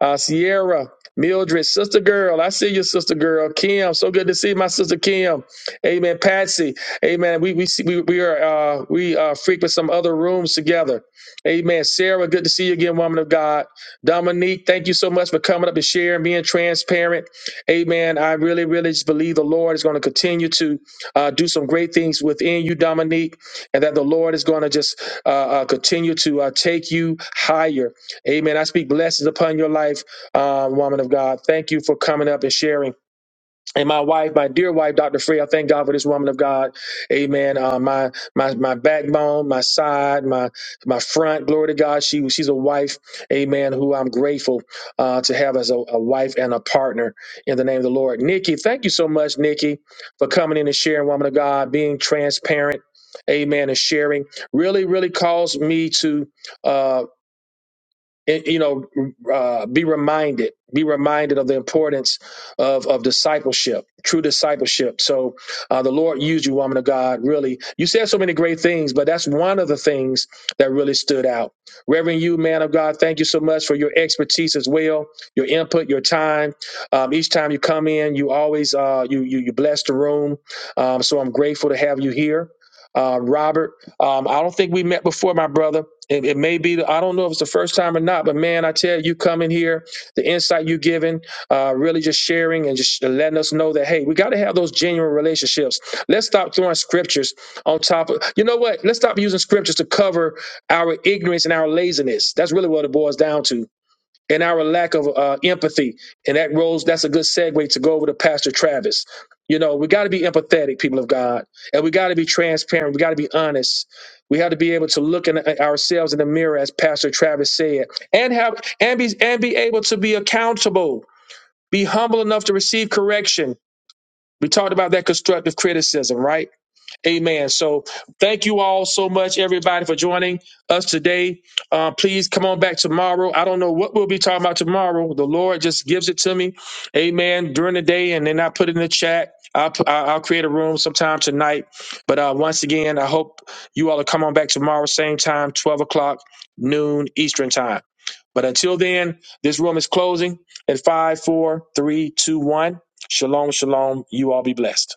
S1: Uh, Sierra, Mildred, sister girl, I see you, sister girl. Kim, so good to see my sister Kim. Amen. Patsy, amen. We we see, we, we are uh, we uh, frequent some other rooms together. Amen. Sarah, good to see you again, woman of God. Dominique, thank you so much for coming up and sharing, being transparent. Amen. I really, really just believe the Lord is going to continue to uh, do some great things within you, Dominique, and that the Lord is going to just uh, uh, continue to uh, take you higher. Amen. I speak blessings upon your life, uh, woman of God. Thank you for coming up and sharing. And my wife, my dear wife, Dr. Free, I thank God for this woman of God. Amen. Uh, my my my backbone, my side, my my front. Glory to God. She she's a wife. Amen. Who I'm grateful uh, to have as a, a wife and a partner in the name of the Lord. Nikki, thank you so much, Nikki, for coming in and sharing, woman of God, being transparent. Amen. And sharing really, really caused me to. uh, and, you know uh, be reminded be reminded of the importance of of discipleship true discipleship. so uh, the lord used you woman of god really you said so many great things but that's one of the things that really stood out reverend you man of god thank you so much for your expertise as well your input your time um, each time you come in you always uh, you, you you bless the room um, so i'm grateful to have you here uh, robert um, i don't think we met before my brother it, it may be, I don't know if it's the first time or not, but man, I tell you, coming here, the insight you giving, uh, really just sharing and just letting us know that, hey, we got to have those genuine relationships. Let's stop throwing scriptures on top of, you know what? Let's stop using scriptures to cover our ignorance and our laziness. That's really what it boils down to and our lack of uh, empathy. And that rose, that's a good segue to go over to Pastor Travis. You know, we got to be empathetic, people of God, and we got to be transparent. We got to be honest. We have to be able to look in at ourselves in the mirror, as Pastor Travis said, and have and be and be able to be accountable. Be humble enough to receive correction. We talked about that constructive criticism, right? Amen. So thank you all so much, everybody, for joining us today. Uh, please come on back tomorrow. I don't know what we'll be talking about tomorrow. The Lord just gives it to me. Amen. During the day, and then I put it in the chat. I'll, pu- I'll I'll create a room sometime tonight. But uh, once again, I hope you all will come on back tomorrow, same time, 12 o'clock, noon Eastern time. But until then, this room is closing at five, four, three, two, one. Shalom, shalom. You all be blessed.